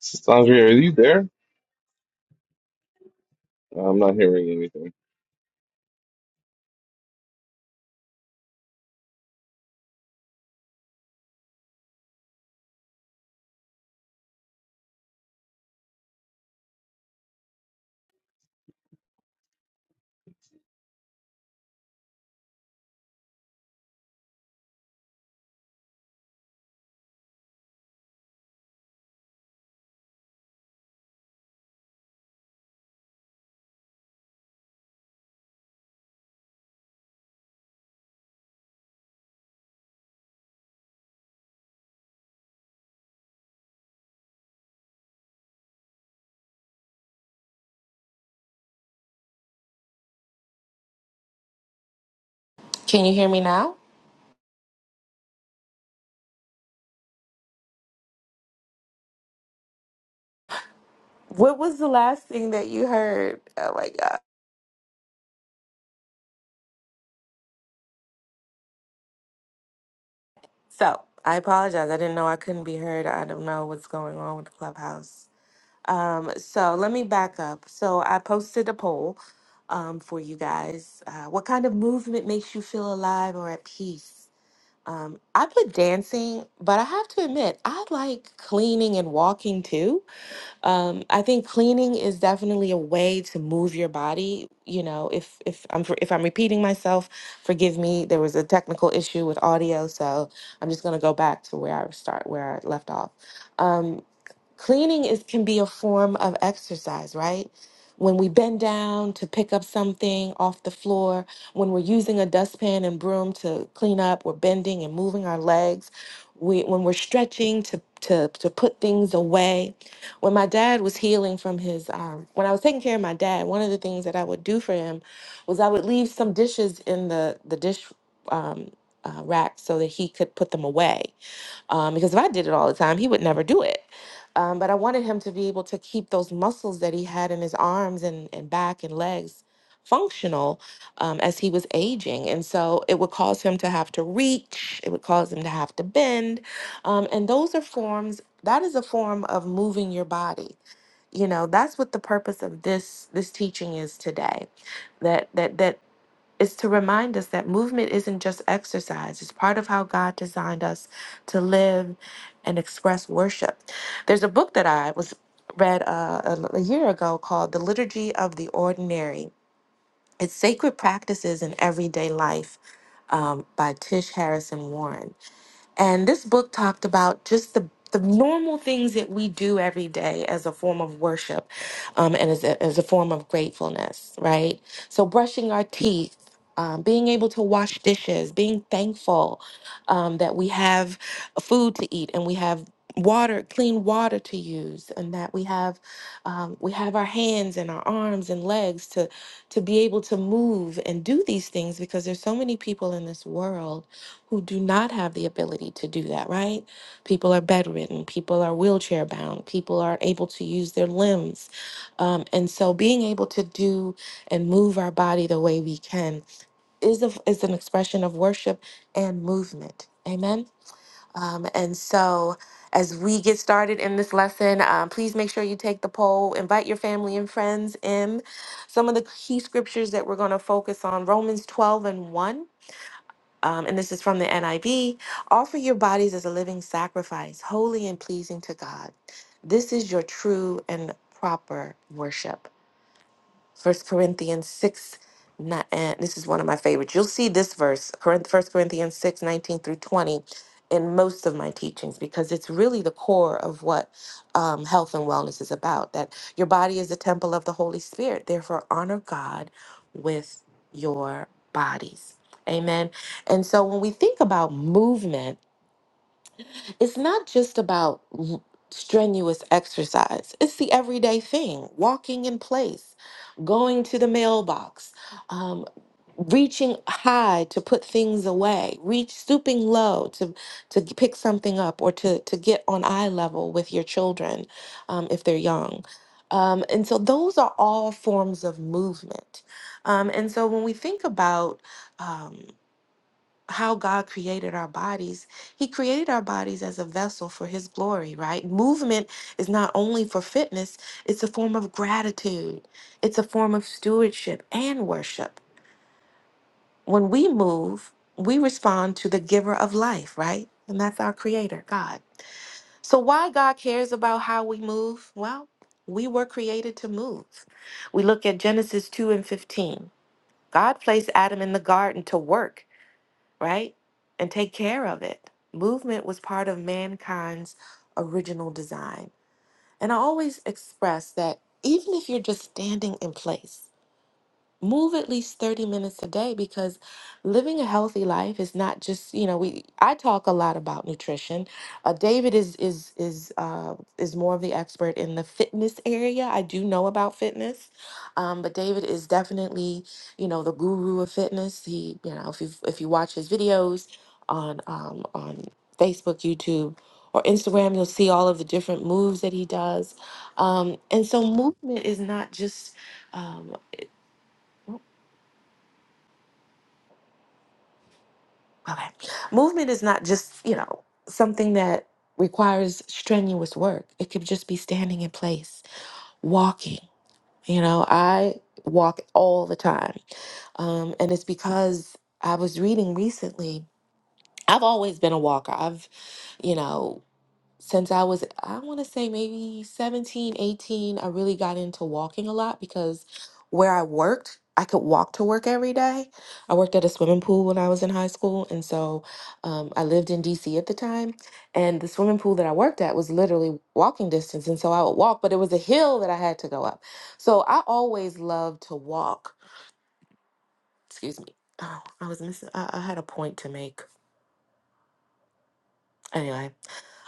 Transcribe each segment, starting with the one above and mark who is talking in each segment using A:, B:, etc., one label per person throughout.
A: Sandra, are you there? I'm not hearing anything.
B: Can you hear me now? What was the last thing that you heard? Oh my God. So I apologize. I didn't know I couldn't be heard. I don't know what's going on with the clubhouse. Um, so let me back up. So I posted a poll um, for you guys. Uh, what kind of movement makes you feel alive or at peace? Um, I put dancing, but I have to admit, I like cleaning and walking too. Um, I think cleaning is definitely a way to move your body. You know, if if I'm if I'm repeating myself, forgive me. There was a technical issue with audio, so I'm just gonna go back to where I start where I left off. Um, cleaning is can be a form of exercise right when we bend down to pick up something off the floor when we're using a dustpan and broom to clean up we're bending and moving our legs we, when we're stretching to, to, to put things away when my dad was healing from his um, when i was taking care of my dad one of the things that i would do for him was i would leave some dishes in the the dish um, uh, rack so that he could put them away um, because if I did it all the time, he would never do it. Um, but I wanted him to be able to keep those muscles that he had in his arms and, and back and legs functional um, as he was aging. And so it would cause him to have to reach, it would cause him to have to bend. Um, and those are forms, that is a form of moving your body. You know, that's what the purpose of this this teaching is today. That that that is to remind us that movement isn't just exercise, it's part of how God designed us to live and express worship. There's a book that I was read uh, a, a year ago called The Liturgy of the Ordinary. It's Sacred Practices in Everyday Life um, by Tish Harrison Warren. And this book talked about just the the normal things that we do every day as a form of worship um, and as a, as a form of gratefulness, right? So, brushing our teeth, um, being able to wash dishes, being thankful um, that we have food to eat and we have water, clean water to use, and that we have um, we have our hands and our arms and legs to to be able to move and do these things because there's so many people in this world who do not have the ability to do that, right? People are bedridden, people are wheelchair bound, people are able to use their limbs. Um, and so being able to do and move our body the way we can is, a, is an expression of worship and movement. Amen. Um, and so as we get started in this lesson, um, please make sure you take the poll, invite your family and friends in. Some of the key scriptures that we're going to focus on Romans 12 and 1 um, and this is from the NIV offer your bodies as a living sacrifice, holy and pleasing to God. This is your true and proper worship. First Corinthians 6, ni- and this is one of my favorites. You'll see this verse, Corinth- 1 Corinthians 6 19 through 20, in most of my teachings because it's really the core of what um, health and wellness is about. That your body is the temple of the Holy Spirit. Therefore, honor God with your bodies. Amen. And so when we think about movement, it's not just about r- strenuous exercise, it's the everyday thing walking in place, going to the mailbox, um, reaching high to put things away, reach stooping low to, to pick something up or to, to get on eye level with your children um, if they're young. Um, and so those are all forms of movement. Um, and so when we think about um, how God created our bodies. He created our bodies as a vessel for His glory, right? Movement is not only for fitness, it's a form of gratitude, it's a form of stewardship and worship. When we move, we respond to the giver of life, right? And that's our creator, God. So, why God cares about how we move? Well, we were created to move. We look at Genesis 2 and 15. God placed Adam in the garden to work right? And take care of it. Movement was part of mankind's original design. And I always express that even if you're just standing in place, move at least 30 minutes a day because living a healthy life is not just you know we i talk a lot about nutrition uh, david is is is uh, is more of the expert in the fitness area i do know about fitness um, but david is definitely you know the guru of fitness he you know if you if you watch his videos on um, on facebook youtube or instagram you'll see all of the different moves that he does um, and so movement is not just um, Okay. Movement is not just, you know, something that requires strenuous work. It could just be standing in place, walking. You know, I walk all the time. Um, and it's because I was reading recently. I've always been a walker. I've, you know, since I was, I want to say maybe 17, 18, I really got into walking a lot because where I worked, I could walk to work every day. I worked at a swimming pool when I was in high school. And so um, I lived in DC at the time. And the swimming pool that I worked at was literally walking distance. And so I would walk, but it was a hill that I had to go up. So I always loved to walk. Excuse me. Oh, I was missing, I, I had a point to make. Anyway,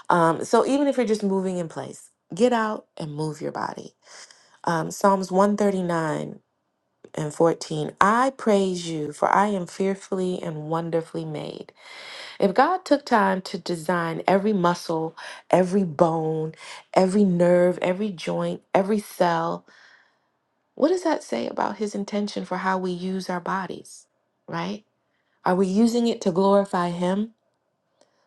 B: um, so even if you're just moving in place, get out and move your body Um, Psalms 139 and 14. I praise you, for I am fearfully and wonderfully made. If God took time to design every muscle, every bone, every nerve, every joint, every cell, what does that say about his intention for how we use our bodies, right? Are we using it to glorify him?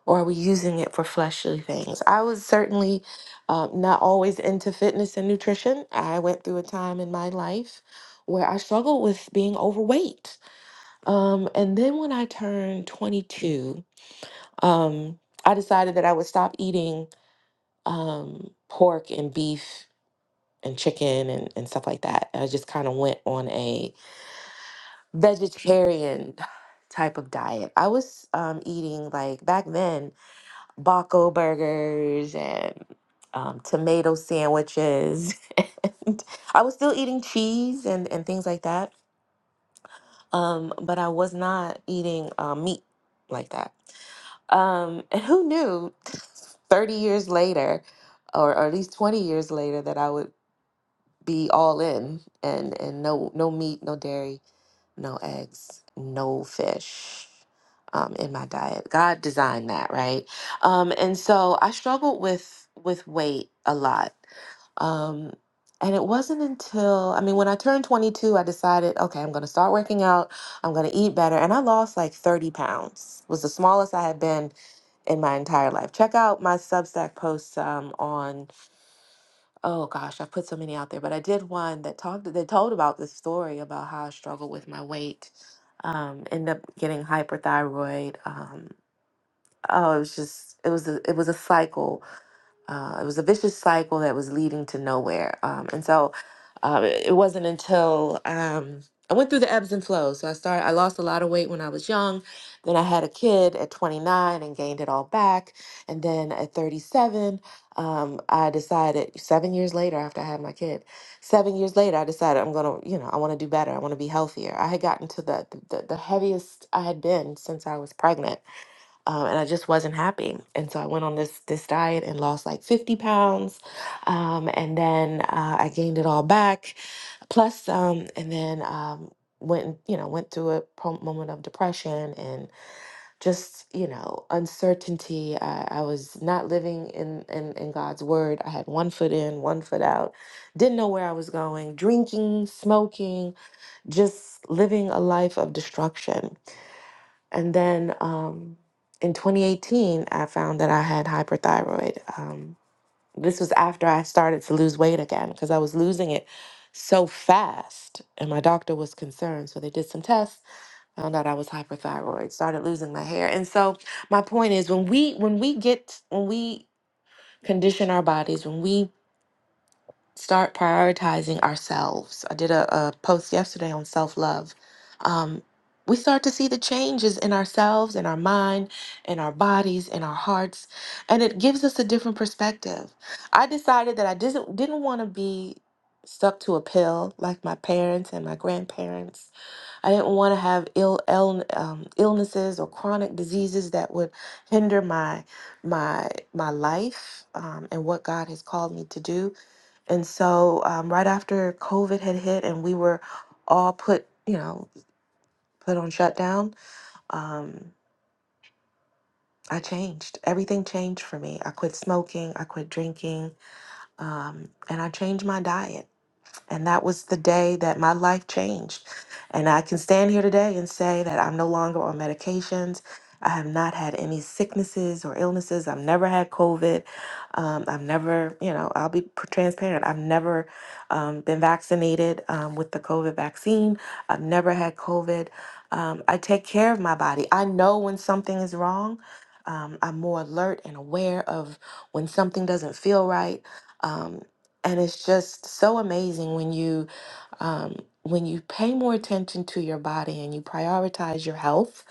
B: or are we using it for fleshly things? I was certainly uh, not always into fitness and nutrition. I went through a time in my life where I struggled with being overweight. Um, and then when I turned 22, um, I decided that I would stop eating um, pork and beef and chicken and, and stuff like that. I just kind of went on a vegetarian type of diet. I was um, eating like back then. Baco burgers and um, tomato sandwiches. and I was still eating cheese and, and things like that, um, but I was not eating uh, meat like that. Um, and who knew 30 years later, or, or at least 20 years later, that I would be all in and, and no, no meat, no dairy, no eggs, no fish um, in my diet. God designed that, right? Um, and so I struggled with with weight a lot. Um, and it wasn't until I mean, when I turned 22, I decided, okay, I'm going to start working out. I'm going to eat better, and I lost like 30 pounds. Was the smallest I had been in my entire life. Check out my Substack posts um, on oh gosh, I've put so many out there, but I did one that talked that told about this story about how I struggled with my weight, um, end up getting hyperthyroid. Um, oh, it was just it was a, it was a cycle uh, it was a vicious cycle that was leading to nowhere. Um, and so uh, it it wasn't until um, I went through the ebbs and flows. So I started, I lost a lot of weight when I was young. Then I had a kid at 29 and gained it all back. And then at 37, um, I decided seven years later after I had my kid, seven years later, I decided I'm going to, you know, I want to do better. I want to be healthier. I had gotten to the, the, the heaviest I had been since I was pregnant um, and I just wasn't happy. And so I went on this this diet and lost like 50 pounds, um, and then uh, I gained it all back, plus some, and then um, went you know went through a pro- moment of depression and just you know uncertainty. I, I was not living in, in in God's word. I had one foot in, one foot out. Didn't know where I was going. Drinking, smoking, just living a life of destruction and then um, in 2018, I found that I had hyperthyroid. Um, this was after I started to lose weight again because I was losing it so fast. And my doctor was concerned. So they did some tests, found out I was hyperthyroid, started losing my hair. And so my point is when we when we get when we condition our bodies, when we start prioritizing ourselves. I did a, a post yesterday on self love. Um, we start to see the changes in ourselves, in our mind, in our bodies, in our hearts, and it gives us a different perspective. I decided that I didn't didn't want to be stuck to a pill like my parents and my grandparents. I didn't want to have ill, ill um, illnesses or chronic diseases that would hinder my my my life um, and what God has called me to do. And so, um, right after COVID had hit and we were all put, you know, put on shutdown, um, I changed. Everything changed for me. I quit smoking, I quit drinking, um, and I changed my diet. And that was the day that my life changed. And I can stand here today and say that I'm no longer on medications. I have not had any sicknesses or illnesses. I've never had COVID. Um, I've never, you know, I'll be p- transparent. I've never um, been vaccinated um, with the COVID vaccine. I've never had COVID. Um, I take care of my body. I know when something is wrong. Um, I'm more alert and aware of when something doesn't feel right Um, and it's just so amazing when you um, when you pay more attention to your body and you prioritize your health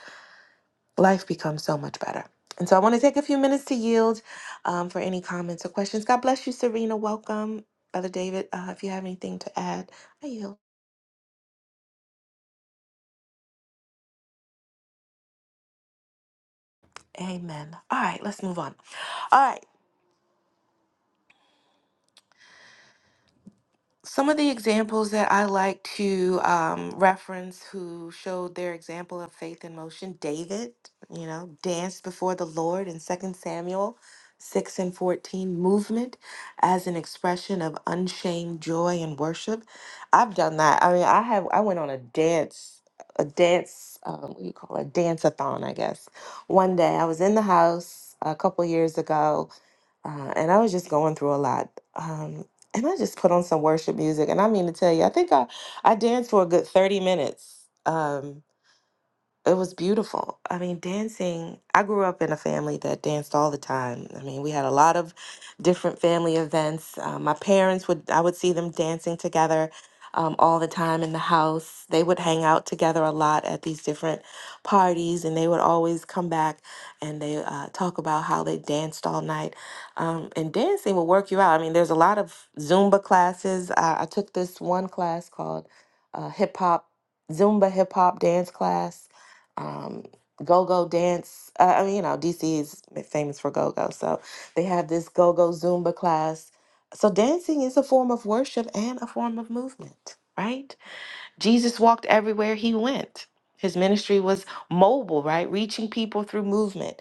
B: life becomes so much better and so i want to take a few minutes to yield um, for any comments or questions god bless you serena welcome brother david uh, if you have anything to add i yield amen all right let's move on all right Some of the examples that I like to um, reference who showed their example of faith in motion David, you know, danced before the Lord in Second Samuel 6 and 14, movement as an expression of unshamed joy and worship. I've done that. I mean, I have, I went on a dance, a dance, um, what do you call it? A dance a thon, I guess. One day I was in the house a couple years ago uh, and I was just going through a lot. Um, and I just put on some worship music, and I mean to tell you, I think I I danced for a good thirty minutes. Um, it was beautiful. I mean, dancing, I grew up in a family that danced all the time. I mean, we had a lot of different family events. Uh, my parents would, I would see them dancing together um, all the time in the house. They would hang out together a lot at these different parties, and they would always come back and they uh, talk about how they danced all night. Um, and dancing will work you out. I mean, there's a lot of Zumba classes. I, I took this one class called uh, hip hop, Zumba hip hop dance class um, go-go dance. Uh, I mean, you know, DC is famous for go-go, so they have this go-go Zumba class. So dancing is a form of worship and a form of movement, right? Jesus walked everywhere he went. His ministry was mobile, right? Reaching people through movement.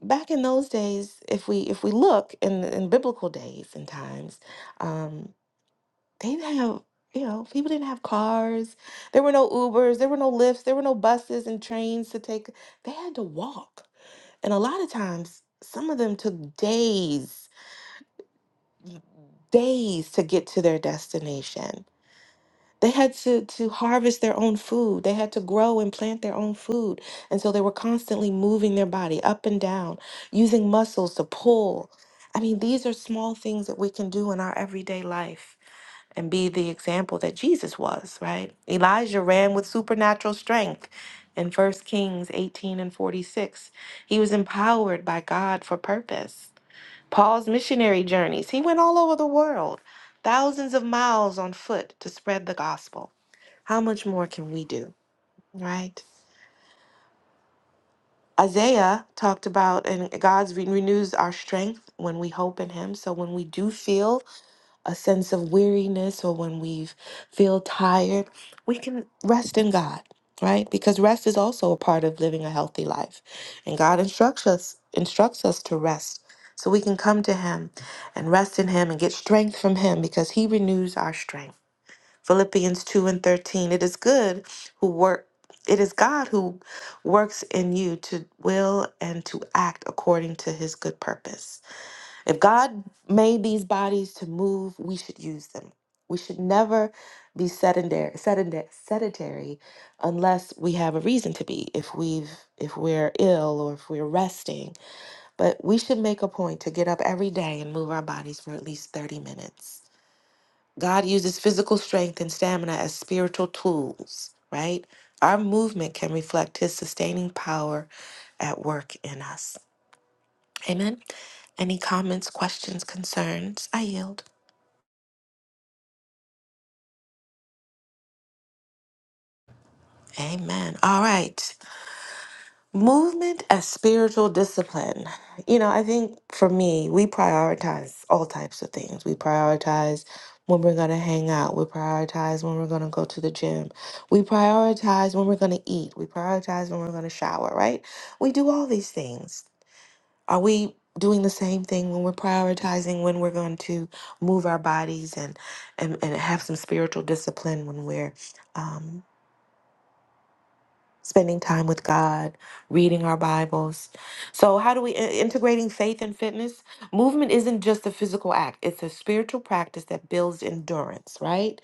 B: Back in those days, if we if we look in in biblical days and times, um, they didn't have you know people didn't have cars there were no ubers there were no lifts there were no buses and trains to take they had to walk and a lot of times some of them took days days to get to their destination they had to to harvest their own food they had to grow and plant their own food and so they were constantly moving their body up and down using muscles to pull i mean these are small things that we can do in our everyday life and be the example that Jesus was, right? Elijah ran with supernatural strength in First Kings 18 and 46. He was empowered by God for purpose. Paul's missionary journeys, he went all over the world, thousands of miles on foot to spread the gospel. How much more can we do, right? Isaiah talked about, and God renews our strength when we hope in Him. So when we do feel a sense of weariness or when we feel tired, we can rest in God, right? Because rest is also a part of living a healthy life. And God instructs us instructs us to rest. So we can come to him and rest in him and get strength from him because he renews our strength. Philippians 2 and 13. It is good who work it is God who works in you to will and to act according to his good purpose. If God made these bodies to move, we should use them. We should never be sedentary, sedentary, sedentary unless we have a reason to be. If we've if we're ill or if we're resting, but we should make a point to get up every day and move our bodies for at least 30 minutes. God uses physical strength and stamina as spiritual tools, right? Our movement can reflect his sustaining power at work in us. Amen. Any comments, questions, concerns? I yield. Amen. All right. Movement as spiritual discipline. You know, I think for me, we prioritize all types of things. We prioritize when we're going to hang out. We prioritize when we're going to go to the gym. We prioritize when we're going to eat. We prioritize when we're going to shower, right? We do all these things. Are we doing the same thing when we're prioritizing when we're going to move our bodies and and, and have some spiritual discipline when we're um, spending time with God, reading our Bibles? So how do we i- integrating faith and fitness? Movement isn't just a physical act; it's a spiritual practice that builds endurance. Right.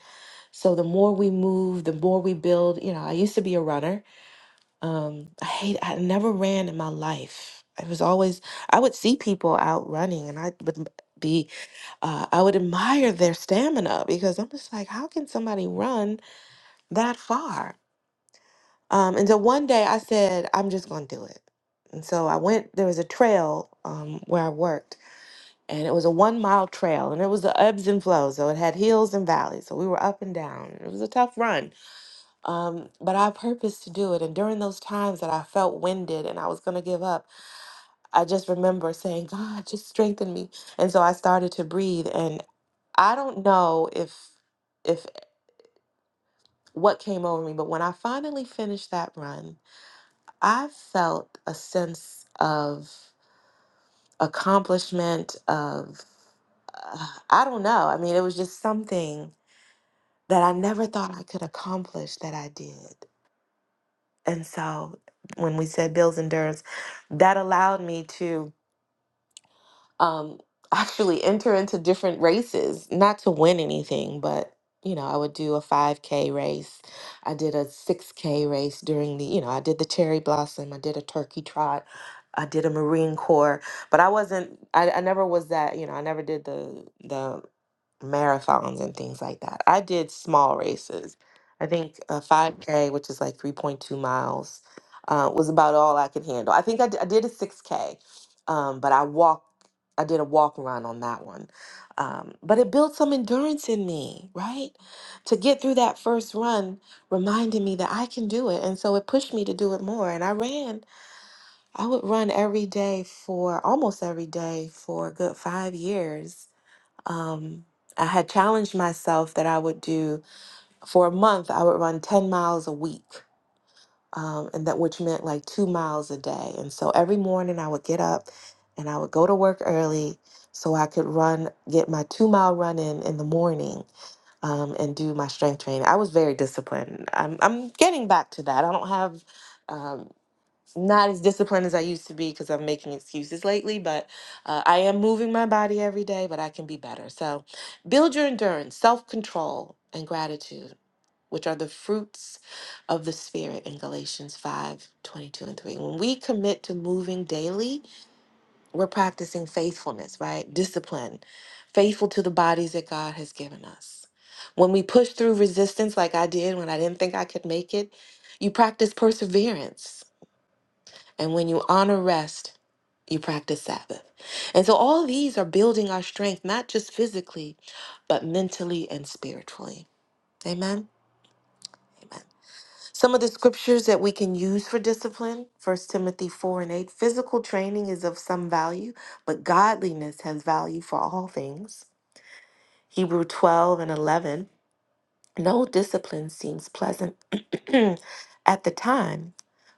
B: So the more we move, the more we build. You know, I used to be a runner um, I hate, I never ran in my life. I was always, I would see people out running and I would be, uh, I would admire their stamina because I'm just like, how can somebody run that far? Um, and so one day I said, I'm just going to do it. And so I went, there was a trail um, where I worked and it was a one mile trail and it was the ebbs and flows. So it had hills and valleys. So we were up and down. It was a tough run um, but I purposed to do it. And during those times that I felt winded and I was going to give up, I just remember saying, God, just strengthen me. And so I started to breathe. And I don't know if if what came over me, but when I finally finished that run, I felt a sense of accomplishment of uh, I don't know. I mean, it was just something that I never thought I could accomplish that I did. And so when we said bills endurance, that allowed me to um, actually enter into different races, not to win anything, but you know, I would do a 5K race. I did a 6K race during the, you know, I did the cherry blossom, I did a turkey trot, I did a Marine Corps, but I wasn't, I, I never was that, you know, I never did the, the marathons and things like that. I did small races. I think a 5K, which is like 3.2 miles, uh, was about all I could handle. I think I d- I did a 6K, um, but I walked I did a walk around on that one. Um, but it built some endurance in me, right? To get through that first run reminded me that I can do it. And so it pushed me to do it more. And I ran. I would run every day for almost every day for a good five years. Um, I had challenged myself that I would do for a month, I would run 10 miles a week um, and that which meant like two miles a day. And so every morning I would get up and I would go to work early so I could run, get my two mile run in in the morning um, and do my strength training. I was very disciplined. I'm, I'm getting back to that. I don't have, um, not as disciplined as I used to be because I'm making excuses lately, but uh, I am moving my body every day, but I can be better. So build your endurance, self control, and gratitude which are the fruits of the Spirit in Galatians 5 22 and 3. When we commit to moving daily, we're practicing faithfulness, right? Discipline, faithful to the bodies that God has given us. When we push through resistance, like I did when I didn't think I could make it, you practice perseverance. And when you honor rest, you practice Sabbath. And so all these are building our strength, not just physically, but mentally and spiritually. Amen. Amen. Some of the scriptures that we can use for discipline, First Timothy 4 and 8. Physical training is of some value, but godliness has value for all things. Hebrew 12 and 11. No discipline seems pleasant at the time,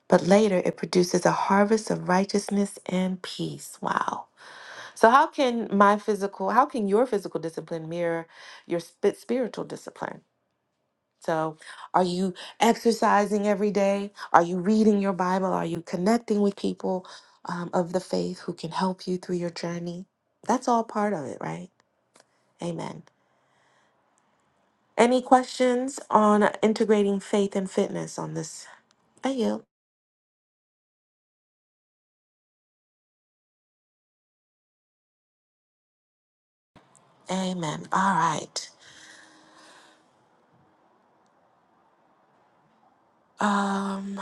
B: but later it produces a harvest of righteousness and peace. Wow. So, how can my physical, how can your physical discipline mirror your sp- spiritual discipline? So, are you exercising every day? Are you reading your Bible? Are you connecting with people um, of the faith who can help you through your journey? That's all part of it, right? Amen. Any questions on integrating faith and fitness on this? I you. Amen. All right. Um,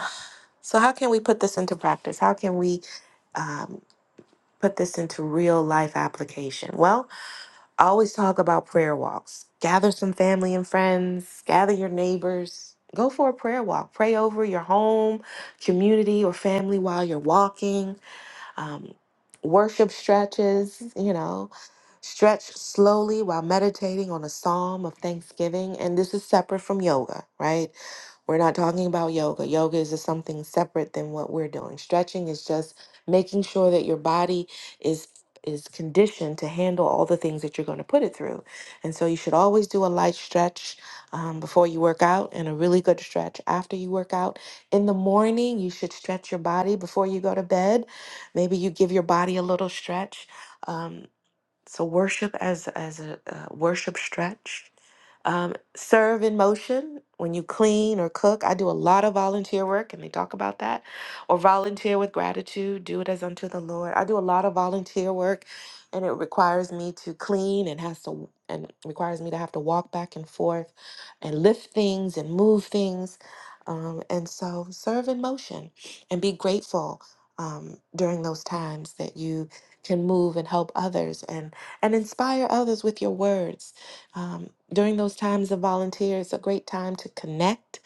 B: so, how can we put this into practice? How can we um, put this into real life application? Well, I always talk about prayer walks. Gather some family and friends, gather your neighbors, go for a prayer walk. Pray over your home, community, or family while you're walking. Um, worship stretches, you know, stretch slowly while meditating on a psalm of thanksgiving. And this is separate from yoga, right? We're not talking about yoga. Yoga is just something separate than what we're doing. Stretching is just making sure that your body is is conditioned to handle all the things that you're going to put it through. And so you should always do a light stretch um, before you work out and a really good stretch after you work out. In the morning, you should stretch your body before you go to bed Maybe you give your body a little stretch. Um, so worship as as a uh, worship stretch. Um, serve in motion when you clean or cook. I do a lot of volunteer work, and they talk about that. Or volunteer with gratitude. Do it as unto the Lord. I do a lot of volunteer work, and it requires me to clean and has to and requires me to have to walk back and forth, and lift things and move things. Um, and so serve in motion, and be grateful um, during those times that you can move and help others. And and inspire others with your words. Um, during those times of volunteer, it's a great time to connect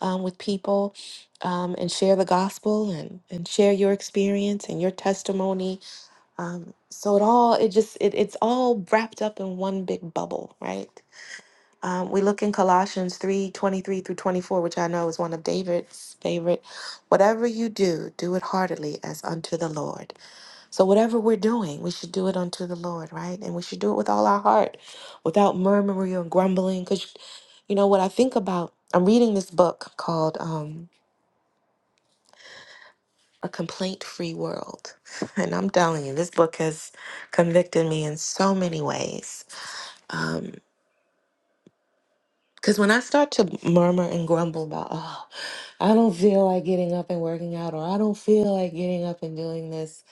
B: um, with people um, and share the gospel and, and share your experience and your testimony. Um, so it all it just it, it's all wrapped up in one big bubble, right? Um, we look in Colossians 3 23 through 24, which I know is one of David's favorite. Whatever you do, do it heartily as unto the Lord so, whatever we're doing, we should do it unto the Lord, right? And we should do it with all our heart, without murmuring or grumbling. Because, you know, what I think about, I'm reading this book called um, A Complaint Free World. And I'm telling you, this book has convicted me in so many ways. Because when I start to murmur and grumble about, oh, I don't feel like getting up and working out, or I don't feel like getting up and doing this,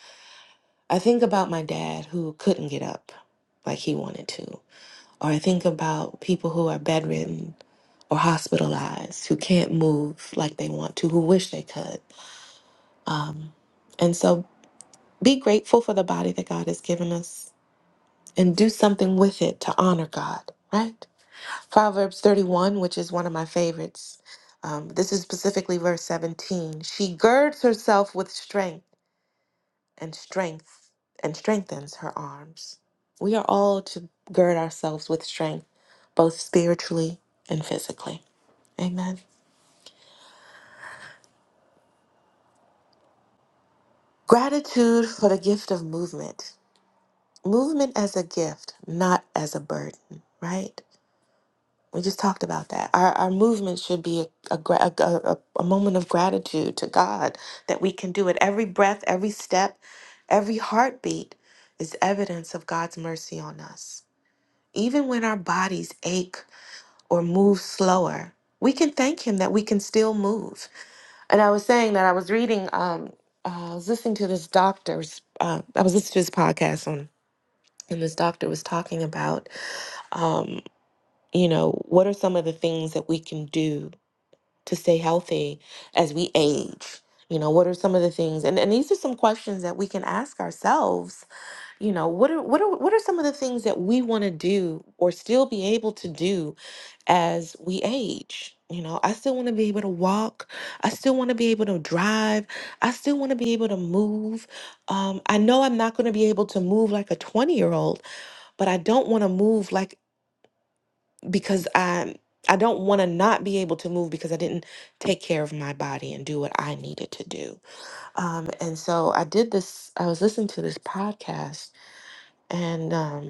B: I think about my dad who couldn't get up like he wanted to Or I think about people who are bedridden or hospitalized, who can't move like they want to, who wish they could. Um, and so be grateful for the body that God has given us and do something with it to honor God, right? Proverbs 31, which is one of my favorites. Um, this is specifically verse 17. She girds herself with strength and strength and strengthens her arms. We are all to gird ourselves with strength, both spiritually and physically. Amen. Gratitude for the gift of movement. Movement as a gift, not as a burden, right? We just talked about that. Our, our movement should be a, a, gra- a, a a moment of gratitude to God that we can do it. Every breath, every step, every heartbeat is evidence of God's mercy on us. Even when our bodies ache or move slower. We can thank Him that we can still move. And I was saying that I was reading, um, uh, I was listening to this doctor's, uh, I was listening to this podcast on, and this doctor was talking about, um, you know, what are some of the things that we can do to stay healthy as we age? You know, what are some of the things? And, and these are some questions that we can ask ourselves you know what are what are what are some of the things that we want to do or still be able to do as we age you know i still want to be able to walk i still want to be able to drive i still want to be able to move um, i know i'm not going to be able to move like a 20 year old but i don't want to move like because i'm i i do not want to not be able to move because i didn't take care of my body and do what i needed to do um, and so i did this i was listening to this podcast and Um,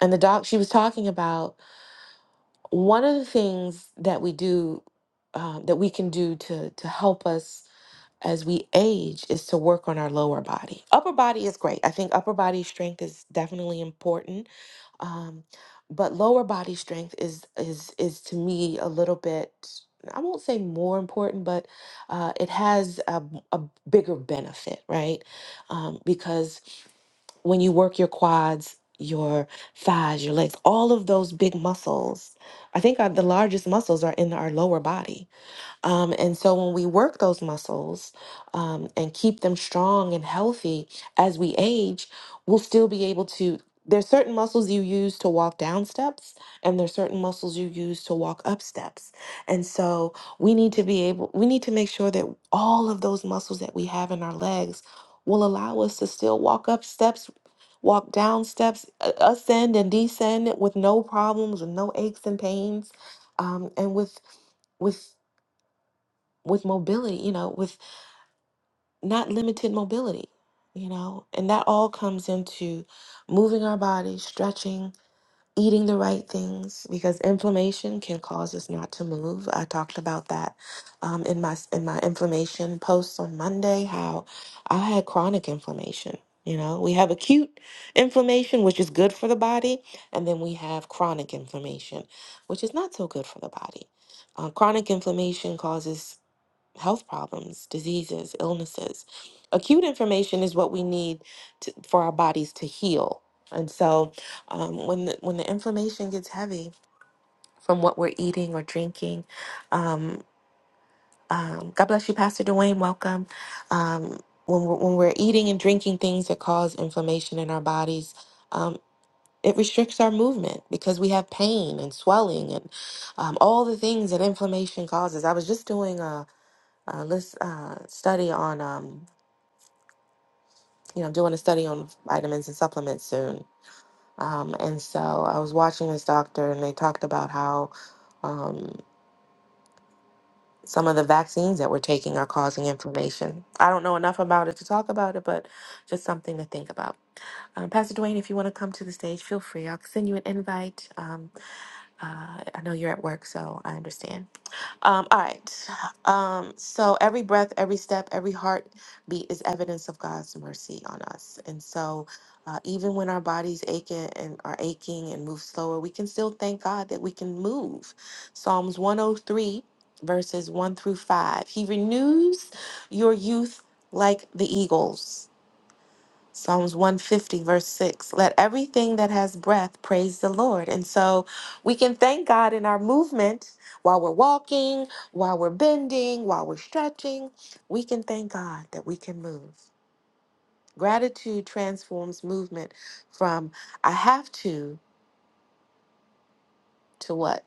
B: and the doc she was talking about one of the things that we do um, that we can do to to help us as we age is to work on our lower body upper body is great i think upper body strength is definitely important um, but lower body strength is is is to me a little bit i won't say more important but uh, it has a, a bigger benefit right um, because when you work your quads, your thighs, your legs, all of those big muscles. I think our, the largest muscles are in our lower body. Um, and so when we work those muscles um, and keep them strong and healthy as we age, we'll still be able to. There's certain muscles you use to walk down steps, and there's certain muscles you use to walk up steps. And so we need to be able, we need to make sure that all of those muscles that we have in our legs will allow us to still walk up steps walk down steps, a- ascend and descend with no problems and no aches and pains, um, and with with with mobility, you know, with not limited mobility, you know, and that all comes into moving our body, stretching, eating the right things because inflammation can cause us not to move. I talked about that um, in my in my inflammation posts on Monday. How I had chronic inflammation. You know, we have acute inflammation, which is good for the body, and then we have chronic inflammation, which is not so good for the body. Uh, chronic inflammation causes health problems, diseases, illnesses. Acute information is what we need to, for our bodies to heal. And so, um, when the, when the inflammation gets heavy from what we're eating or drinking, um, um, God bless you, Pastor Dwayne. Welcome. Um, when we're, when we're eating and drinking things that cause inflammation in our bodies, um, it restricts our movement because we have pain and swelling and um, all the things that inflammation causes. I was just doing. a. Uh, let's uh, study on, um, you know, doing a study on vitamins and supplements soon. Um, and so I was watching this doctor, and they talked about how um, some of the vaccines that we're taking are causing inflammation. I don't know enough about it to talk about it, but just something to think about. Um, Pastor Dwayne, if you want to come to the stage, feel free. I'll send you an invite. Um, uh, I know you're at work, so I understand. Um, all right. Um, so every breath, every step, every heartbeat is evidence of God's mercy on us. And so uh, even when our bodies ache and and are aching and move slower, we can still thank God that we can move. Psalms 103, verses 1 through 5. He renews your youth like the eagles. Psalms 150, verse 6. Let everything that has breath praise the Lord. And so we can thank God in our movement while we're walking, while we're bending, while we're stretching. We can thank God that we can move. Gratitude transforms movement from I have to to what?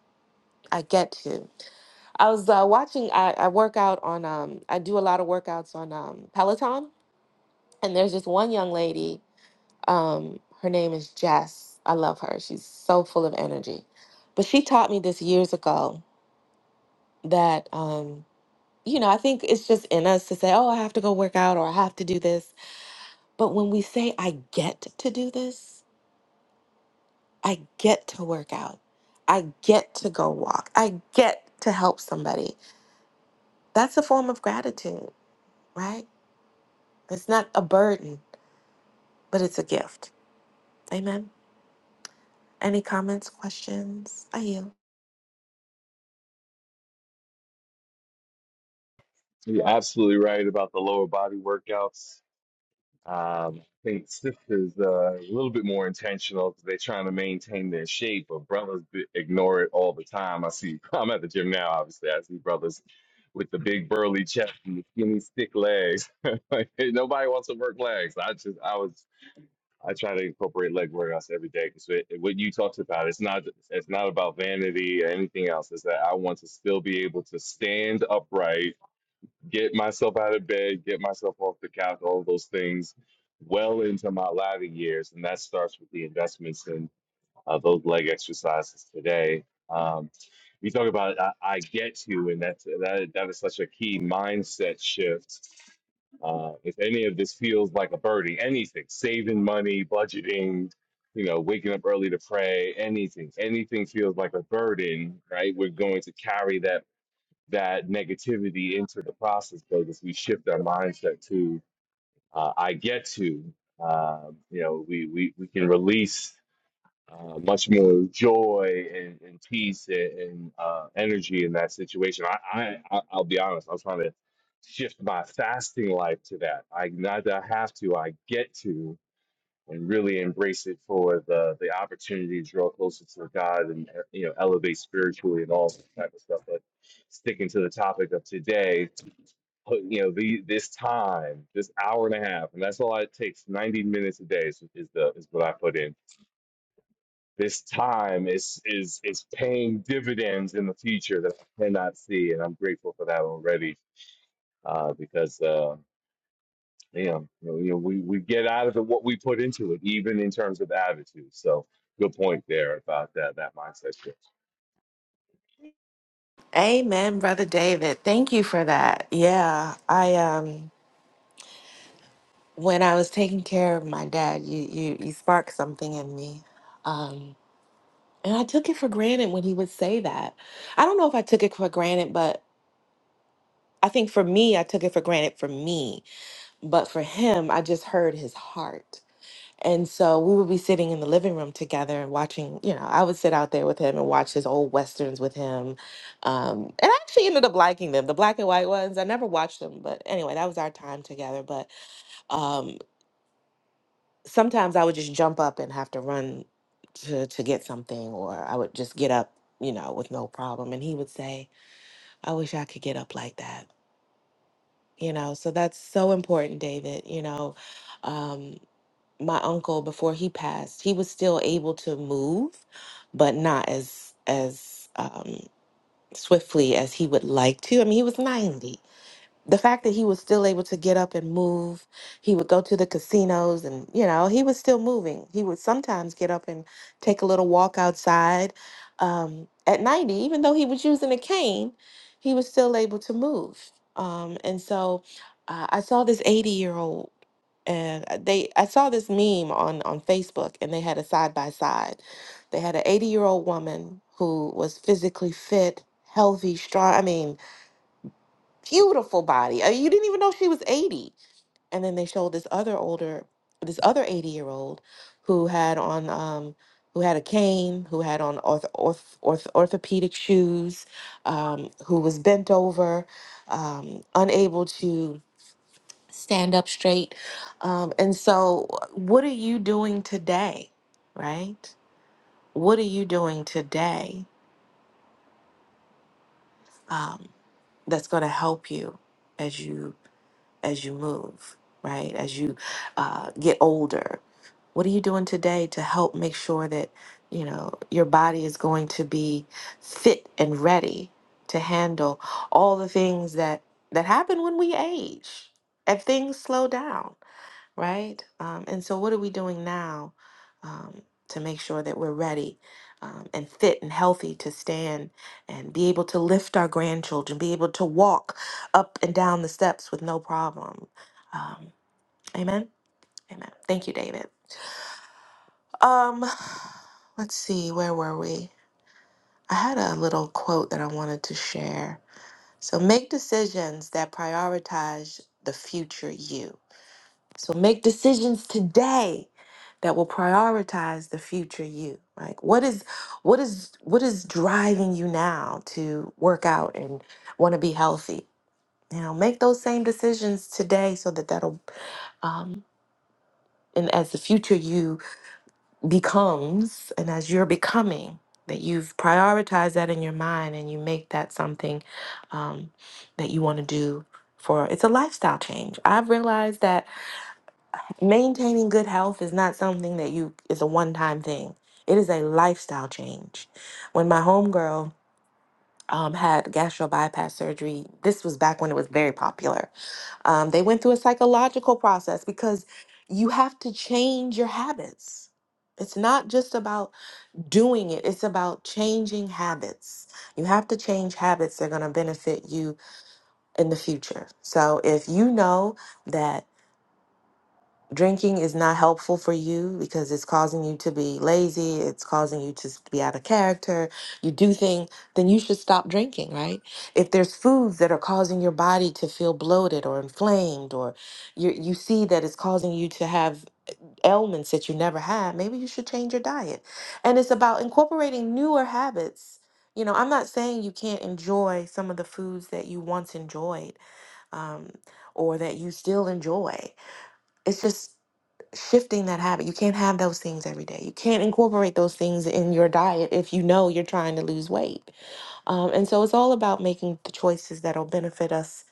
B: I get to. I was uh, watching, I, I work out on, um, I do a lot of workouts on um, Peloton. And there's just one young lady Um, her name is Jess. I love her. She's so full of energy. But she taught me this years ago that, um, you know, I think it's just in us to say, oh, I have to go work out or I have to do this. But when we say, I get to do this, I get to work out, I get to go walk, I get to help somebody, that's a form of gratitude, right? It's not a burden, but it's a gift. Amen. Any comments, questions? I yield.
A: You're absolutely right about the lower body workouts. Um, I think sisters uh, a little bit more intentional because they're trying to maintain their shape, but brothers b- ignore it all the time. I see, I'm at the gym now, obviously. I see brothers with the big burly chest and the skinny stick legs. Like, hey, nobody wants to work legs. I just, I was I try to incorporate leg workouts every day because what you talked about, it's not it's not about vanity or anything else. It's that I want to still be able to stand upright, get myself out of bed, get myself off the couch, all those things, well into my latter years, and that starts with the investments in uh, those leg exercises today. Um, you talk about I, I get you, and that's that that is such a key mindset shift. Uh, if any of this feels like a burden, anything, saving money, budgeting, you know, waking up early to pray, anything, anything feels like a burden, right? We're going to carry that that negativity into the process because we shift our mindset to uh, I get to. Um, you know, we, we we can release uh, much more joy and, and peace and, and uh, energy in that situation. I, I, I- I'll be honest, I'm trying to shift my fasting life to that. I not that I have to, I get to, and really embrace it for the the opportunity to draw closer to God and uh, you know elevate spiritually and all that type of stuff. But sticking to the topic of today, put you know the this time, this hour and a half, and that's all it takes. 90 minutes a day is, is the is what I put in this time is is is paying dividends in the future that I cannot see, and I'm grateful for that already uh, because uh, damn, you know, you know, we we get out of it what we put into it, even in terms of attitude. So good point there about that that mindset shift.
B: Amen, brother David. Thank you for that. Yeah, I um when I was taking care of my dad, you you you sparked something in me. Um and I took it for granted when he would say that. I don't know if I took it for granted, but I think for me I took it for granted for me, but for him I just heard his heart. And so we would be sitting in the living room together and watching, you know, I would sit out there with him and watch his old westerns with him. Um, and I actually ended up liking them, the black and white ones. I never watched them, but anyway, that was our time together. But um, sometimes I would just jump up and have to run to, to get something, or I would just get up, you know, with no problem. And he would say, I wish I could get up like that. You know, so that's so important, David. You know, Um, my uncle before he passed he was still able to move but not as as um swiftly as he would like to i mean he was 90 the fact that he was still able to get up and move, he would go to the casinos and, you know, he was still moving. He would sometimes get up and take a little walk outside. Um, at 90, even though he was using a cane, he was still able to move. Um, and so uh, I saw this 80 year old and uh, they I saw this meme on on Facebook and they had a side by side. They had an 80 year old woman who was physically fit, healthy, strong. I mean, beautiful body. Uh, You didn't even know she was 80. And then they showed this other older, this other 80 year old who had on, um, who had a cane, who had on orth- orth- orth- orthopedic shoes, um, who was bent over, um, unable to stand up straight. Um, and so, uh, what are you doing today? Right? What are you doing today um, that's going to help you as you? as you move, right? As you uh, get older, what are you doing today to help make sure that you know your body is going to be fit and ready to handle all the things that that happen when we age, if things slow down? right? Um, and so, what are we doing now um, to make sure that we're ready um, and fit and healthy to stand and be able to lift our grandchildren, be able to walk up and down the steps with no problem? Um, amen. Amen. Thank you, David. Um, let's see, where were we? I had a little quote that I wanted to share. So, make decisions that prioritize the future you So make decisions today that will prioritize the future you. Like what is what is what is driving you now to work out and want to be healthy? You know, make those same decisions today so that that'll um and as the future you becomes and as you're becoming that you've prioritized that in your mind and you make that something um, that you want to do for it's a lifestyle change i've realized that maintaining good health is not something that you is a one-time thing it is a lifestyle change when my homegirl um, had gastro bypass surgery this was back when it was very popular um, they went through a psychological process because you have to change your habits it's not just about doing it it's about changing habits you have to change habits that are going to benefit you in the future so if you know that drinking is not helpful for you because it's causing you to be lazy, it's causing you to s- be out of character, you do things, then you should stop drinking, right? If there's foods that are causing your body to feel bloated or inflamed, or you, you see that it's causing you to have ailments that you never had, maybe you should change your diet. And it's about incorporating newer habits. You know, I'm not saying you can't enjoy some of the foods that you once enjoyed um, or that you still enjoy it's just shifting that habit. You can't have those things every day. You can't incorporate those things in your diet if you know you're trying to lose weight. Um, and so it's all about making the choices that'll benefit us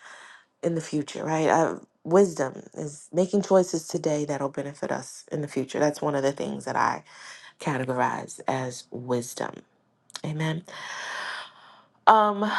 B: in the future, right? Uh, wisdom is making choices today that'll benefit us in the future. That's one of the things that I categorize as wisdom. Amen. Um,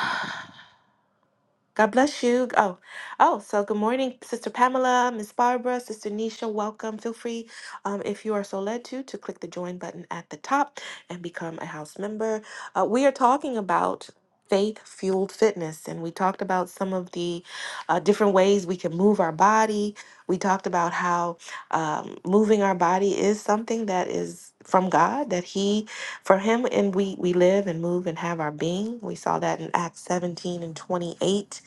B: God bless you. Oh, oh, so good morning, Sister Pamela, Miss Barbara, Sister Nisha. Welcome. Feel free, um, if you are so led to, to click the join button at the top and become a house member. Uh, we are talking about faith fueled fitness, and we talked about some of the uh, different ways we can move our body. We talked about how um, moving our body is something that is from God, that He, for Him, and we we live and move and have our being. We saw that in Acts 17 and 28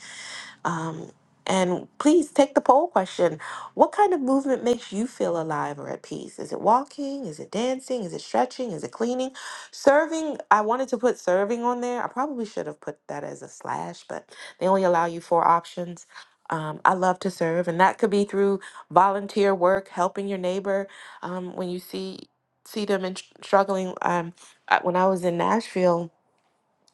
B: um, and please take the poll question. What kind of movement makes you feel alive or at peace? Is it walking? Is it dancing? Is it stretching? Is it cleaning? Serving, I wanted to put serving on there. I probably should have put that as a slash, but they only allow you four options. Um, I love to serve, and that could be through volunteer work, helping your neighbor um, when you see see them in, struggling. Um, I- when I was in Nashville,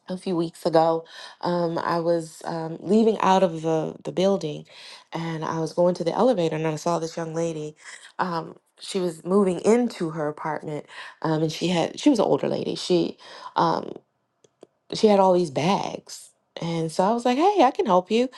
B: a few weeks ago. Um, I was um, leaving out of the, the building and I was going to the elevator and I saw this young lady. Um, she was moving into her apartment um, and she had she was an older lady. She um, she had all these bags. And so I was like, hey, I can help you.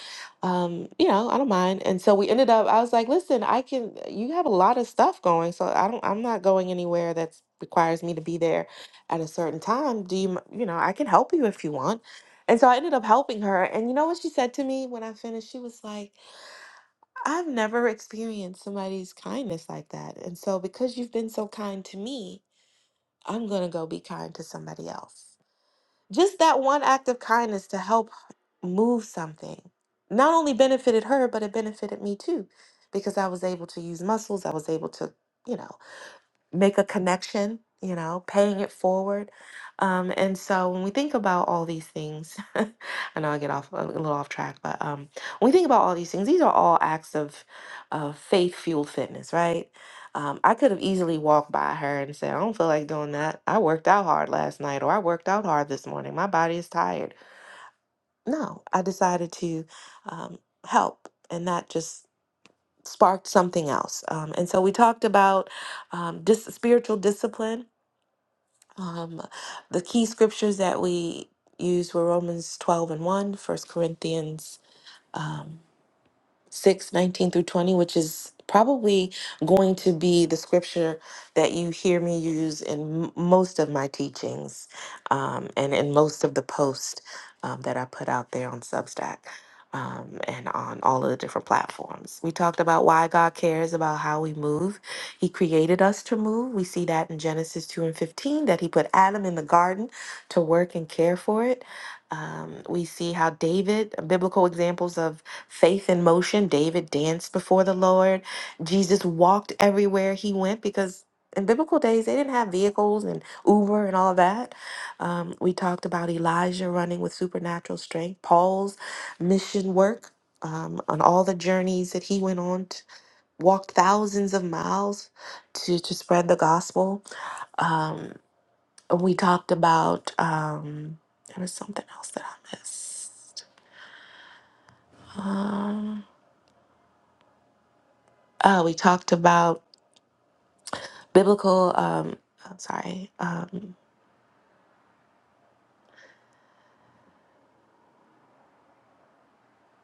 B: Um, you know, I don't mind. And so we ended up, I was like, listen, I can, you have a lot of stuff going. So I don't, I'm not going anywhere that requires me to be there at a certain time. Do you, m- you know, I can help you if you want. And so I ended up helping her. And you know what she said to me when I finished? She was like, I've never experienced somebody's kindness like that. And so because you've been so kind to me, I'm going to go be kind to somebody else. Just that one act of kindness to help move something not only benefited her, but it benefited me too, because I was able to use muscles. I was able to, you know make a connection, you know, paying it forward. Um, and so when we think about all these things, I know I get off a little off track, but um, when we think about all these things, these are all acts of, of faith fueled fitness, right? Um, I could have easily walked by her and said, I don't feel like doing that. I worked out hard last night or I worked out hard this morning. My body is tired. No, I decided to um, help, and that just sparked something else. Um, and so we talked about um, dis- spiritual discipline um, the key scriptures that we used were Romans 12 and one, First Corinthians um, 6, 19 through 20 which is probably going to be the scripture that you hear me use in m- most of my teachings um, and in most of the posts um, that i put out there on substack um, and on all of the different platforms we talked about why god cares about how we move he created us to move we see that in genesis 2 and 15 that he put adam in the garden to work and care for it um, we see how david biblical examples of faith in motion. David danced before the Lord. Jesus walked everywhere he went because in biblical days they didn't have vehicles and Uber and all that. Um, we talked about Elijah running with supernatural strength, Paul's mission work um, on all the journeys that he went on, t- walked thousands of miles to, to spread the gospel. Um, we talked about, um, there was something else that I missed. Um, uh, oh, we talked about biblical um I'm sorry um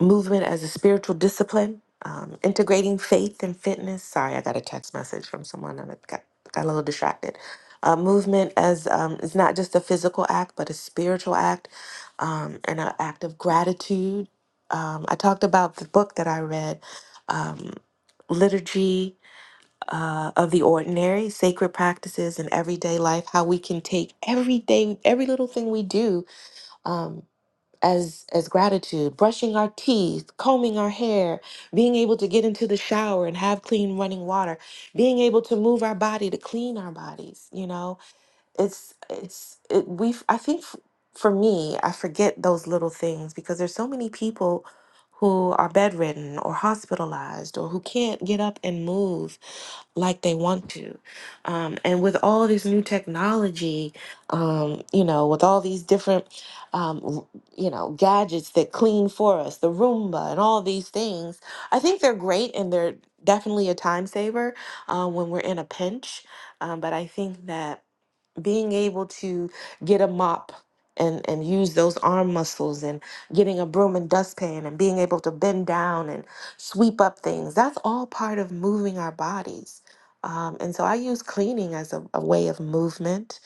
B: movement as a spiritual discipline um integrating faith and fitness sorry i got a text message from someone and i got, got a little distracted uh, movement as um it's not just a physical act but a spiritual act um and an act of gratitude um i talked about the book that i read um liturgy uh, of the ordinary sacred practices in everyday life how we can take every day every little thing we do um, as as gratitude brushing our teeth combing our hair being able to get into the shower and have clean running water being able to move our body to clean our bodies you know it's it's it, we i think f- for me i forget those little things because there's so many people who are bedridden or hospitalized or who can't get up and move like they want to. Um, and with all this new technology, um, you know, with all these different, um, r- you know, gadgets that clean for us, the Roomba and all these things, I think they're great and they're definitely a time saver uh, when we're in a pinch. Um, but I think that being able to get a mop and and use those arm muscles and getting a broom and dustpan and being able to bend down and sweep up things that's all part of moving our bodies um, and so i use cleaning as a, a way of movement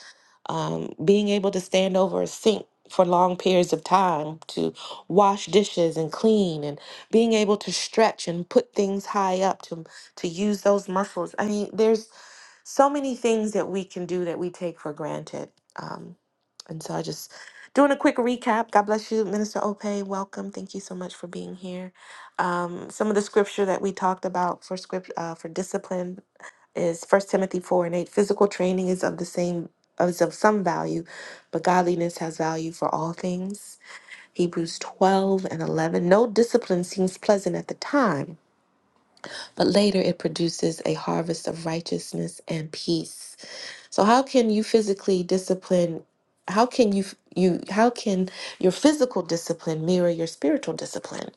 B: um, being able to stand over a sink for long periods of time to wash dishes and clean and being able to stretch and put things high up to to use those muscles i mean there's so many things that we can do that we take for granted. Um, and so I just doing a quick recap. God bless you, Minister Ope. Welcome. Thank you so much for being here. Um, some of the scripture that we talked about for script uh, for discipline is First Timothy four and eight. Physical training is of the same is of some value, but godliness has value for all things. Hebrews twelve and eleven. No discipline seems pleasant at the time, but later it produces a harvest of righteousness and peace. So how can you physically discipline? How can you you how can your physical discipline mirror your spiritual discipline?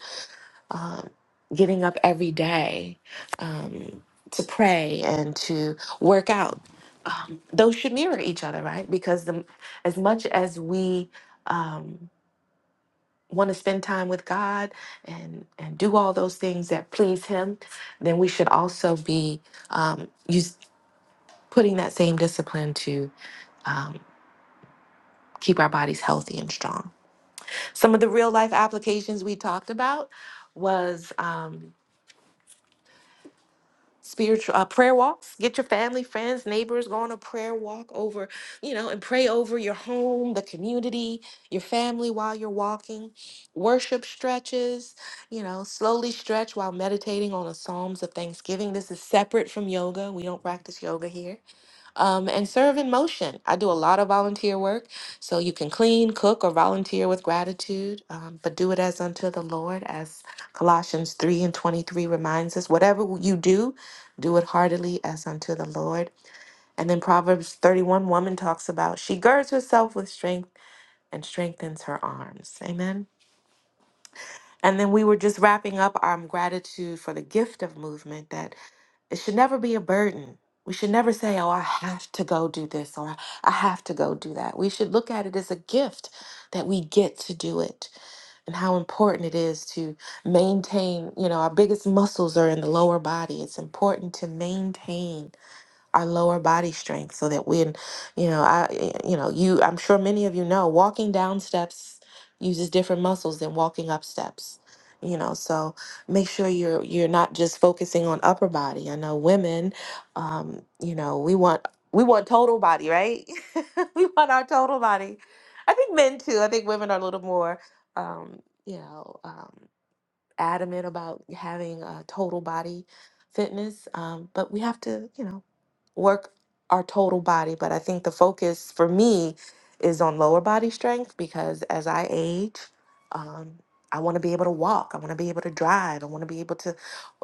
B: Um, getting up every day um, to pray and to work out. Um, those should mirror each other, right? Because the, as much as we um, want to spend time with God and and do all those things that please Him, then we should also be um, use, putting that same discipline to um, keep our bodies healthy and strong. Some of the real life applications we talked about was um, spiritual uh, prayer walks. Get your family, friends, neighbors, go on a prayer walk over, you know, and pray over your home, the community, your family while you're walking. Worship stretches, you know, slowly stretch while meditating on the Psalms of Thanksgiving. This is separate from yoga. We don't practice yoga here um, and serve in motion. I do a lot of volunteer work, so you can clean, cook, or volunteer with gratitude, um, but do it as unto the Lord, as Colossians 3 and 23 reminds us. Whatever you do, do it heartily as unto the Lord. And then Proverbs 31 woman talks about she girds herself with strength and strengthens her arms. Amen. And then we were just wrapping up our gratitude for the gift of movement that it should never be a burden. We should never say, oh, I have to go do this or I have to go do that. We should look at it as a gift that we get to do it and how important it is to maintain, you know, our biggest muscles are in the lower body. It's important to maintain our lower body strength so that when you know i eh, eh, you know you i'm sure many of you know walking down steps uses different muscles than walking up steps you know so make sure you're you're not just focusing on upper body i know women um you know we want we want total body right we want our total body i think men too i think women are a little more um you know Um, adamant about having a total body fitness, um, but we have to, you know, work our total body. But I think the focus for me is on lower body strength because as I age, um, I want to be able to walk. I want to be able to drive. I want to be able to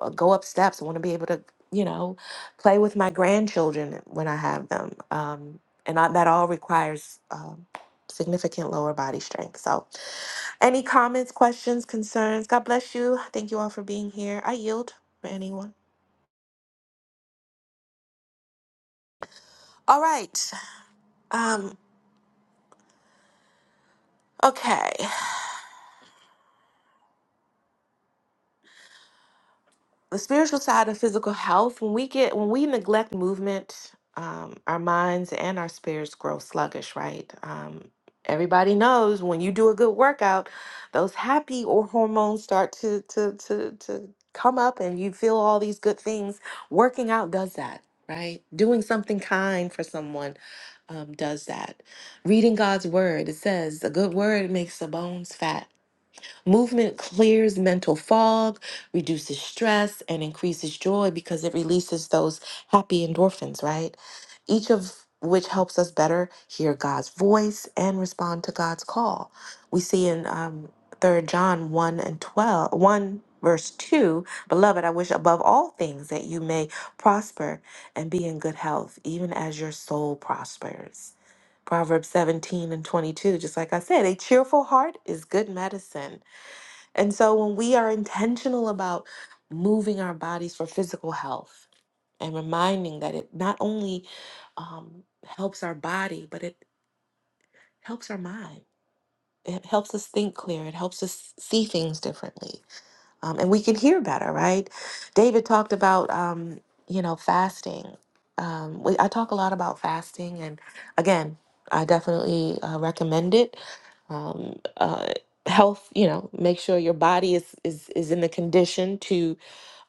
B: uh, go up steps. I want to be able to, you know, play with my grandchildren when I have them. Um, and I, that all requires um, significant lower body strength. So, any comments, questions, concerns? God bless you. Thank you all for being here. I yield for anyone. All right. Um, okay. the spiritual side of physical health when we get when we neglect movement um, our minds and our spirits grow sluggish right um, everybody knows when you do a good workout those happy or hormones start to to to to come up and you feel all these good things working out does that right doing something kind for someone um, does that reading god's word it says a good word makes the bones fat Movement clears mental fog, reduces stress, and increases joy because it releases those happy endorphins, right? Each of which helps us better hear God's voice and respond to God's call. We see in um, 3 John 1 and twelve, one verse 2 Beloved, I wish above all things that you may prosper and be in good health, even as your soul prospers. Proverbs 17 and 22, just like I said, a cheerful heart is good medicine and so when we are intentional about moving our bodies for physical health and reminding that it not only um, helps our body, but it helps our mind. It helps us think clear. It helps us see things differently um, and we can hear better, right? David talked about, um, you know, fasting. Um, we, I talk a lot about fasting, and again, I definitely uh, recommend it. Um, uh, health, you know, make sure your body is is is in the condition to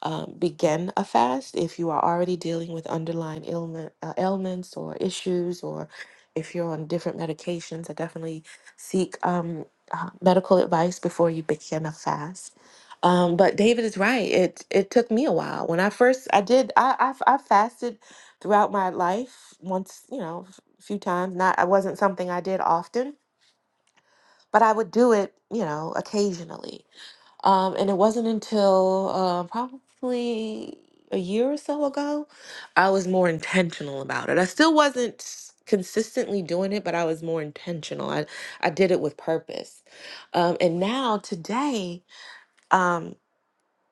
B: um, begin a fast if you are already dealing with underlying ailment, uh, ailments or issues, or if you're on different medications. I definitely seek um, uh, medical advice before you begin a fast. Um, but David is right. It it took me a while. When I first I did I I, I fasted throughout my life once you know a few times. Not I wasn't something I did often, but I would do it you know occasionally. Um, and it wasn't until uh, probably a year or so ago, I was more intentional about it. I still wasn't s- consistently doing it, but I was more intentional. I, I did it with purpose. Um, and now today, um,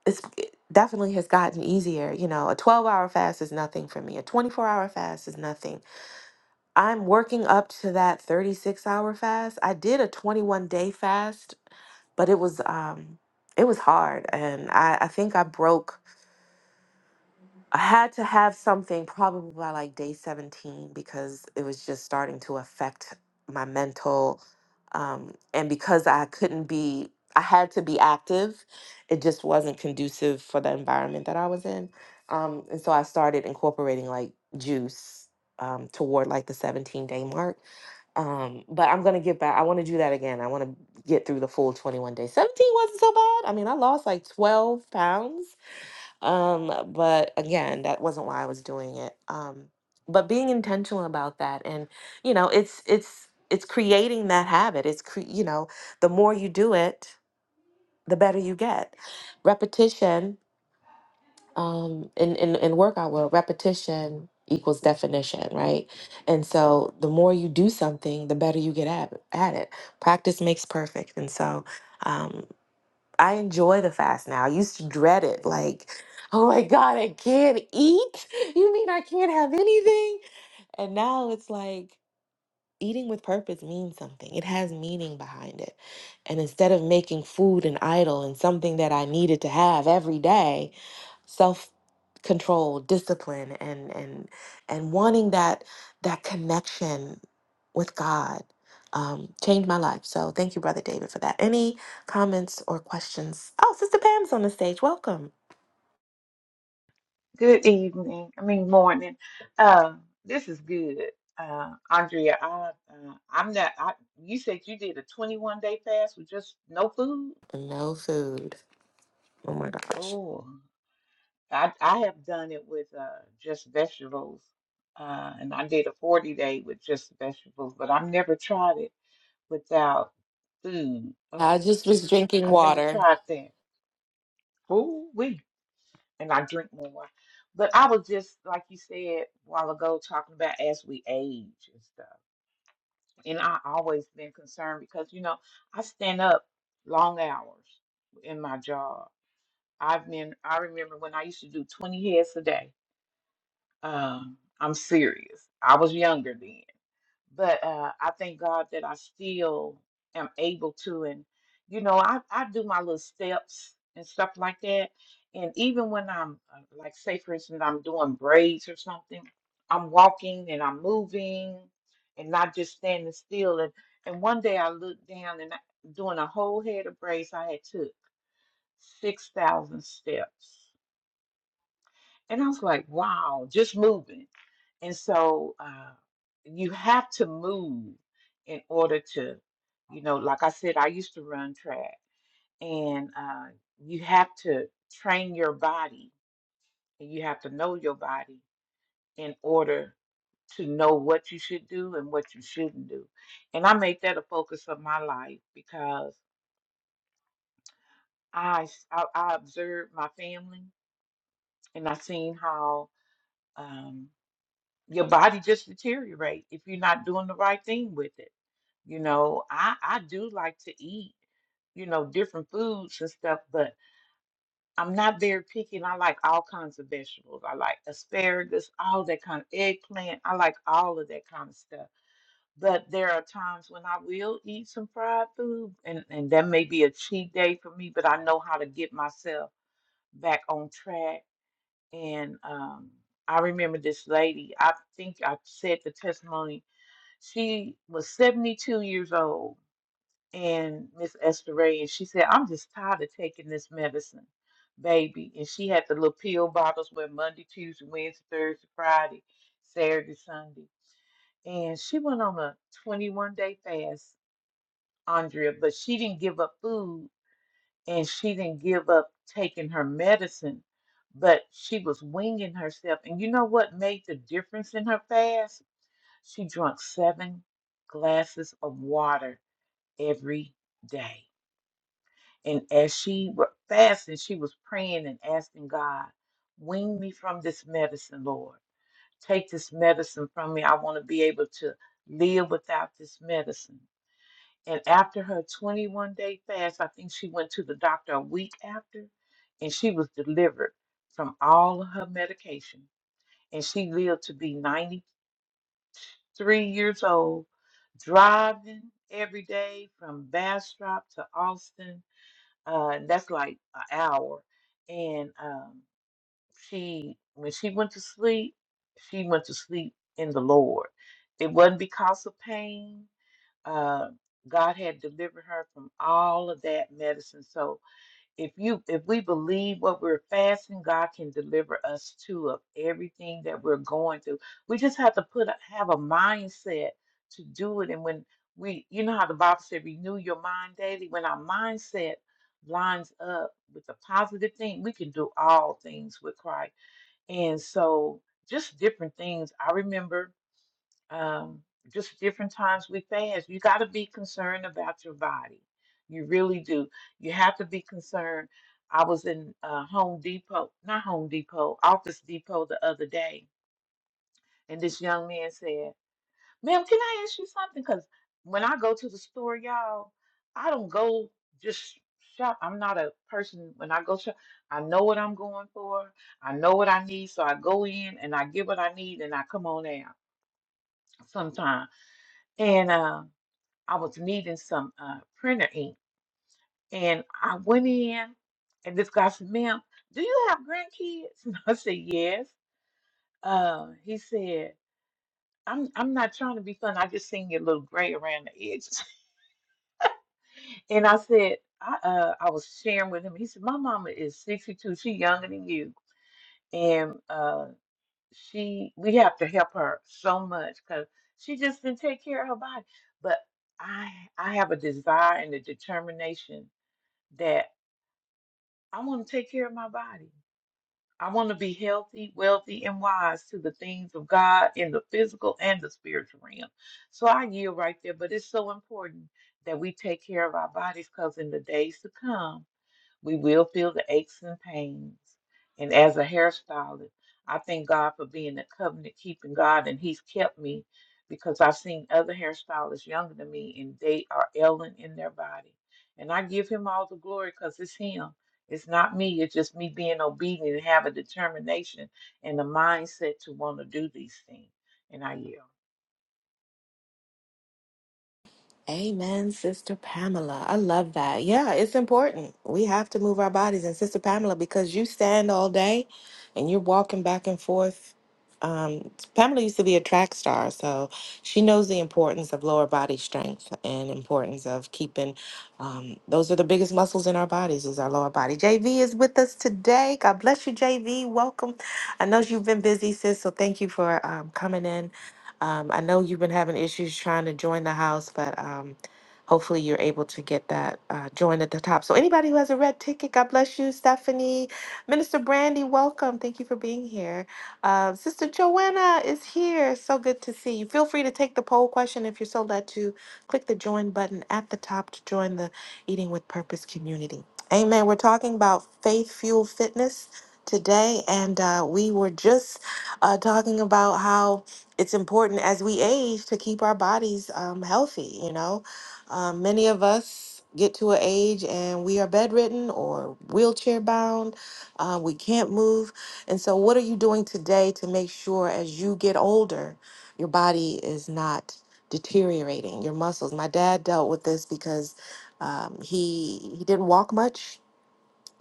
B: it's it definitely has gotten easier. You know, a 12 hour fast is nothing for me. A 24 hour fast is nothing. I'm working up to that 36 hour fast. I did a 21 day fast, but it was um it was hard and I, I think I broke I had to have something probably by like day 17 because it was just starting to affect my mental. Um, and because I couldn't be, I had to be active, it just wasn't conducive for the environment that I was in. Um, and so I started incorporating like juice um, toward like the 17 day mark. Um, but I'm gonna get back. I want to do that again. I want to get through the full 21 days. 17 wasn't so bad. I mean, I lost like 12 pounds um, but again, that wasn't why I was doing it. Um, but being intentional about that and you know, it's it's it's creating that habit. It's cre- you know, the more you do it, the better you get. Repetition um in in in workout world, repetition equals definition, right? And so the more you do something, the better you get at, at it. Practice makes perfect. And so Um, I enjoy the fast now. I used to dread it, like, oh my God, I can't eat. You mean I can't have anything? And now it's like eating with purpose means something. It has meaning behind it. And instead of making food an idol and something that I needed to have every day, self control, discipline and and and wanting that that connection with God um changed my life. So thank you brother David for that. Any comments or questions? Oh, Sister Pam's on the stage. Welcome.
C: Good evening. I mean morning. Um, this is good. Uh, Andrea, I uh, I'm not I you said you did a 21 day fast with just no food?
B: No food. Oh my gosh.
C: Oh, I I have done it with uh just vegetables. Uh, and I did a 40 day with just vegetables, but I've never tried it without food. Oh,
B: I just was drinking
C: I've never
B: water.
C: tried that. Ooh, we and I drink more But I was just like you said a while ago talking about as we age and stuff. and I always been concerned because you know I stand up long hours in my job. I've been I remember when I used to do 20 heads a day. Um, I'm serious. I was younger then but uh, I thank God that I still am able to. And, you know, I, I do my little steps and stuff like that. And even when I'm, uh, like, say, for instance, I'm doing braids or something, I'm walking and I'm moving and not just standing still. And, and one day I looked down and I, doing a whole head of braids, I had took 6,000 steps. And I was like, wow, just moving. And so uh, you have to move in order to, you know, like I said, I used to run track, and uh, you have to train your body and you have to know your body in order to know what you should do and what you shouldn't do. And I made that a focus of my life because I s- I, I observed my family and I seen how. um, your body just deteriorate if you're not doing the right thing with it. You know, I I do like to eat, you know, different foods and stuff, but I'm not very picky and I like all kinds of vegetables. I like asparagus, all that kind of eggplant. I like all of that kind of stuff. But there are times when I will eat some fried food and, and that may be a cheat day for me, but I know how to get myself back on track. And um I remember this lady, I think I said the testimony she was 72 years old, and Miss Esther Ray, and she said, I'm just tired of taking this medicine, baby. And she had the little pill bottles where Monday, Tuesday, Wednesday, Thursday, Friday, Saturday, Sunday. And she went on a 21 day fast, Andrea, but she didn't give up food and she didn't give up taking her medicine, but she was winging herself. And you know what made the difference in her fast? She drank seven glasses of water every day. And as she wa- fasted, she was praying and asking God, wean me from this medicine, Lord. Take this medicine from me. I want to be able to live without this medicine. And after her 21 day fast, I think she went to the doctor a week after, and she was delivered from all of her medication. And she lived to be 93 years old, driving every day from Bastrop to Austin uh, that's like an hour. And um, she, when she went to sleep, she went to sleep in the Lord. It wasn't because of pain. Uh, God had delivered her from all of that medicine. So if you if we believe what we're fasting, God can deliver us too of everything that we're going through. We just have to put a, have a mindset to do it. And when we, you know how the Bible said, renew your mind daily. When our mindset lines up with the positive thing, we can do all things with Christ. And so, just different things. I remember um, just different times we fast. You got to be concerned about your body. You really do. You have to be concerned. I was in uh, Home Depot, not Home Depot, Office Depot the other day, and this young man said, "Ma'am, can I ask you something? Because when I go to the store, y'all, I don't go just shop. I'm not a person when I go shop. I know what I'm going for. I know what I need, so I go in and I get what I need, and I come on out sometimes." And uh, I was needing some uh, printer ink. And I went in, and this guy said, Ma'am, do you have grandkids? And I said, Yes. Uh, he said, I'm I'm not trying to be fun. I just seen your little gray around the edges. And I said, I uh I was sharing with him. He said, My mama is 62. She younger than you. And uh she we have to help her so much because she just didn't take care of her body. But I I have a desire and a determination that." I want to take care of my body. I want to be healthy, wealthy, and wise to the things of God in the physical and the spiritual realm. So I yield right there, but it's so important that we take care of our bodies because in the days to come, we will feel the aches and pains. And as a hairstylist, I thank God for being a covenant keeping God, and He's kept me because I've seen other hairstylists younger than me, and they are ailing in their body. And I give Him all the glory because it's Him. It's not me. It's just me being obedient and have a determination and a mindset to want to do these things. And I yield.
B: Amen, Sister Pamela. I love that. Yeah, it's important. We have to move our bodies. And Sister Pamela, because you stand all day and you're walking back and forth. Um, Pamela used to be a track star, so she knows the importance of lower body strength and importance of keeping. Um, those are the biggest muscles in our bodies is our lower body. JV is with us today. God bless you, JV. Welcome. I know you've been busy, sis. So thank you for um, coming in um, I know you've been having issues trying to join the house, but um, hopefully you're able to get that uh, join at the top. So, anybody who has a red ticket, God bless you, Stephanie. Minister Brandy, welcome. Thank you for being here. Uh, Sister Joanna is here. So good to see you. Feel free to take the poll question if you're so led to. Click the join button at the top to join the Eating with Purpose community. Amen. We're talking about faith fueled fitness today, and uh, we were just uh, talking about how it's important as we age to keep our bodies um, healthy. You know, um, many of us get to an age and we are bedridden or wheelchair bound. Uh, we can't move. And so, what are you doing today to make sure as you get older, your body is not deteriorating, your muscles? My dad dealt with this because um, he he didn't walk much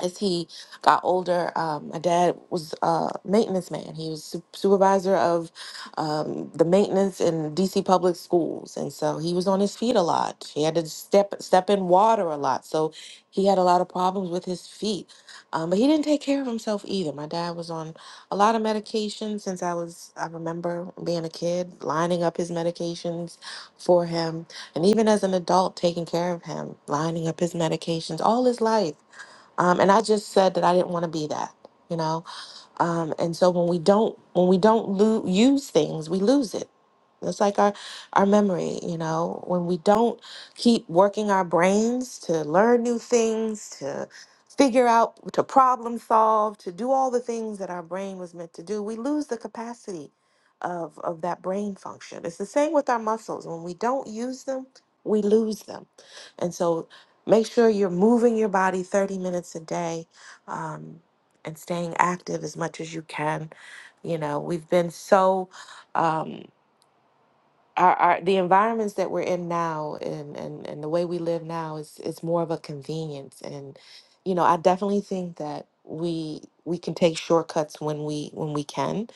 B: as he got older, um, my dad was a maintenance man. He was su- supervisor of um, the maintenance in DC public schools, and so he was on his feet a lot. He had to step step in water a lot, so he had a lot of problems with his feet. Um, but he didn't take care of himself either. My dad was on a lot of medication since I was I remember being a kid, lining up his medications for him, and even as an adult, taking care of him, lining up his medications all his life um, and I just said that I didn't want to be that, you know? Um, and so when we don't when we don't lo- use things, we lose it. It's like our our memory, you know. When we don't keep working our brains to learn new things, to figure out, to problem solve, to do all the things that our brain was meant to do, we lose the capacity of of that brain function. It's the same with our muscles. When we don't use them, we lose them. And so, make sure you're moving your body 30 minutes a day. Um, and staying active as much as you can. You know, we've been so um our, our the environments that we're in now and, and and the way we live now is is more of a convenience and you know, I definitely think that we we can take shortcuts when we when we can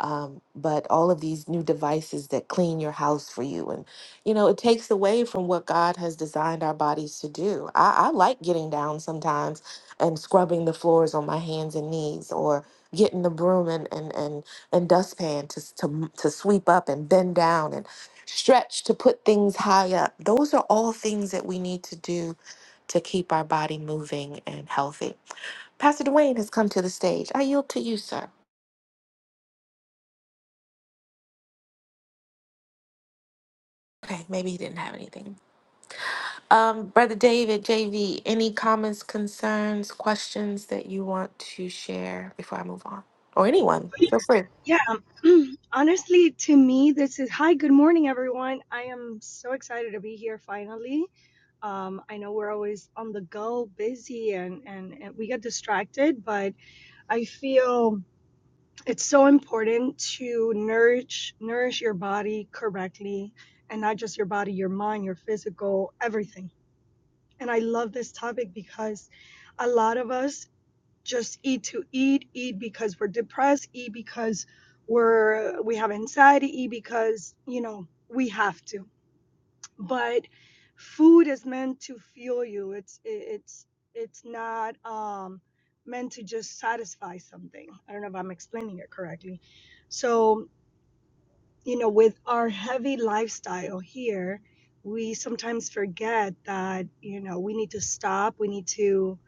B: um, but all of these new devices that clean your house for you and you know it takes away from what god has designed our bodies to do I, I like getting down sometimes and scrubbing the floors on my hands and knees or getting the broom and and and, and dustpan to, s- to m- to sweep up and bend down and stretch to put things high up those are all things that we need to do to keep our body moving and healthy pastor dwayne has come to the stage i yield to you sir okay maybe he didn't have anything Um, Brother David, JV, any comments, concerns, questions that you want to share before I move on? Or anyone, feel free.
D: Yeah, honestly, to me, this is hi, good morning, everyone. I am so excited to be here finally. Um, I know we're always on the go, busy, and, and, and we get distracted, but I feel it's so important to nourish nourish your body correctly, and not just your body, your mind, your physical, everything. And I love this topic because a lot of us just eat to eat, eat because we're depressed, eat because we're we have anxiety, eat because, you know, we have to. But food is meant to fuel you. It's it's it's not um meant to just satisfy something. I don't know if I'm explaining it correctly. So you know, with our heavy lifestyle here, we sometimes forget that, you know, we need to stop, we need to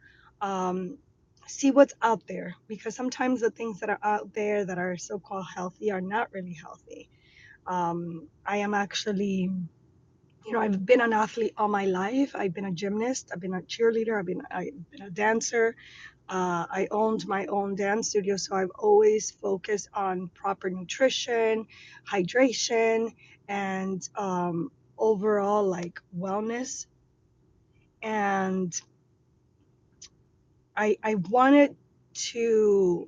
D: um, see what's out there because sometimes the things that are out there that are so called healthy are not really healthy. Um, I am actually, you know, I've been an athlete all my life. I've been a gymnast, I've been a cheerleader, I've been, I've been a dancer, uh, I owned my own dance studio, so I've always focused on proper nutrition, hydration, and um, overall like wellness. And I, I wanted to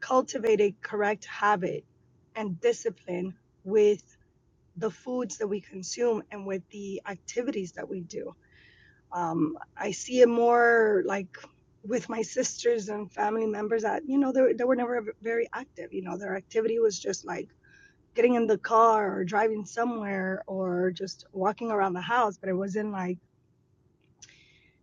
D: cultivate a correct habit and discipline with the foods that we consume and with the activities that we do Um, I see it more like with my sisters and family members that, you know, they, were- they were never very active. You know, their activity was just like getting in the car or driving somewhere or just walking around the house, but it wasn't like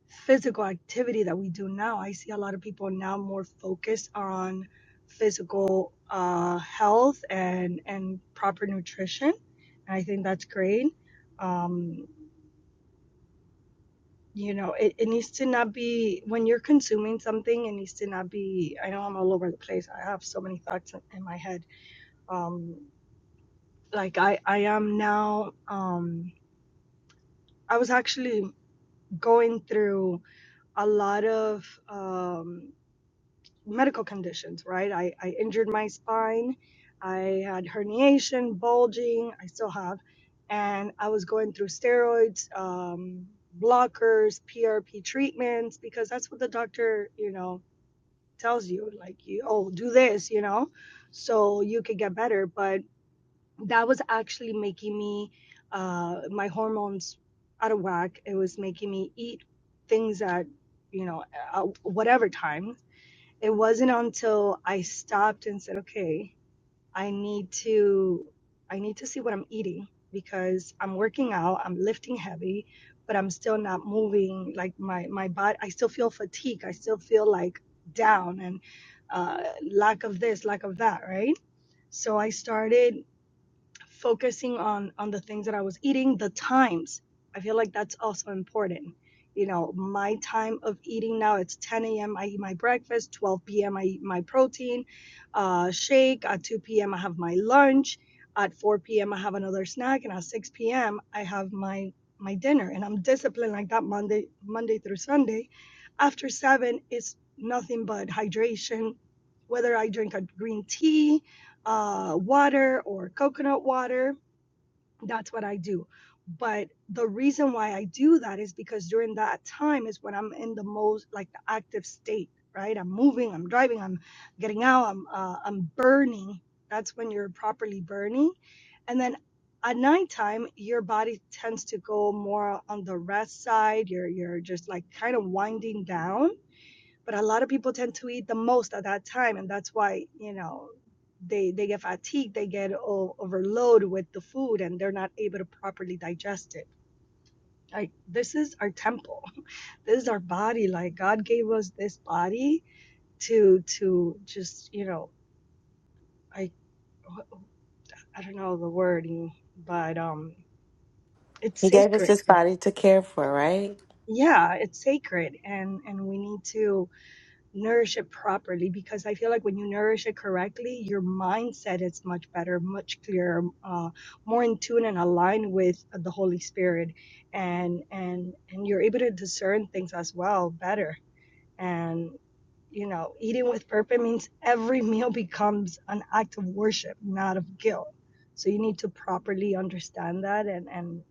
D: physical activity that we do now. I see a lot of people now more focused on physical uh, health and, and proper nutrition. And I think that's great. Um, You know, it it needs to not be when you're consuming something, it needs to not be I know I'm all over the place. I have so many thoughts in in my head. Um, like I I am now, um, I was actually going through a lot of um, medical conditions, right? I I injured my spine. I had herniation, bulging, I still have, and I was going through steroids, um, blockers, PRP treatments because that's what the doctor, you know, tells you like you oh do this you know so you could get better but that was actually making me uh my hormones out of whack it was making me eat things at you know at whatever time it wasn't until i stopped and said okay I need to I need to see what I'm eating because I'm working out, I'm lifting heavy, but I'm still not moving like my my body I still feel fatigue, I still feel like down and uh lack of this, lack of that, right? So I started focusing on on the things that I was eating, the times. I feel like that's also important. You know, my time of eating now it's 10 a.m. I eat my breakfast, 12 p.m. I eat my protein uh, shake. At 2 p.m. I have my lunch. At 4 p.m. I have another snack, and at 6 p.m. I have my my dinner. And I'm disciplined like that Monday Monday through Sunday. After seven, it's nothing but hydration. Whether I drink a green tea, uh, water or coconut water. That's what I do. But the reason why I do that is because during that time is when I'm in the most like the active state, right? I'm moving, I'm driving, I'm getting out, I'm uh, I'm burning. That's when you're properly burning, and then at nighttime your body tends to go more on the rest side. You're you're just like kind of winding down but a lot of people tend to eat the most at that time and that's why you know they they get fatigued they get o- overloaded with the food and they're not able to properly digest it like this is our temple this is our body like god gave us this body to to just you know i i don't know the wording but um it's
B: He gave us
D: sacred
B: this body to care for, right?
D: yeah it's sacred and and we need to nourish it properly because I feel like when you nourish it correctly, your mindset is much better, much clearer, uh, more in tune and aligned with uh, the Holy Spirit, and and and you're able to discern things as well better. And you know, eating with purpose means every meal becomes an act of worship, not of guilt. So you need to properly understand that and and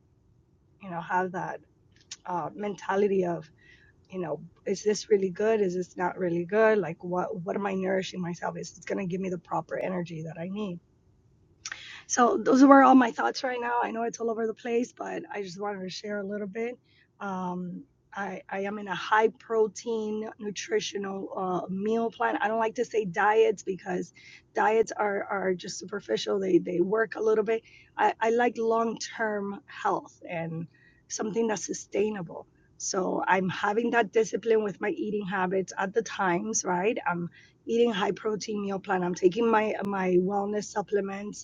D: you know have that uh, mentality of you know, is this really good? Is this not really good? Like what what am I nourishing myself? Is it's gonna give me the proper energy that I need? So those were all my thoughts right now. I know it's all over the place, but I just wanted to share a little bit. Um, I, I am in a high protein nutritional uh, meal plan. I don't like to say diets because diets are, are just superficial. They, they work a little bit. I, I like long term health and something that's sustainable. So I'm having that discipline with my eating habits at the times, right? I'm eating high protein meal plan. I'm taking my my wellness supplements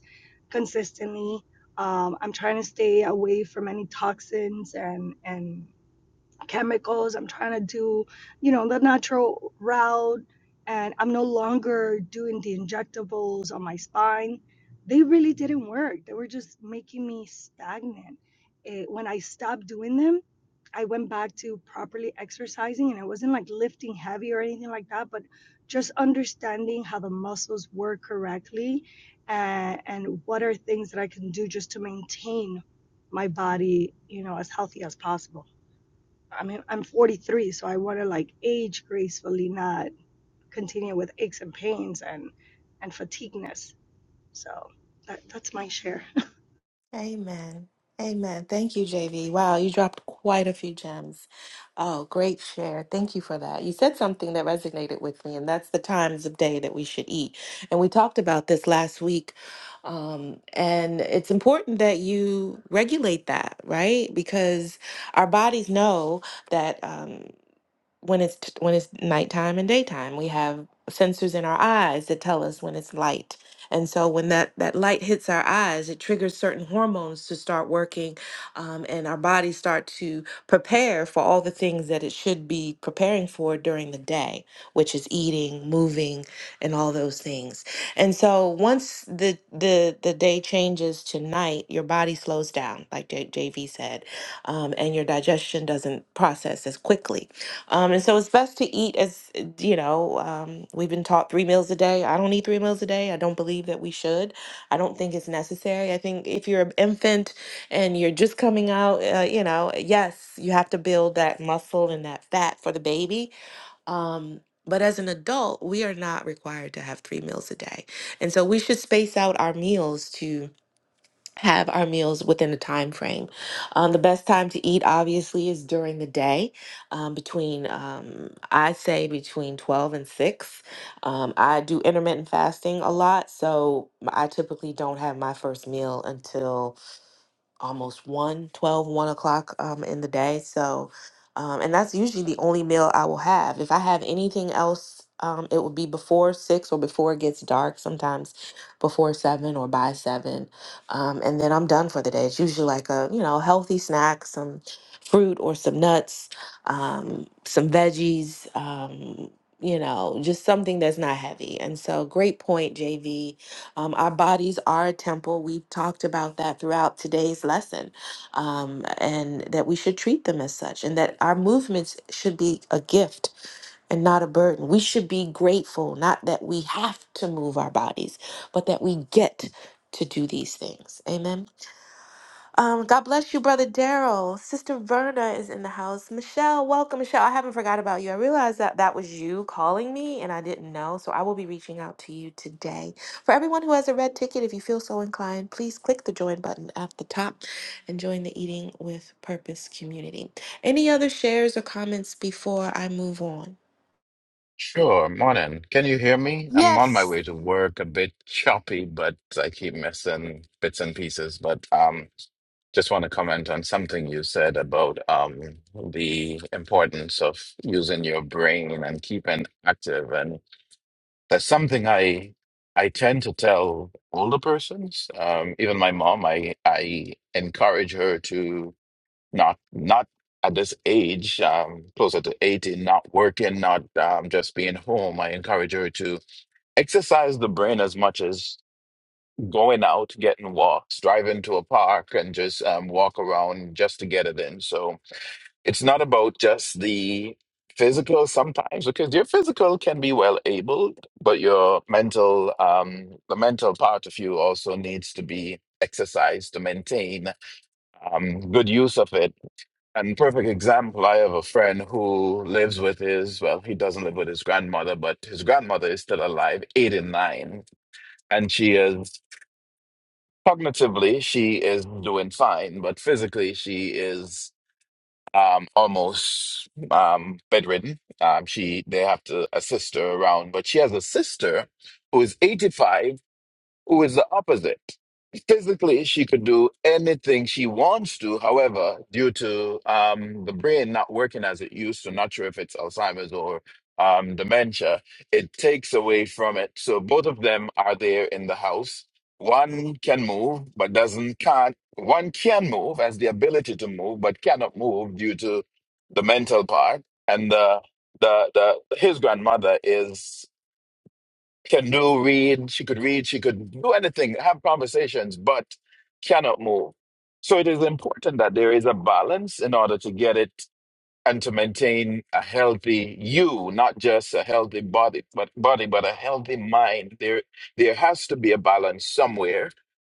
D: consistently. Um, I'm trying to stay away from any toxins and and chemicals. I'm trying to do, you know, the natural route. And I'm no longer doing the injectables on my spine. They really didn't work. They were just making me stagnant. Eh, when I stopped doing them, I went back to properly exercising and I wasn't like lifting heavy or anything like that, but just understanding how the muscles work correctly and, and what are things that I can do just to maintain my body, you know, as healthy as possible. I mean, I'm 43, so I want to like age gracefully, not continue with aches and pains and and fatigueness. So that, that's my share.
B: Amen. Amen. Thank you, JV. Wow, you dropped quite a few gems. Oh, great share. Thank you for that. You said something that resonated with me, and that's the times of day that we should eat. And we talked about this last week. Um, and it's important that you regulate that, right? Because our bodies know that. Um, when it's t- when it's nighttime and daytime. We have sensors in our eyes that tell us when it's light. And so when that, that light hits our eyes, it triggers certain hormones to start working um, and our bodies start to prepare for all the things that it should be preparing for during the day, which is eating, moving, and all those things. And so once the the, the day changes to night, your body slows down, like J- JV said, um, and your digestion doesn't process as quickly. Um, and so it's best to eat as you know. Um, we've been taught three meals a day. I don't eat three meals a day. I don't believe that we should. I don't think it's necessary. I think if you're an infant and you're just coming out, uh, you know, yes, you have to build that muscle and that fat for the baby. Um, but as an adult, we are not required to have three meals a day, and so we should space out our meals to have our meals within a time frame. Um, the best time to eat, obviously, is during the day, um, between um, I say between twelve and six. Um, I do intermittent fasting a lot, so I typically don't have my first meal until almost one, twelve, one o'clock um, in the day so um, and that's usually the only meal i will have if i have anything else um, it would be before six or before it gets dark sometimes before seven or by seven um, and then i'm done for the day it's usually like a you know healthy snack some fruit or some nuts um, some veggies um, you know just something that's not heavy and so great point jv um, our bodies are a temple. We've talked about that throughout today's lesson, um, and that we should treat them as such, and that our movements should be a gift and not a burden. We should be grateful, not that we have to move our bodies, but that we get to do these things. Amen. Um, God bless you, Brother Daryl. Sister Verna is in the house. Michelle, welcome, Michelle. I haven't forgot about you. I realized that that was you calling me and I didn't know. So I will be reaching out to you today. For everyone who has a red ticket, if you feel so inclined, please click the join button at the top and join the Eating with Purpose community. Any other shares or comments before I move on?
E: Sure, morning. Can you hear me? I'm on my
B: Yes.
E: way to work, a bit choppy, but I keep missing bits and pieces. But um, just want to comment on something you said about um the importance of using your brain and keeping active. And that's something I I tend to tell older persons. Um, even my mom, I I encourage her to not not at this age, um, closer to 80, not working, not um, just being home. I encourage her to exercise the brain as much as going out, getting walks, driving to a park, and just um, walk around just to get it in. So it's not about just the physical sometimes because your physical can be well able but your mental um the mental part of you also needs to be exercised to maintain um good use of it and perfect example, I have a friend who lives with his, well, he doesn't live with his grandmother, but his grandmother is still alive, 89. And she is cognitively, she is doing fine, but physically, she is um almost um bedridden. Um she they have to assist her around, but she has a sister who is 85 who is the opposite. Physically, she could do anything she wants to. However, due to um, the brain not working as it used to, not sure if it's Alzheimer's or um, dementia, it takes away from it. So both of them are there in the house. One can move, but doesn't can't. One can move, has the ability to move, but cannot move due to the mental part. And the the the his grandmother is can do read she could read she could do anything have conversations but cannot move so it is important that there is a balance in order to get it and to maintain a healthy you not just a healthy body but body but a healthy mind there there has to be a balance somewhere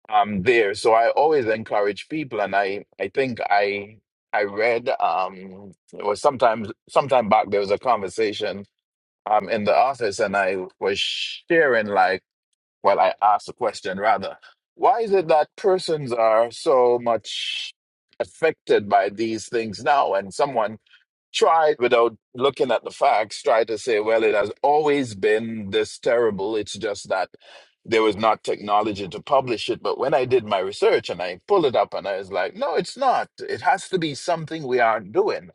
E: um there so i always encourage people and i i think i i read um it was sometimes sometime back there was a conversation um in the office and I was sharing like well I asked a question rather why is it that persons are so much affected by these things now and someone tried without looking at the facts try to say well it has always been this terrible it's just that there was not technology to publish it but when i did my research and i pulled it up and i was like no it's not it has to be something we aren't doing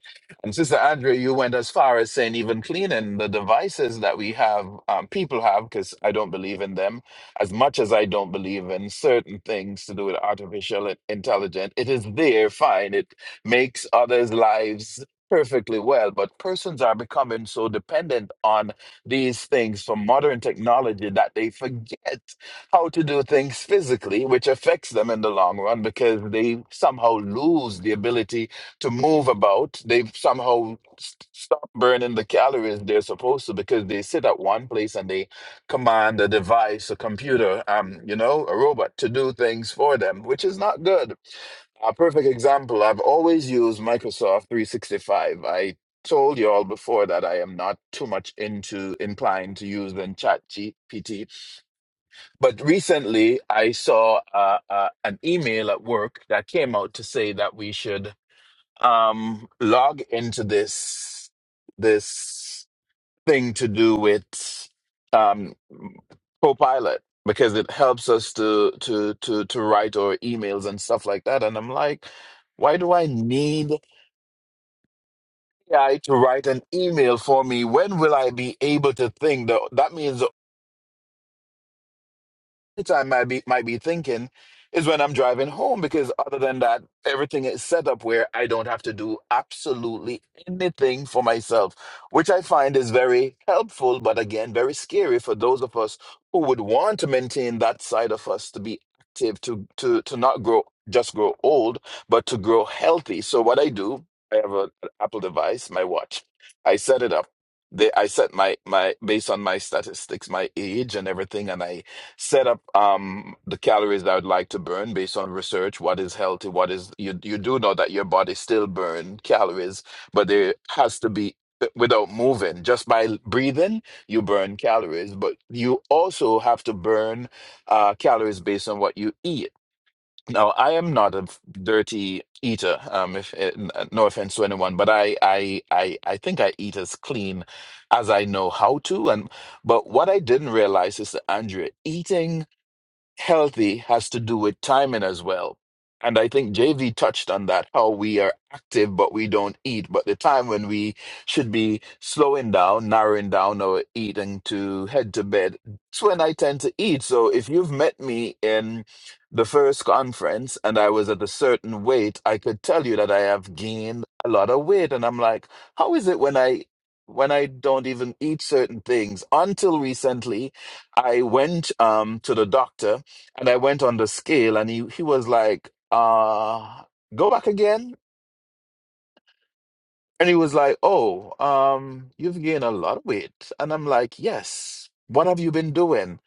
E: and sister andrea you went as far as saying even cleaning the devices that we have um, people have because i don't believe in them as much as i don't believe in certain things to do with artificial intelligence it is there fine it makes others' lives perfectly well, but persons are becoming so dependent on these things from modern technology that they forget how to do things physically, which affects them in the long run because they somehow lose the ability to move about. They somehow s- stop burning the calories they're supposed to because they sit at one place and they command a device, a computer, um, you know, a robot to do things for them, which is not good. A perfect example, I've always used Microsoft 365. I told you all before that I am not too much into inclined to use than chat GPT. But recently I saw uh, uh, an email at work that came out to say that we should um, log into this this thing to do with um, Copilot because it helps us to to to to write our emails and stuff like that. And I'm like, why do I need AI to write an email for me? When will I be able to think? That that means time might be might be thinking is when I'm driving home because other than that, everything is set up where I don't have to do absolutely anything for myself, which I find is very helpful, but again, very scary for those of us who would want to maintain that side of us to be active, to to to not grow just grow old, but to grow healthy. So what I do, I have a, an Apple device, my watch. I set it up. They, I set my my based on my statistics, my age and everything, and I set up um, the calories that I would like to burn based on research. What is healthy? What is you? You do know that your body still burns calories, but there has to be uh, without moving. Just by l- breathing, you burn calories, but you also have to burn uh, calories based on what you eat. Now, I am not a f- dirty eater. Um, if, eh, n- uh, no offense to anyone, but I, I, I, I think I eat as clean as I know how to, and but what I didn't realize is that Andrea eating healthy has to do with timing as well. And I think JV touched on that, how we are active, but we don't eat. But the time when we should be slowing down, narrowing down our eating to head to bed, it's when I tend to eat. So if you've met me in the first conference and I was at a certain weight, I could tell you that I have gained a lot of weight. And I'm like, how is it when I when I don't even eat certain things? Until recently, I went um to the doctor and I went on the scale, and he he was like, uh, go back again. And he was like, oh, um, you've gained a lot of weight. And I'm like, yes. What have you been doing?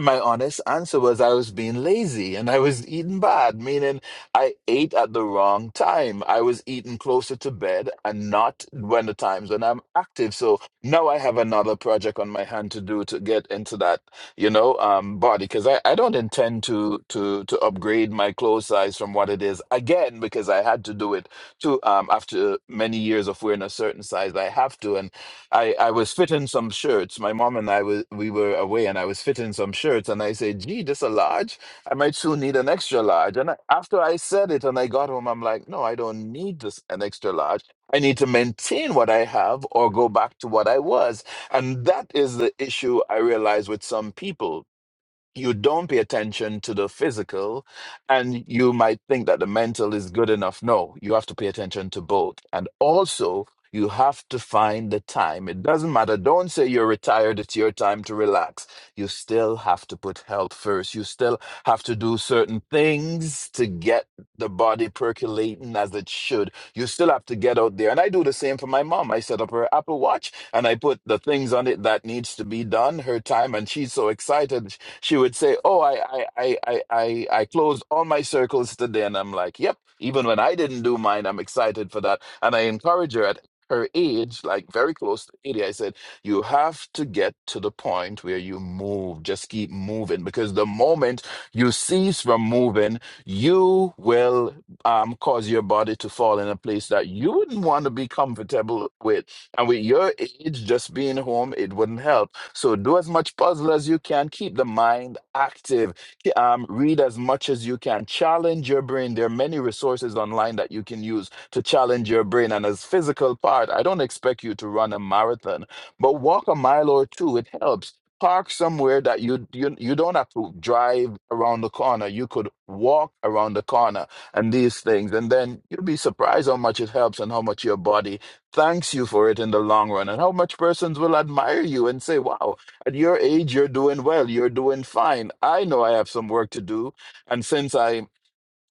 E: My honest answer was I was being lazy and I was eating bad, meaning I ate at the wrong time. I was eating closer to bed and not when the times when I'm active. So now I have another project on my hand to do to get into that, you know, um, body because I, I don't intend to to to upgrade my clothes size from what it is again because I had to do it to um after many years of wearing a certain size I have to and. I, I was fitting some shirts. My mom and I was we were away, and I was fitting some shirts. And I said, "Gee, this a large. I might soon need an extra large." And I, after I said it, and I got home, I'm like, "No, I don't need this an extra large. I need to maintain what I have, or go back to what I was." And that is the issue I realize with some people you don't pay attention to the physical and you might think that the mental is good enough no you have to pay attention to both and also you have to find the time it doesn't matter don't say you're retired it's your time to relax you still have to put health first you still have to do certain things to get the body percolating as it should you still have to get out there and i do the same for my mom i set up her apple watch and i put the things on it that needs to be done her time and she's so excited she would say, "Oh, I, I, I, I, I I closed all my circles today," and I'm like, "Yep." Even when I didn't do mine, I'm excited for that, and I encourage her at her age, like very close to eighty. I said, "You have to get to the point where you move. Just keep moving, because the moment you cease from moving, you will um, cause your body to fall in a place that you wouldn't want to be comfortable with. And with your age, just being home, it wouldn't help." So do as much puzzle as you can. Keep the mind active. K- Um, read as much as you can. Challenge your brain. There are many resources online that you can use to challenge your brain. And as physical part, I don't expect you to run a marathon, but walk a mile or two. It helps. Park somewhere that you, you you don't have to drive around the corner. You could walk around the corner and these things, and then you'll be surprised how much it helps and how much your body thanks you for it in the long run and how much persons will admire you and say wow at your age you're doing well you're doing fine i know i have some work to do and since i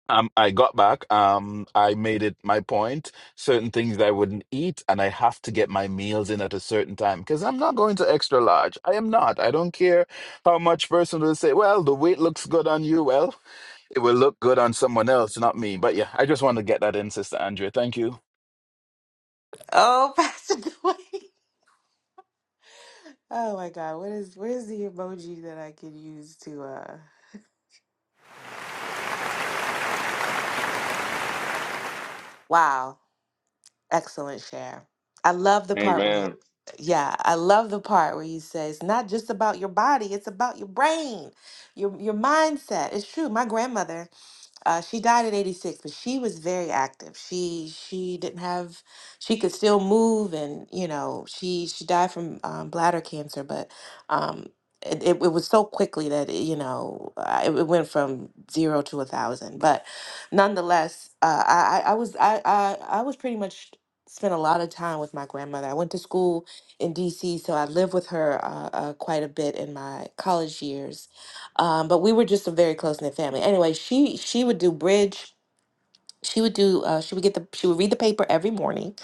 E: um, I got back. Um, I made it my point. Certain things that I wouldn't eat, and I have to get my meals in at a certain time because I'm not going to extra large. I am not. I don't care how much person will say. Well, the weight looks good on you. Well, it will look good on someone else, not me. But yeah, I just want to get that in, Sister Andrea. Thank you.
B: Oh, Pastor Dwayne. Oh my God. What is where's the emoji that I can use to uh wow. Excellent share. I love the part where you,
A: Amen.
B: yeah, I love the part where you say it's not just about your body, it's about your brain, your your mindset. It's true. My grandmother uh, she died at 86, but she was very active. She she didn't have she could still move, and you know she she died from um, bladder cancer, but um, it, it it was so quickly that it, you know uh, it, it went from zero to a thousand. But nonetheless, uh, I I I was I, I I was pretty much spent a lot of time with my grandmother. I went to school in D.C., so I lived with her uh, uh, quite a bit in my college years um, but we were just a very close knit family. Anyway, she she would do bridge. She would do. Uh, she would get the. She would read the paper every morning.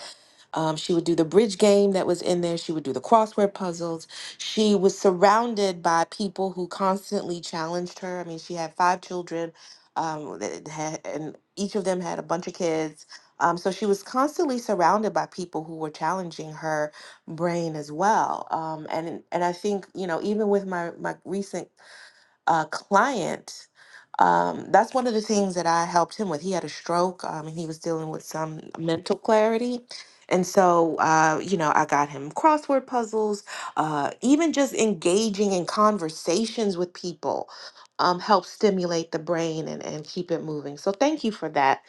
B: Um, she would do the bridge game that was in there. She would do the crossword puzzles. She was surrounded by people who constantly challenged her. I mean, she had five children, um, that had, and each of them had a bunch of kids. Um, so she was constantly surrounded by people who were challenging her brain as well. Um, and and I think you know even with my my recent a client, um, that's one of the things that I helped him with. He had a stroke um, and he was dealing with some mental clarity. And so, uh, you know, I got him crossword puzzles, uh, even just engaging in conversations with people um, helps stimulate the brain and, and keep it moving. So, thank you for that,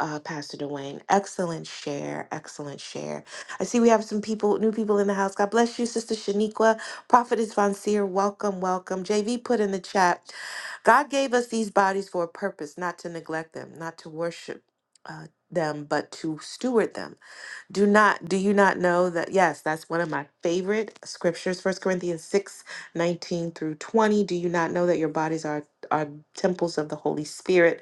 B: uh, Pastor Dwayne. Excellent share. Excellent share. I see we have some people, new people in the house. God bless you, Sister Shaniqua. Prophetess Von Seer, welcome, welcome. JV put in the chat, God gave us these bodies for a purpose, not to neglect them, not to worship uh, them, but to steward them. Do not, do you not know that? Yes, that's one of my favorite scriptures, First Corinthians 6 19 through 20. Do you not know that your bodies are, are temples of the Holy Spirit?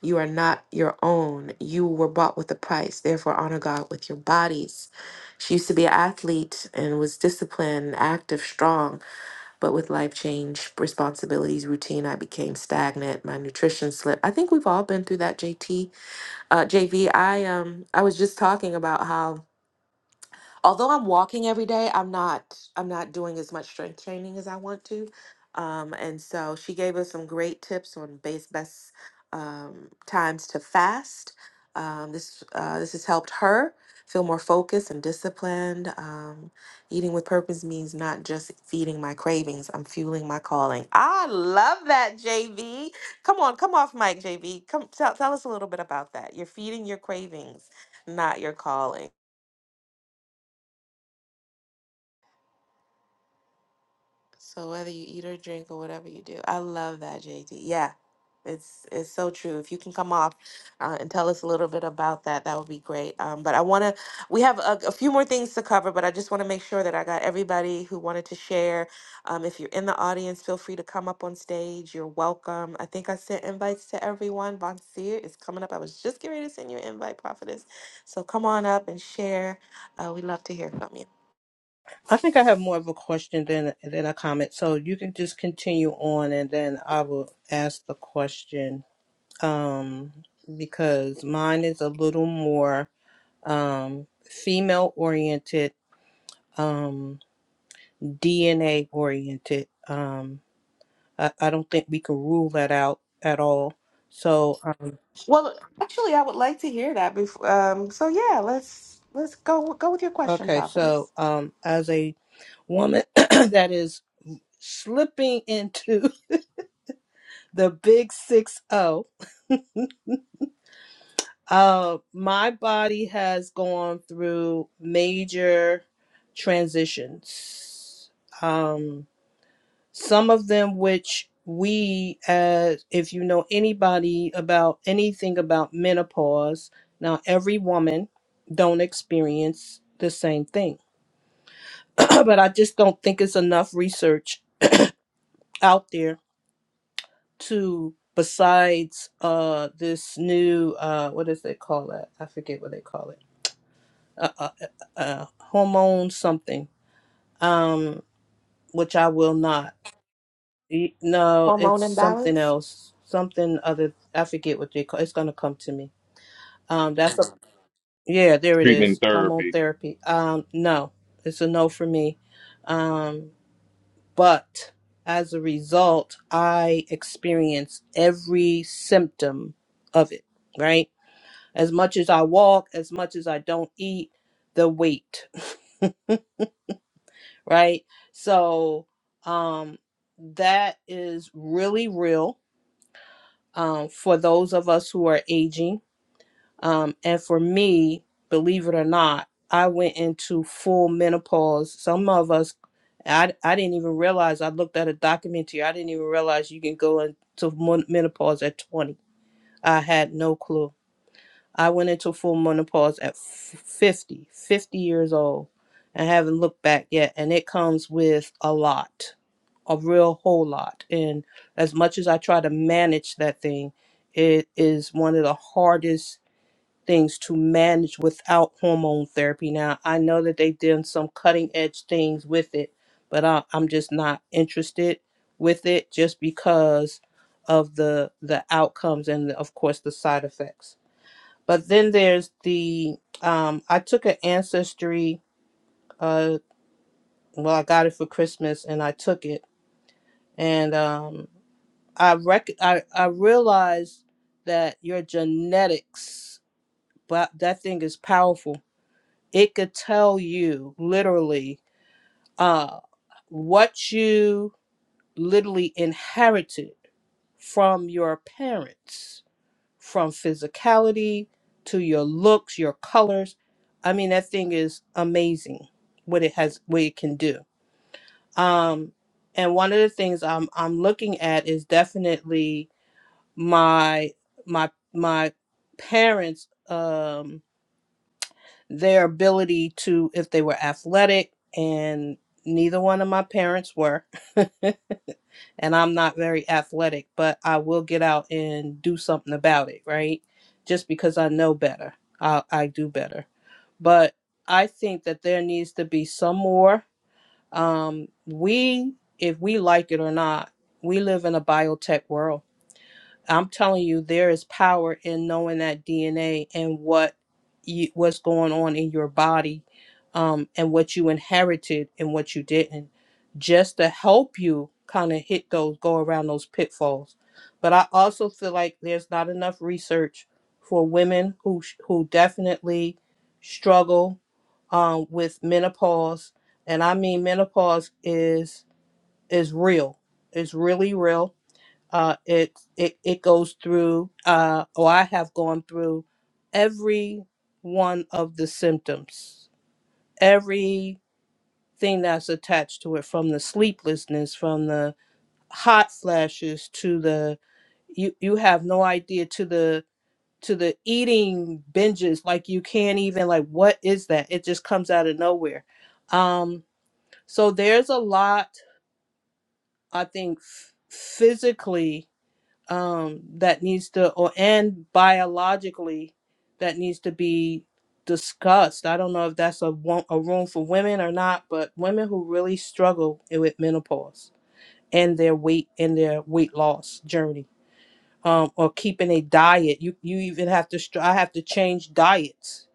B: You are not your own. You were bought with a price. Therefore, honor God with your bodies. She used to be an athlete and was disciplined, active, strong but with life change, responsibilities, routine, I became stagnant. My nutrition slipped. I think we've all been through that, JT. Uh, JV, um I was just talking about how although I'm walking every day, I'm not I'm not doing as much strength training as I want to. Um, and so she gave us some great tips on base best um, times to fast. Um, this uh, this has helped her feel more focused and disciplined. Um, eating with purpose means not just feeding my cravings; I'm fueling my calling. I love that, JV. Come on, come off mic, JV. Come tell, tell us a little bit about that. You're feeding your cravings, not your calling. So whether you eat or drink or whatever you do, I love that, JD. Yeah, it's it's so true. If you can come off uh, and tell us a little bit about that, that would be great. Um, but I want to, we have a, a few more things to cover, but I just want to make sure that I got everybody who wanted to share. Um, if you're in the audience, feel free to come up on stage. You're welcome. I think I sent invites to everyone. Von Seer is coming up. I was just getting ready to send you an invite, Prophetess. So come on up and share. Uh, we love to hear from you.
F: I think I have more of a question than than a comment. So you can just continue on, and then I will ask the question um, because mine is a little more um, female oriented, um, DNA oriented. Um, I, I don't think we can rule that out at all. So um,
B: Well, actually, I would like to hear that before. Um, so yeah,
D: Hi.
B: let's let's go go with your question,
F: okay, so
B: prophetess.
F: um, as a woman that is slipping into the big six zero Uh, my body has gone through major transitions. Um, some of them which we as if you know anybody about anything about menopause, now every woman don't experience the same thing. but I just don't think it's enough research out there to besides uh this new uh what does they call that? I forget what they call it uh, uh, uh, uh, hormone something, um, which I will not. E- No, it's
B: Hormone
F: something
B: imbalance.
F: else, something other. I forget what they call. It's gonna come to me. Um, that's a, yeah. There it
A: Treatment
F: is. Hormone
A: therapy.
F: therapy. Um, no, it's a no for me. Um, but as a result, I experience every symptom of it. Right. As much as I walk, as much as I don't eat, the weight. right? So um, that is really real um, for those of us who are aging. Um, and for me, believe it or not, I went into full menopause. Some of us, I, I didn't even realize. I looked at a documentary. I didn't even realize you can go into menopause at 20. I had no clue I went into full menopause at 50, fifty years old, and haven't looked back yet. And it comes with a lot, a real whole lot. And as much as I try to manage that thing, it is one of the hardest things to manage without hormone therapy. Now, I know that they've done some cutting edge things with it, but I, I'm just not interested with it just because of the the outcomes and of course the side effects. But then there's the um, I took an ancestry. Uh, well, I got it for Christmas, and I took it, and um, I rec- I I realized that your genetics, but that thing is powerful. It could tell you literally uh, what you literally inherited from your parents from physicality to your looks, your colors. I mean, that thing is amazing what it has, what it can do. Um, and one of the things I'm I'm looking at is definitely my my my parents um their ability to if they were athletic and neither one of my parents were and I'm not very athletic, but I will get out and do something about it, right? Just because I know better, I, I do better. But I think that there needs to be some more. Um, we, if we like it or not, we live in a biotech world I'm telling you, there is power in knowing that DNA and what you, what's going on in your body, um, and what you inherited and what you didn't, just to help you kind of hit those, go around those pitfalls. But I also feel like there's not enough research for women who sh- who definitely struggle um, with menopause, and I mean menopause is is real. It's really real uh, it it it goes through uh, or I have gone through every one of the symptoms, everything that's attached to it, from the sleeplessness, from the hot flashes to the you you have no idea to the to the eating binges like you can't even like what is that it just comes out of nowhere um so there's a lot i think f- physically um, that needs to, or and biologically, that needs to be discussed. I don't know if that's a wo- a room for women or not, but women who really struggle with menopause and their weight and their weight loss journey, um, or keeping a diet. You you even have to. Str- I have to change diets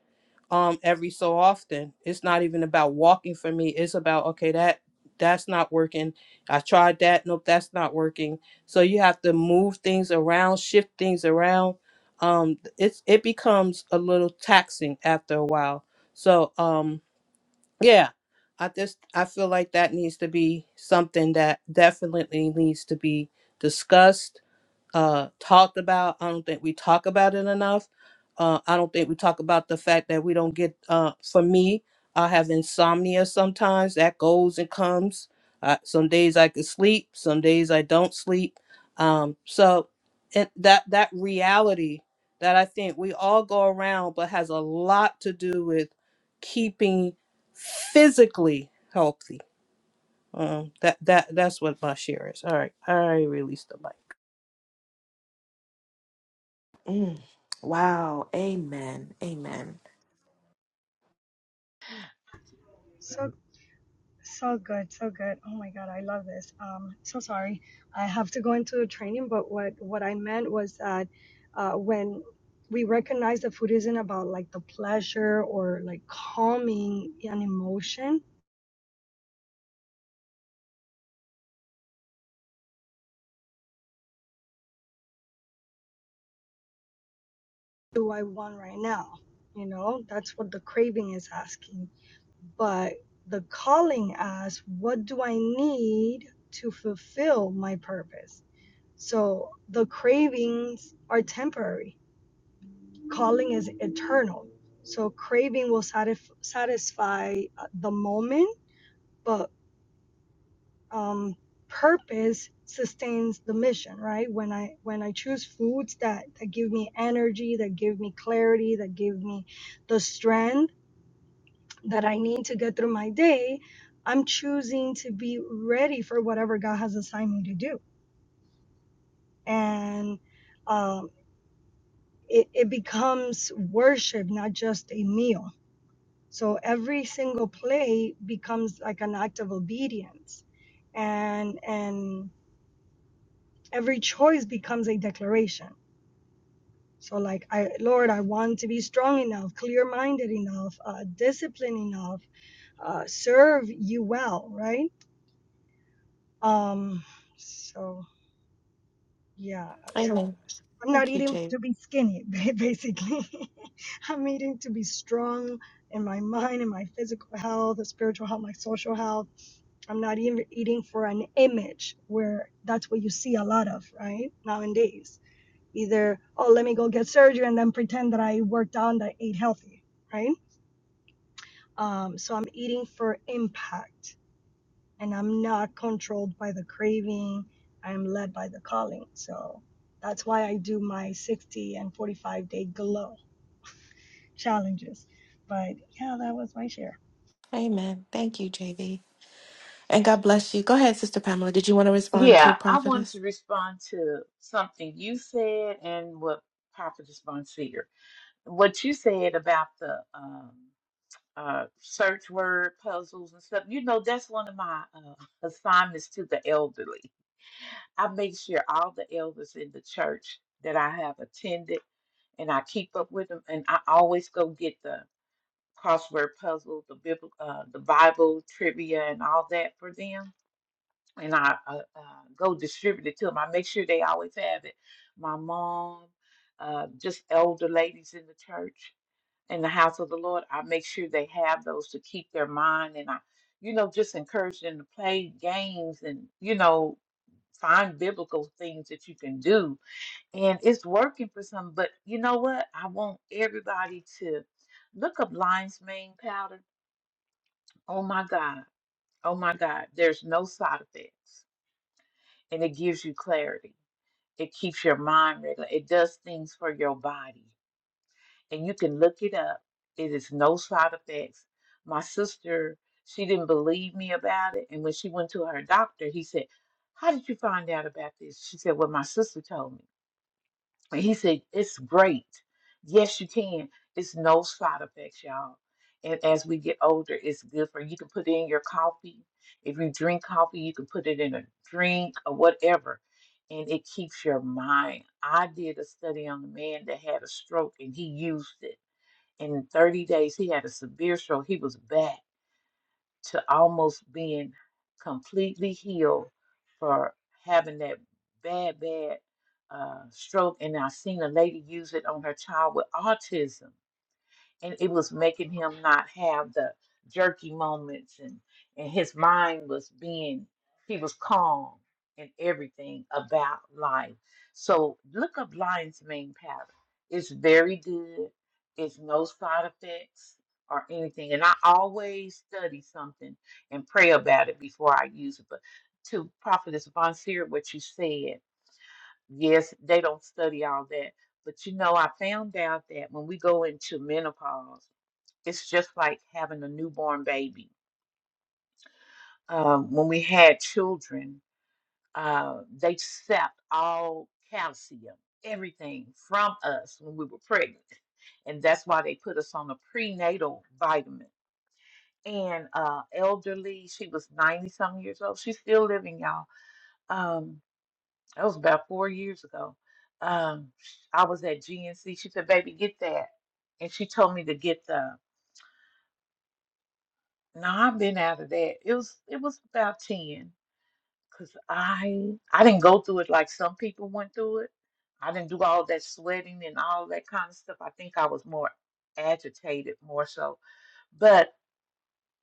F: um every so often. It's not even about walking for me. It's about okay, that that's not working. I tried that. Nope, that's not working. So you have to move things around, shift things around. Um it's it becomes a little taxing after a while. So um yeah, I just I feel like that needs to be something that definitely needs to be discussed uh, talked about. I don't think we talk about it enough. Uh, I don't think we talk about the fact that we don't get. Uh, for me, I have insomnia sometimes. That goes and comes. Uh, some days I can sleep. Some days I don't sleep. Um, so it, that that reality that I think we all go around, but has a lot to do with keeping physically healthy. Um, that that that's what my share is. All right, I released the mic.
B: Mm. Wow. Amen. Amen.
D: So so good, so good. Oh my God, I love this. Um, so sorry, I have to go into a training, but what what I meant was that uh, when we recognize that food isn't about like the pleasure or like calming an emotion, do I want right now? You know, that's what the craving is asking but the calling asks, what do I need to fulfill my purpose? So the cravings are temporary, calling is eternal. So craving will satisf- satisfy uh, the moment, but um, purpose sustains the mission right when i when i choose foods that that give me energy that give me clarity that give me the strength that I need to get through my day, I'm choosing to be ready for whatever God has assigned me to do. And um, it, it becomes worship, not just a meal. So every single play becomes like an act of obedience. And, and every choice becomes a declaration. So, like, I, Lord, I want to be strong enough, clear minded enough, uh, disciplined enough, uh, serve you well, right? Um, so. Yeah, uh, so
B: Amen.
D: I'm not
B: Thank you,
D: eating
B: JV.
D: to be skinny, ba- basically. I'm eating to be strong in my mind, in my physical health, the spiritual health, my social health. I'm not even eating for an image where that's what you see a lot of, right? Nowadays. Either, oh, let me go get surgery and then pretend that I worked out and I ate healthy, right? Um, so I'm eating for impact and I'm not controlled by the craving. I'm led by the calling. So that's why I do my 60 and 45 day glow challenges. But yeah, that was my share.
B: Amen. Thank you, JV. And God bless you. Go ahead, Sister Pamela. Did you want to respond to
C: Yeah, I wanted
B: prophetess?
C: to respond to something you said and what Papa responds here. What you said about the um, uh, search word puzzles and stuff, you know, that's one of my uh, assignments to the elderly. I make sure all the elders in the church that I have attended and I keep up with them, and I always go get the crossword puzzle, the Bible, uh, the Bible trivia, and all that for them and I uh, uh, go distribute it to them. I make sure they always have it. My mom, uh, just elder ladies in the church, in the house of the Lord, I make sure they have those to keep their mind. And I, you know, just encourage them to play games and, you know, find biblical things that you can do. And it's working for some, but you know what? I want everybody to look up lion's mane powder. Oh my God. Oh my God. There's no side effects and it gives you clarity It keeps your mind regular. It does things for your body. And you can look it up. It is no side effects. My sister, she didn't believe me about it. And when she went to her doctor, he said, How did you find out about this? She said, Well, my sister told me. And he said, It's great. Yes, you can. It's no side effects, y'all. And as we get older, it's good for you can put it in your coffee. If you drink coffee, you can put it in a drink or whatever. And it keeps your mind. I did a study on a man that had a stroke and he used it. And in 30 days, he had a severe stroke. He was back." to almost being completely healed for having that bad, bad uh, stroke. And I've seen a lady use it on her child with autism and it was making him not have the jerky moments and and his mind was being he was calm and everything about life so look up lion's mane powder it's very good it's no side effects or anything and i always study something and pray about it before i use it but to prophetess von seer what you said yes they don't study all that but you know i found out that when we go into menopause it's just like having a newborn baby. Um, when we had children, uh, they sapped all calcium, everything from us when we were pregnant. And that's why they put us on a prenatal vitamin. And uh, elderly, she was 90 something years old. She's still living, y'all. Um, that was about four years ago. Um, sh- I was at GNC. She said, "Baby, get that," and she told me to get the. No, I've been out of that. It was it was about ten. Cause I I didn't go through it like some people went through it. I didn't do all that sweating and all that kind of stuff. I think I was more agitated more so. But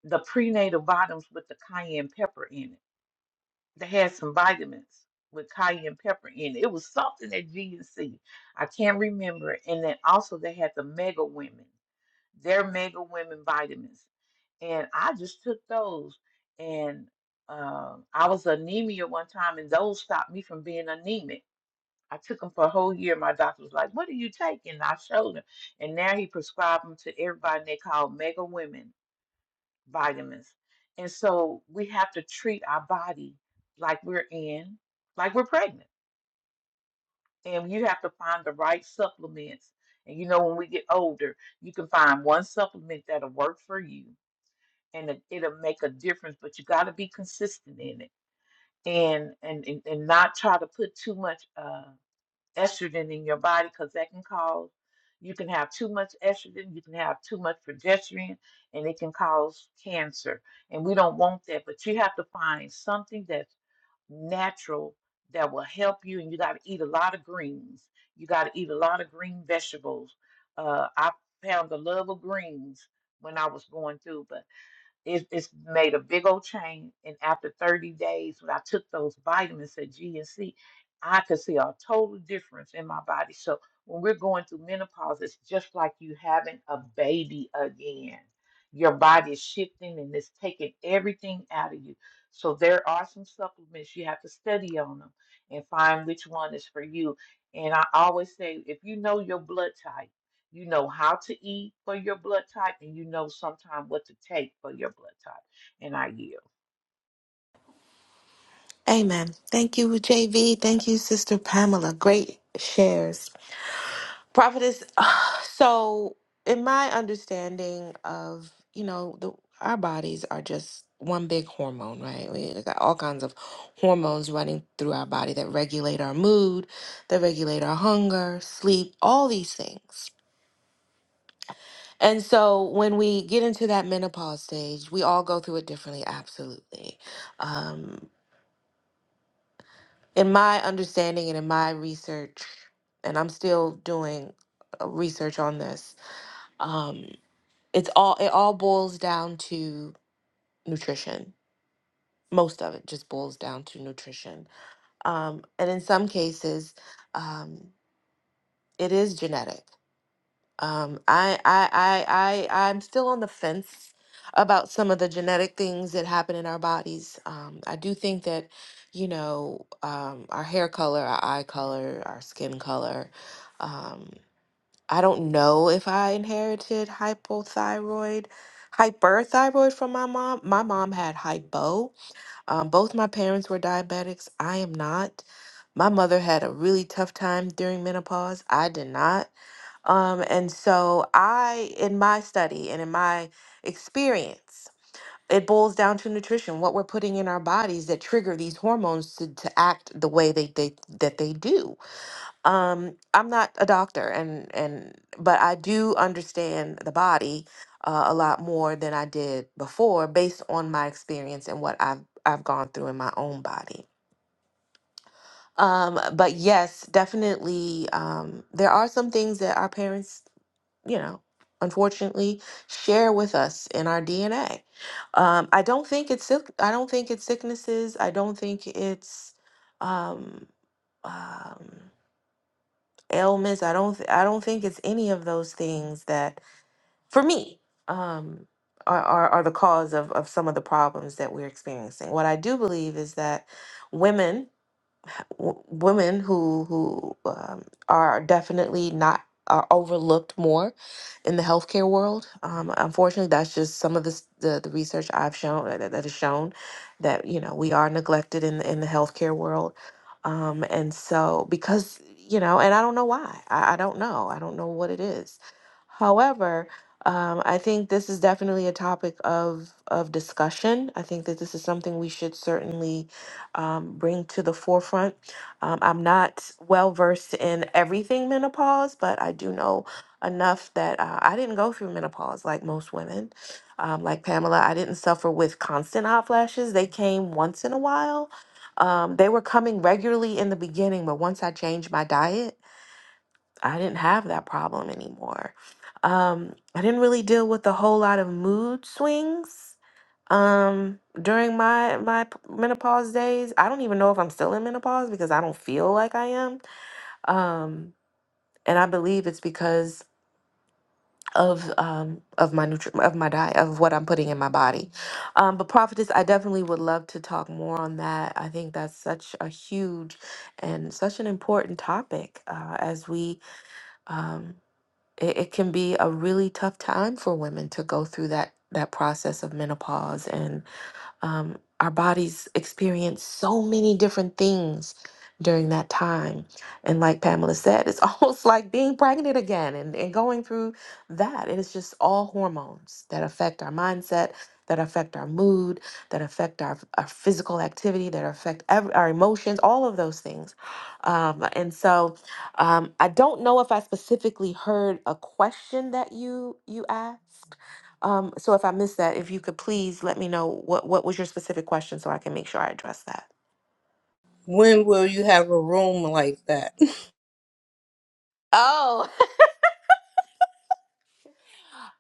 C: the prenatal vitamins with the cayenne pepper in it. They had some vitamins with cayenne pepper in it. It was something at GNC. I can't remember. it. And then also they had the mega women. They're mega women vitamins. And I just took those. And um, I was anemia one time, and those stopped me from being anemic. I took them for a whole year. My doctor was like, What are you taking? And I showed him. And now he prescribed them to everybody, and they called mega women vitamins. And so we have to treat our body like we're in, like we're pregnant. And you have to find the right supplements. And you know, when we get older, you can find one supplement that'll work for you and it, it'll make a difference. But you got to be consistent in it, and and and and not try to put too much uh, estrogen in your body because that can cause you can have too much estrogen, you can have too much progesterone, and it can cause cancer. And we don't want that. But you have to find something that's natural that will help you. And you got to eat a lot of greens. You got to eat a lot of green vegetables. Uh, I found the love of greens when I was going through. but it, it's made a big old chain. And after 30 days, when I took those vitamins at G and C, I could see a total difference in my body. So when we're going through menopause, it's just like you having a baby again. Your body is shifting and it's taking everything out of you. So there are some supplements you have to study on them and find which one is for you. And I always say, if you know your blood type. You know how to eat for your blood type, and you know sometimes what to take for your blood type. And I yield.
B: Amen. Thank you, JV. Thank you, Sister Pamela. Great shares. Prophetess, so in my understanding of, you know, the our bodies are just one big hormone, right? We got all kinds of hormones running through our body that regulate our mood, that regulate our hunger, sleep, all these things. And so when we get into that menopause stage, we all go through it differently, absolutely. Um, in my understanding and in my research, and I'm still doing uh, research on this, um, it's all it all boils down to nutrition most of it just boils down to nutrition um, and in some cases um, it is genetic um, I, I i i i'm still on the fence about some of the genetic things that happen in our bodies um, i do think that you know um, our hair color our eye color our skin color um, I don't know if I inherited hypothyroid, hyperthyroid from my mom. My mom had hypo. Um, both my parents were diabetics. I am not. My mother had a really tough time during menopause. I did not. Um, and so I, in my study and in my experience, it boils down to nutrition, what we're putting in our bodies that trigger these hormones to, to act the way they, they that they do. Um, I'm not a doctor, and and but I do understand the body uh, a lot more than I did before, based on my experience and what I've I've gone through in my own body. Um, but yes, definitely, um, there are some things that our parents, you know, unfortunately, share with us in our DNA. Um, I don't think it's sick. I don't think it's sicknesses. I don't think it's um, um ailments. I don't th- I don't think it's any of those things that for me um are, are are the cause of of some of the problems that we're experiencing. What I do believe is that women w- women who who um, are definitely not are overlooked more in the healthcare world. Um, unfortunately, that's just some of the s- the, the research I've shown uh, that, that has shown that you know we are neglected in the, in the healthcare world, um, and so because you know, and I don't know why. I, I don't know. I don't know what it is. However. Um, I think this is definitely a topic of of discussion. I think that this is something we should certainly um, bring to the forefront um, I'm not well versed in everything menopause, but I do know enough that uh, I didn't go through menopause like most women. Um, like Pamela, I didn't suffer with constant hot flashes. They came once in a while. Um, they were coming regularly in the beginning, but once I changed my diet, I didn't have that problem anymore. Um, I didn't really deal with a whole lot of mood swings um, during my my p- menopause days, I don't even know if I'm still in menopause because I don't feel like I am. Um, and I believe it's because of um of my nutri of my diet of what I'm putting in my body. Um, but prophetess, I definitely would love to talk more on that. I think that's such a huge and such an important topic uh, as we um it, it can be a really tough time for women to go through that that process of menopause and. Um, our bodies experience so many different things during that time. And like Pamela said, it's almost like being pregnant again and, and going through that. It is just all hormones that affect our mindset, that affect our mood, that affect our, our physical activity, that affect ev- our emotions, all of those things. Um, and so um, I don't know if I specifically heard a question that you you asked, um, so if I missed that, if you could please let me know what what was your specific question so I can make sure I address that.
F: When will you have a room like that?
B: Oh,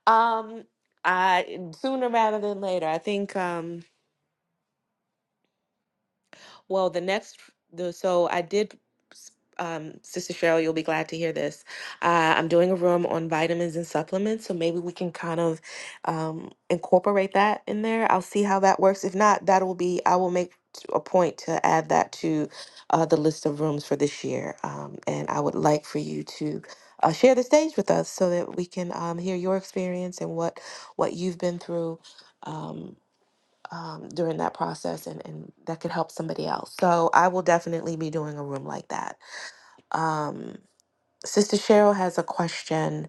B: Um, I sooner rather than later. I think. Um, Well, the next, the, so I did, um, Sister Cheryl, you'll be glad to hear this. Uh, I'm doing a room on vitamins and supplements, so maybe we can kind of um, incorporate that in there. I'll see how that works. If not, that will be, I will make t- a point to add that to uh, the list of rooms for this year. Um, and I would like for you to uh, share the stage with us so that we can um, hear your experience and what what you've been through. Um, um, during that process and, and that could help somebody else. So I will definitely be doing a room like that. Um, Sister Cheryl has a question.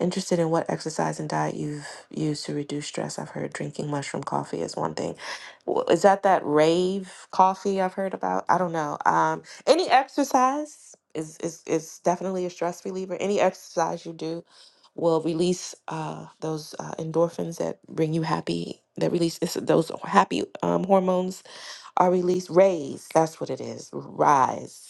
B: Interested in what exercise and diet you've used to reduce stress? I've heard drinking mushroom coffee is one thing. W- Is that that rave coffee I've heard about? I don't know. Um, any exercise is is is definitely a stress reliever. Any exercise you do will release uh, those uh, endorphins that bring you happy. That release it's- those happy um, hormones are released. Raise. That's what it is. Rise.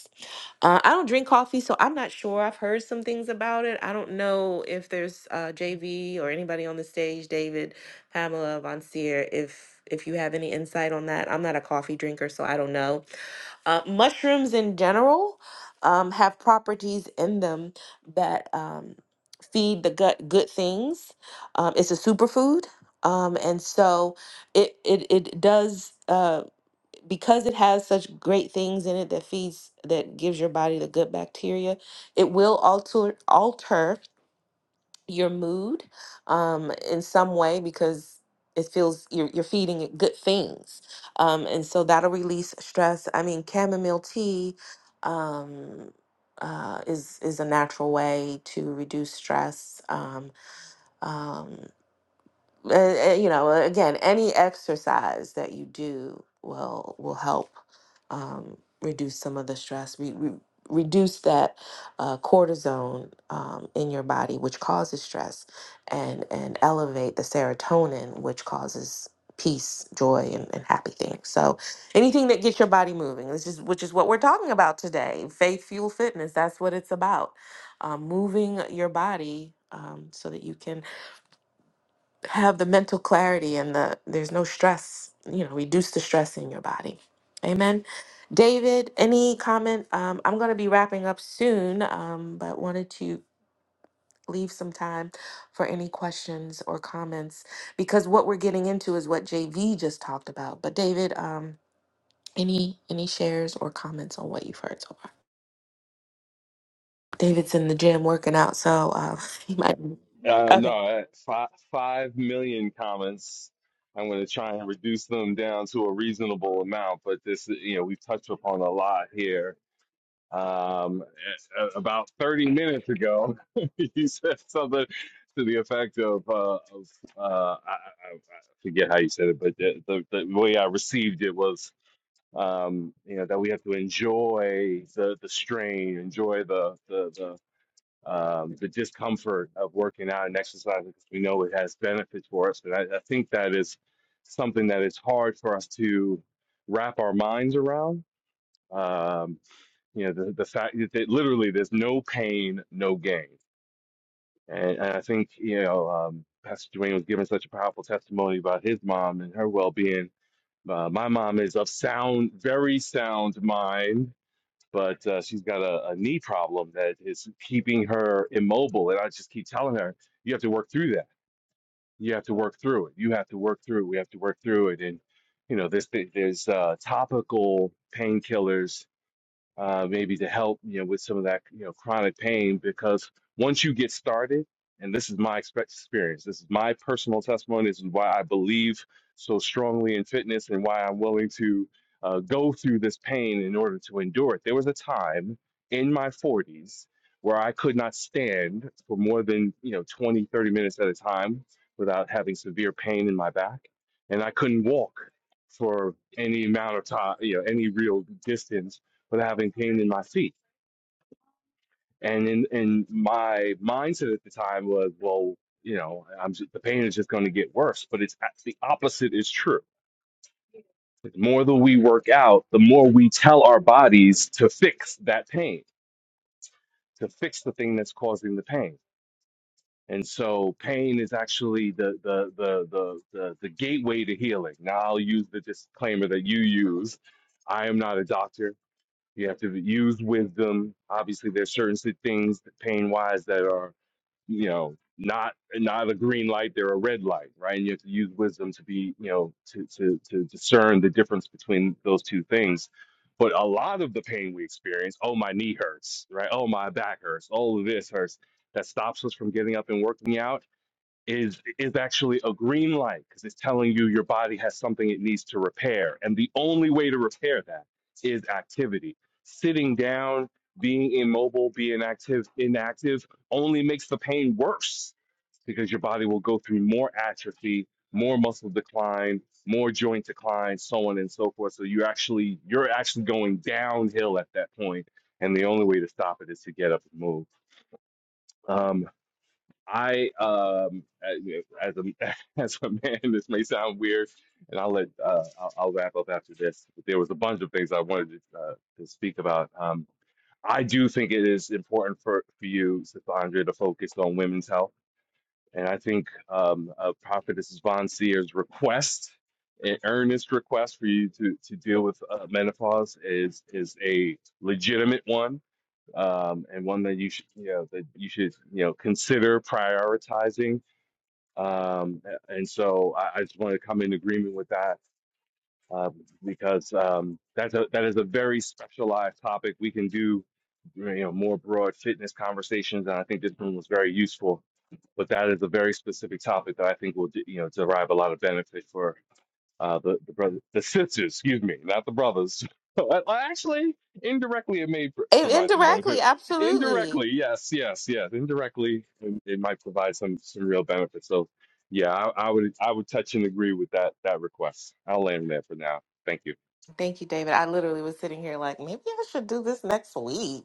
B: Uh, I don't drink coffee, so I'm not sure. I've heard some things about it. I don't know if there's uh, JV or anybody on the stage, David, Pamela, Von Seer, if if you have any insight on that. I'm not a coffee drinker, so I don't know. Uh, mushrooms in general um, have properties in them that um, feed the gut good things. Um, it's a superfood, um, and so it it it does. Uh, because it has such great things in it that feeds that gives your body the good bacteria it will alter alter your mood um, in some way because it feels you're, you're feeding it good things um, and so that'll release stress i mean chamomile tea um, uh, is is a natural way to reduce stress um, um, uh, uh, you know again any exercise that you do will will help um, reduce some of the stress re- re- reduce that uh, cortisone um, in your body which causes stress and and elevate the serotonin which causes peace joy and, and happy things so anything that gets your body moving which is which is what we're talking about today faith fuel fitness that's what it's about um, moving your body um, so that you can have the mental clarity and the there's no stress you know reduce the stress in your body amen david any comment um, i'm going to be wrapping up soon um, but wanted to leave some time for any questions or comments because what we're getting into is what jv just talked about but david um, any any shares or comments on what you've heard so far david's in the gym working out so uh, he might
A: Um,
B: okay
A: no, five five million comments. I'm going to try and reduce them down to a reasonable amount, but this, you know, we've touched upon a lot here um, about 30 minutes ago, you said something to the effect of, uh, of uh, I, I, forget how you said it, but the, the, the way I received it was, um, you know, that we have to enjoy the, the strain, enjoy the, the, the, um, the discomfort of working out and exercising because we know it has benefits for us. And I, I think that is something that is hard for us to wrap our minds around um, you know the, the fact that, that literally there's no pain no gain and, and i think you know um, pastor Dwayne was giving such a powerful testimony about his mom and her well-being uh, my mom is of sound very sound mind but uh, she's got a, a knee problem that is keeping her immobile and i just keep telling her you have to work through that you have to work through it you have to work through it. we have to work through it and you know there's there's uh, topical painkillers uh, maybe to help you know with some of that you know chronic pain because once you get started and this is my expe- experience this is my personal testimony this is why i believe so strongly in fitness and why i'm willing to uh, go through this pain in order to endure it there was a time in my 40s where i could not stand for more than you know 20 30 minutes at a time without having severe pain in my back and i couldn't walk for any amount of time you know any real distance with having pain in my feet. And in, in my mindset at the time was, well, you know, I'm just, the pain is just going to get worse. But it's the opposite is true. The more that we work out, the more we tell our bodies to fix that pain, to fix the thing that's causing the pain. And so pain is actually the the the the the, the gateway to healing. Now I'll use the disclaimer that you use. I am not a doctor. You have to use wisdom. Obviously, there's certain si- things pain wise that are, you know, not not a green light, they're a red light, right? And you have to use wisdom to be, you know, to to to discern the difference between those two things. But a lot of the pain we experience, oh my knee hurts, right? Oh my back hurts, oh this hurts, that stops us from getting up and working out is is actually a green light because it's telling you your body has something it needs to repair and the only way to repair that is activity sitting down being immobile being active inactive only makes the pain worse because your body will go through more atrophy more muscle decline more joint decline so on and so forth so you actually you're actually going downhill at that point and the only way to stop it is to get up and move Um, I um as a as a man, this may sound weird, and I'll let uh, I'll, I'll wrap up after this. But there was a bunch of things I wanted to, uh, to speak about. Um, I do think it is important for for you, Sandra, to focus on women's health, and I think um, uh, Prophetess Von Seer's request, an earnest request for you to to deal with uh, menopause, is is a legitimate one um, and one that you should you know that you should you know consider prioritizing um, and so I, I just want to come in agreement with that uh, because um, that's a, that is a very specialized topic. We can do you know more broad fitness conversations, and I think this one was very useful. But that is a very specific topic that I think will you know derive a lot of benefit for uh, the the brother, the sisters, excuse me, not the brothers. Well, Actually, indirectly, it may pr- provide some
B: indirectly
A: benefit.
B: absolutely
A: Indirectly, yes, yes, yes. Indirectly, it, it might provide some some real benefit. So, yeah, I, I would I would touch and agree with that that request. I'll land there for now. Thank you.
B: Thank you, David. I literally was sitting here like, maybe I should do this next week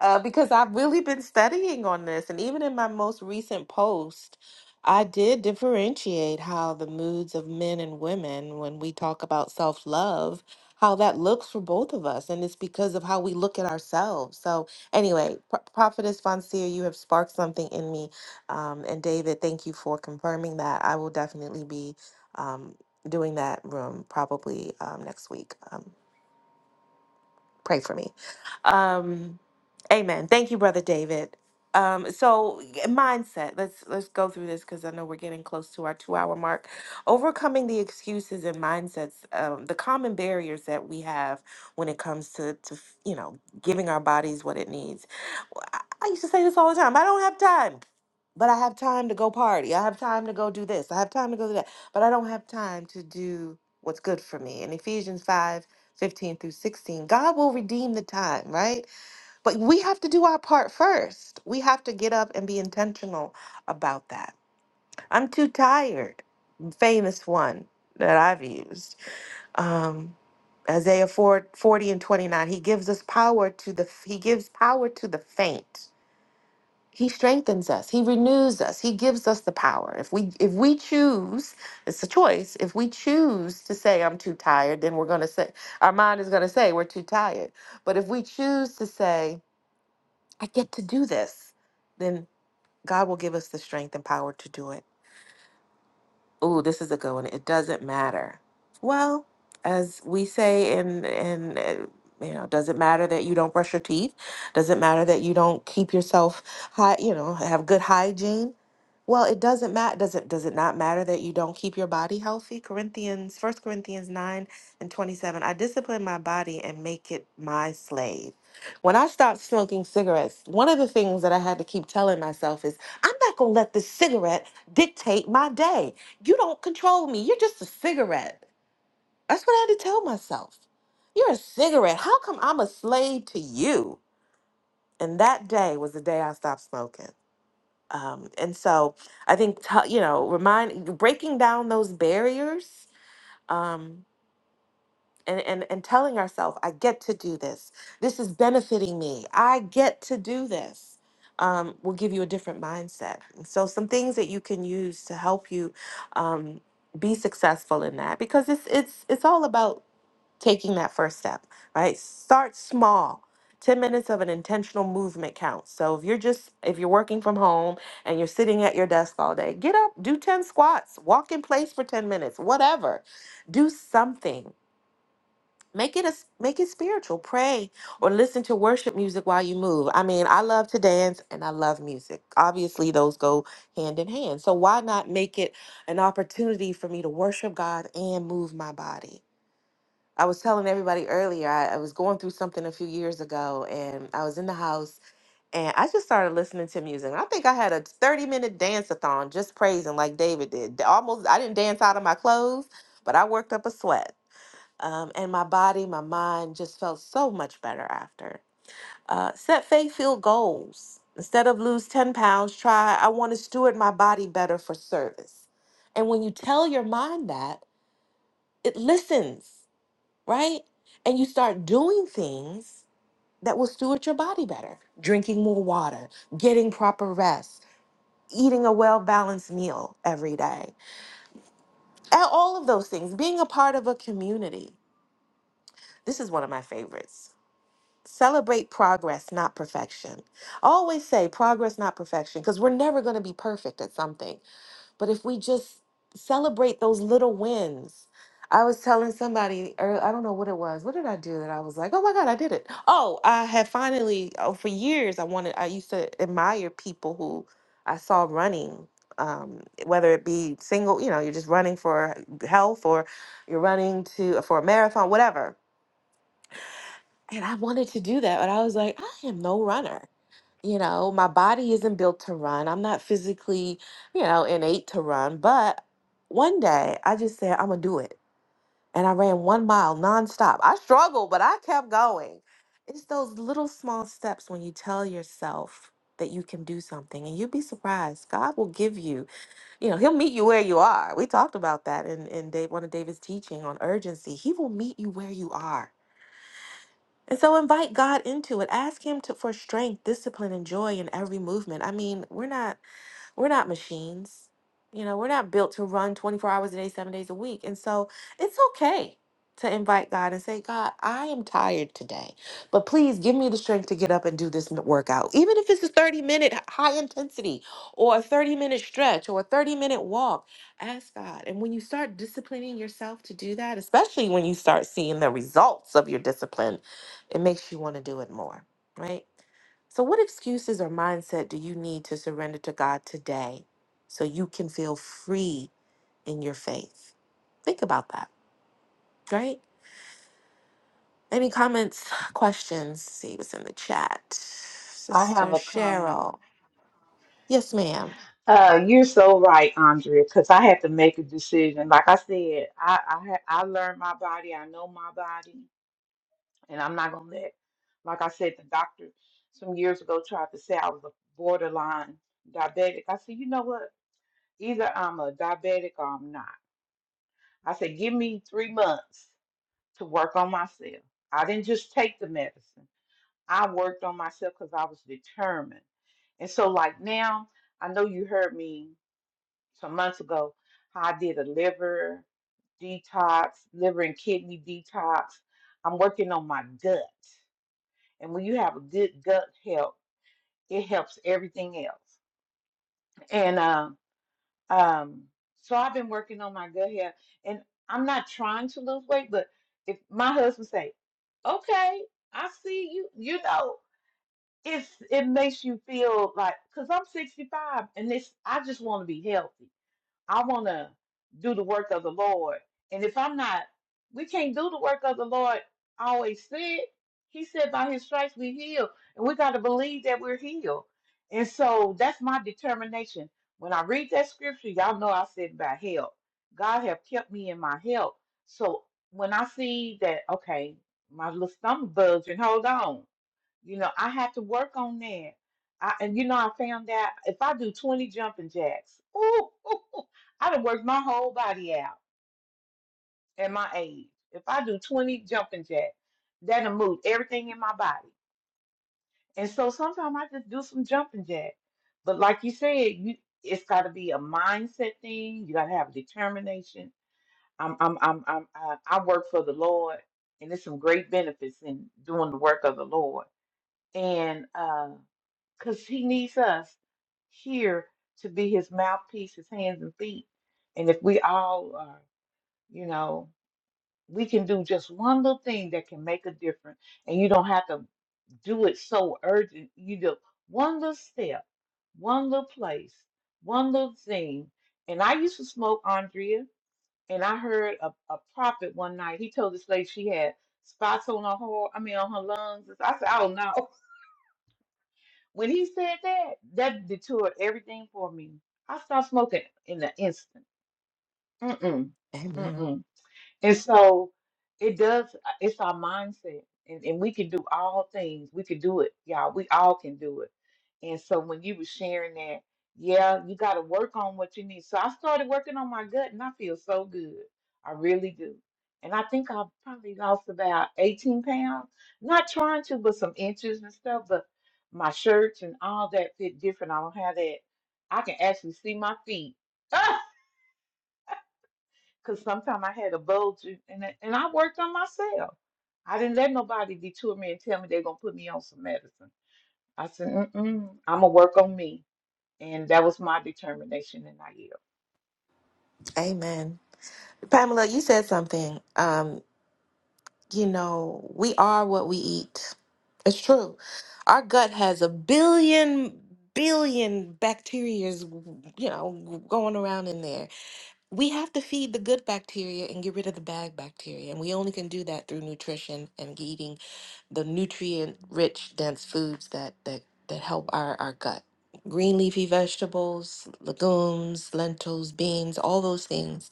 B: uh, because I've really been studying on this. And even in my most recent post, I did differentiate how the moods of men and women, when we talk about self love, how that looks for both of us. And it's because of how we look at ourselves. So, anyway, Pro- Prophetess Fonseer, you have sparked something in me. Um, and David, thank you for confirming that. I will definitely be. um, doing that room probably um, next week. Um, Pray for me. Um, amen. Thank you, brother David. Um, so yeah, mindset. Let's let's go through this because I know we're getting close to our two-hour mark. Overcoming the excuses and mindsets, um, the common barriers that we have when it comes to to you know giving our bodies what it needs. Well, I I used to say this all the time. I don't have time, but I have time to go party. I have time to go do this. I have time to go do that, but I don't have time to do what's good for me. In Ephesians five. 15 through 16. God will redeem the time, right? But we have to do our part first. We have to get up and be intentional about that. I'm too tired. Famous one that I've used. Um, Isaiah 4 40 and 29. He gives us power to the he gives power to the faint he strengthens us he renews us he gives us the power if we if we choose it's a choice if we choose to say i'm too tired then we're going to say our mind is going to say we're too tired but if we choose to say i get to do this then god will give us the strength and power to do it Ooh, this is a good one it doesn't matter well as we say in in uh, you know does it matter that you don't brush your teeth does it matter that you don't keep yourself high you know have good hygiene well, it doesn't matter. Does it does it not matter that you don't keep your body healthy? Corinthians, First Corinthians 9 and 27. I discipline my body and make it my slave. When I stopped smoking cigarettes, one of the things that I had to keep telling myself is, I'm not gonna let this cigarette dictate my day. You don't control me. You're just a cigarette. That's what I had to tell myself. You're a cigarette. How come I'm a slave to you? And that day was the day I stopped smoking. Um, and so I think t- you know, remind breaking down those barriers um, and and and telling ourselves, "I get to do this. This is benefiting me. I get to do this." Um, will give you a different mindset. And so some things that you can use to help you um, be successful in that because it's it's it's all about taking that first step, right? Start small. 10 minutes of an intentional movement counts. So if you're just if you're working from home and you're sitting at your desk all day, get up, do 10 squats, walk in place for 10 minutes, whatever. Do something. Make it a s- make it spiritual. Pray or listen to worship music while you move. I mean, I love to dance and I love music. Obviously, those go hand in hand. So why not make it an opportunity for me to worship God and move my body? I was telling everybody earlier, I, I was going through something a few years ago and I was in the house and I just started listening to music. I think I had a 30 minute dance a thon just praising like David did. D- Almost, I didn't dance out of my clothes, but I worked up a sweat. Um, and my body, my mind just felt so much better after. Uh, set faith filled goals. Instead of lose 10 pounds, try, I want to steward my body better for service. And when you tell your mind that, it listens right? And you start doing things that will steward your body better drinking more water, getting proper rest, eating a well balanced meal every day, and all of those things, being a part of a community. This is one of my favorites. Celebrate progress, not perfection. I always say progress, not perfection, because we're never going to be perfect at something. But if we just celebrate those little wins, I was telling somebody, or I don't know what it was. What did I do that I was like, oh my God, I did it? Oh, I had finally, oh, for years, I wanted, I used to admire people who I saw running, um, whether it be single, you know, you're just running for health or you're running to for a marathon, whatever. And I wanted to do that, but I was like, I am no runner you know, my body isn't built to run. I'm not physically, you know, innate to run. But one day I just said, I'm going to do it. And I ran one mile nonstop. I struggled, but I kept going. It's those little small steps when you tell yourself that you can do something and you'd be surprised. God will give you, you know, he'll meet you where you are. We talked about that in, in Dave, one of David's teaching on urgency. He will meet you where you are and so invite God into it. Ask Him to, for strength, discipline, and joy in every movement. I mean, we're not we're not machines. You know, we're not built to run 24 hours a day, seven days a week. And so it's okay to invite God and say, God, I am tired today, but please give me the strength to get up and do this n- workout. Even if it's a 30 minute h- high intensity or a 30 minute stretch or a 30 minute walk, ask God. And when you start disciplining yourself to do that, especially when you start seeing the results of your discipline, it makes you want to do it more, right? So, what excuses or mindset do you need to surrender to God today so you can feel free in your faith? Think about that, right? Any comments, questions? See what's in the chat.
C: I
B: Sister
C: have a comment.
B: Cheryl. Yes, ma'am.
C: Uh, you're so right, Andrea, because I had to make a decision. Like I said, I I, ha- I learned my body. I know my body, and I'm not gonna let. Like I said, the doctor some years ago tried to say I was a borderline diabetic. I said, you know what? Either I'm a diabetic or I'm not. I said, give me three months to work on myself. I didn't just take the medicine. I worked on myself because I was determined. And so, like now, I know you heard me some months ago how I did a liver detox, liver and kidney detox. I'm working on my gut. And when you have a good gut health, it helps everything else. And um, um, so I've been working on my gut health, and I'm not trying to lose weight, but if my husband say, "Okay, I see you," you know, it's it makes you feel like because I'm 65 and this I just want to be healthy. I want to do the work of the Lord. And if I'm not, we can't do the work of the Lord. I always said He said by His stripes we heal, and we got to believe that we're healed. And so that's my determination. When I read that scripture, y'all know I said about health. God have kept me in my health. So when I see that, okay, my little stomach bugs and hold on. You know, I have to work on that. I, and you know, I found out if I do 20 jumping jacks, ooh, ooh, ooh, I done worked my whole body out at my age. If I do 20 jumping jacks, that'll move everything in my body. And so sometimes I just do some jumping jacks. But like you said, you it's got to be a mindset thing. You got to have determination. I'm, I'm, I'm, I'm, I, I work for the Lord, and there's some great benefits in doing the work of the Lord and uh, because he needs us here to be his mouthpiece, his hands and feet. And if we all are, you know, we can do just one little thing that can make a difference, and you don't have to do it so urgent. You do one little step, one little place, one little thing. And I used to smoke Andrea, and I heard a, a prophet one night. He told this lady she had spots on her heart, I mean on her lungs. I said, "Oh no!" When he said that, that detoured everything for me. I stopped smoking in an instant. Mm-mm.
B: Amen.
C: Mm-mm. And so it does, uh, it's our mindset. And, and we can do all things. We can do it, y'all. We all can do it. And so when you were sharing that, yeah, you got to work on what you need. So I started working on my gut and I feel so good. I really do. And I think I probably lost about 18 pounds. Not trying to, but some inches and stuff. But my shirts and all that fit different. I don't have that. I can actually see my feet. because sometimes I had a bulge in- and I- and I worked on myself. I didn't let nobody detour me and tell me they're gonna put me on some medicine. I said, Mm-mm, I'm gonna work on me, and that was my determination. And I yield.
B: Amen. Pamela, you said something. Um, you know, we are what we eat. It's true. Our gut has a billion, billion bacterias, you know, going around in there we have to feed the good bacteria and get rid of the bad bacteria. And we only can do that through nutrition and eating the nutrient rich, dense foods that, that, that help our, our gut. Green leafy vegetables, legumes, lentils, beans, all those things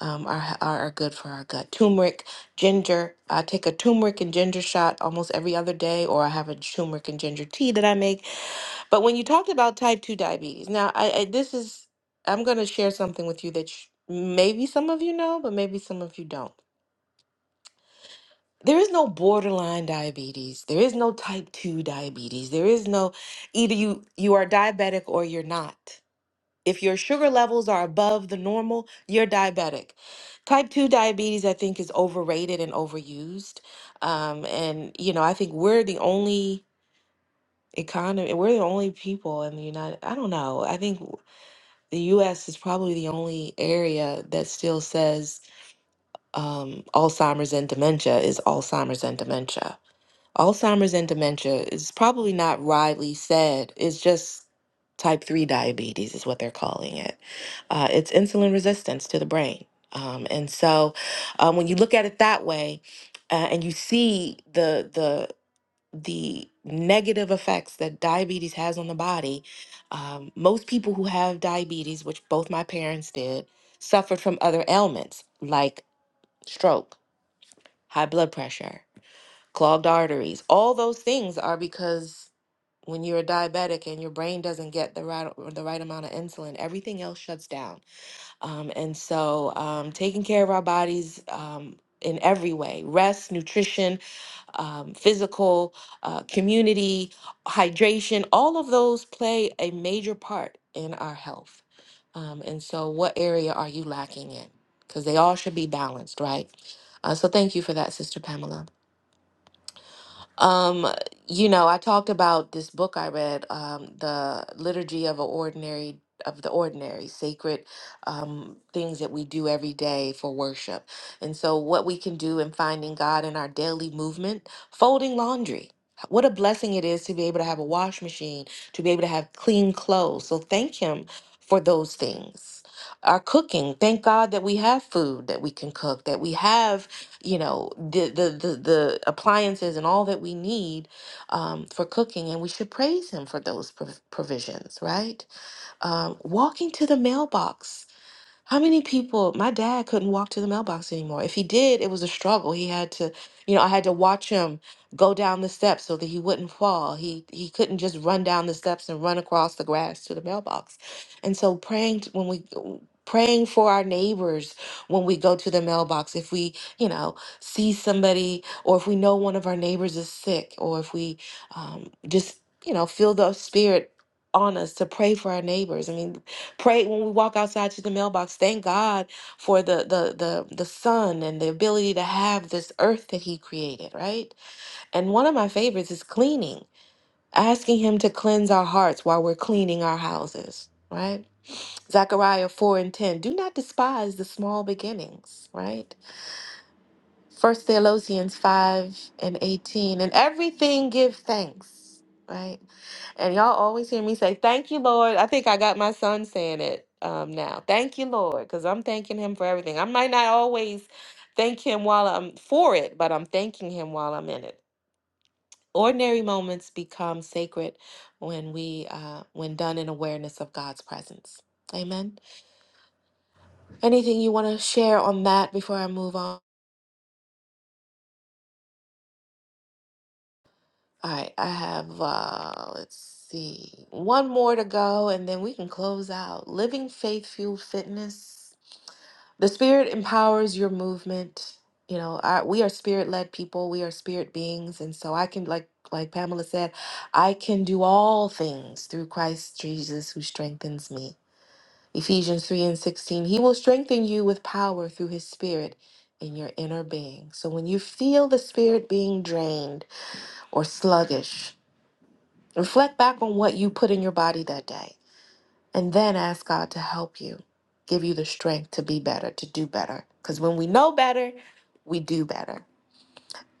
B: um, are, are, are good for our gut. Turmeric, ginger. I take a turmeric and ginger shot almost every other day, or I have a turmeric and ginger tea that I make but when you talked about type 2 diabetes, now I, I this is I'm going to share something with you that sh maybe some of you know, but maybe some of you don't. There is no borderline diabetes. There is no type 2 diabetes. There is no either you you are diabetic or you're not. If your sugar levels are above the normal, you're diabetic. Type 2 diabetes, I think, is overrated and overused. Um, and, you know, I think we're the only economy, we're the only people in the United, I don't know. I think. the US is probably the only area that still says um, Alzheimer's and dementia is Alzheimer's and dementia. Alzheimer's and dementia is probably not widely said, it's just type 3 diabetes, is what they're calling it. Uh, it's insulin resistance to the brain. Um, and so um, when you look at it that way, uh, and you see the the negative effects that diabetes has on the body. Um, most people who have diabetes, which both my parents did, suffered from other ailments like stroke, high blood pressure, clogged arteries. All those things are because when you're a diabetic and your brain doesn't get the right or the right amount of insulin, everything else shuts down. Um, and so, um, taking care of our bodies. Um, in every way, rest, nutrition, um, physical, uh, community, hydration, all of those play a major part in our health. Um, and so, what area are you lacking in? Because they all should be balanced, right? Uh, so, thank you for that, Sister Pamela. Um, you know, I talked about this book I read, um, the Liturgy of a Ordinary of the Ordinary, sacred um, things that we do every day for worship. And so, what we can do in finding God in our daily movement, folding laundry. What a blessing it is to be able to have a wash machine, to be able to have clean clothes. So, thank Him for those things. Our cooking, thank God that we have food that we can cook, that we have you know the the the, the appliances and all that we need um, for cooking and we should praise him for those prov- provisions right um, walking to the mailbox how many people, my dad couldn't walk to the mailbox anymore. If he did, it was a struggle. He had to, you know, I had to watch him go down the steps so that he wouldn't fall. He he couldn't just run down the steps and run across the grass to the mailbox. And so praying t- when we praying for our neighbors when we go to the mailbox, if we, you know, see somebody or if we know one of our neighbors is sick or if we um, just, you know, feel the spirit on us to pray for our neighbors. I mean, Pray when we walk outside to the mailbox. Thank God for the the the the sun and the ability to have this earth that He created, right? And one of my favorites is cleaning, asking Him to cleanse our hearts while we're cleaning our houses, right? Zechariah four and ten. Do not despise the small beginnings, right? First Thessalonians 5 and 18. And everything give thanks, right? And y'all always hear me say, Thank you, Lord. I think I got my son saying it um, now. Thank you, Lord, because I'm thanking him for everything. I might not always thank him while I'm for it, but I'm thanking him while I'm in it. Ordinary moments become sacred when we, uh, when done in awareness of God's presence. Amen. Anything you want to share on that before I move on? All right, I have, uh, let's see, one more to go, and then we can close out. Living faith fueled fitness. The spirit empowers your movement. You know, I, we are spirit led people. We are spirit beings, and so I can, like, like Pamela said, I can do all things through Christ Jesus who strengthens me. Ephesians three and sixteen. He will strengthen you with power through His Spirit in your inner being. So when you feel the spirit being drained or sluggish Reflect back on what you put in your body that day and then ask God to help you, give you the strength to be better, to do better. Because when we know better, we do better.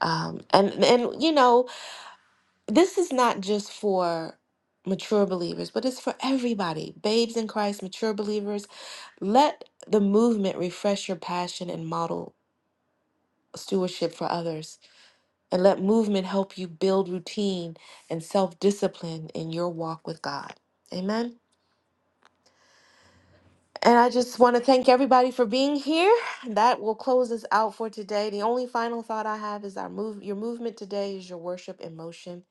B: Um, and and you know this is not just for mature believers, but it's for everybody. Babes in Christ, mature believers. Let the movement refresh your passion and model stewardship for others, and let movement help you build routine and self discipline in your walk with God. Amen. And I just want to thank everybody for being here. That will close us out for today. The only final thought I have is our move your movement today is your worship in motion.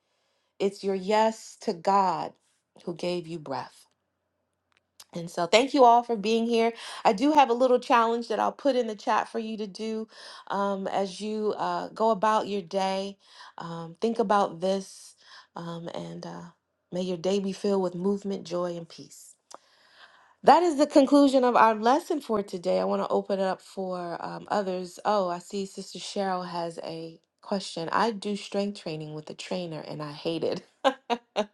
B: It's your yes to God who gave you breath. And so thank you all for being here. I do have a little challenge that I'll put in the chat for you to do um, as you uh, go about your day. Um, think about this um, and uh, may your day be filled with movement, joy, and peace. That is the conclusion of our lesson for today. I want to open it up for um, others. Oh, I see Sister Cheryl has a question. I do strength training with a trainer and I hate it.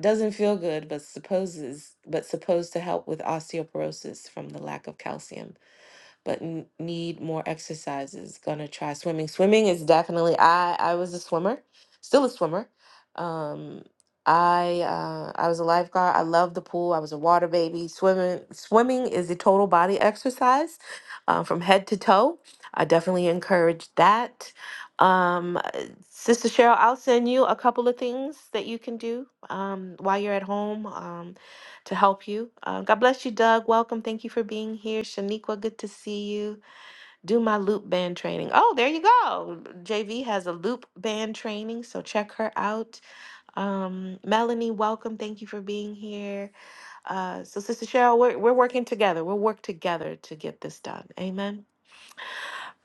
B: Doesn't feel good, but supposes but supposed to help with osteoporosis from the lack of calcium but n- need more exercises. Gonna try swimming. Swimming is definitely I I was a swimmer, still a swimmer. Um I uh I was a lifeguard. I love the pool. I was a water baby. Swimming swimming is a total body exercise uh, from head to toe. I definitely encourage that. Um uh, Sister Cheryl, I'll send you a couple of things that you can do um while you're at home. Um, to help you. Uh, God bless you, Doug. Welcome. Thank you for being here. Shaniqua, good to see you. Do my loop band training. Oh, there you go. JV has a loop band training, so check her out. Um, Melanie, welcome. Thank you for being here. Uh, so, Sister Cheryl, we're, we're working together. We'll work together to get this done. Amen.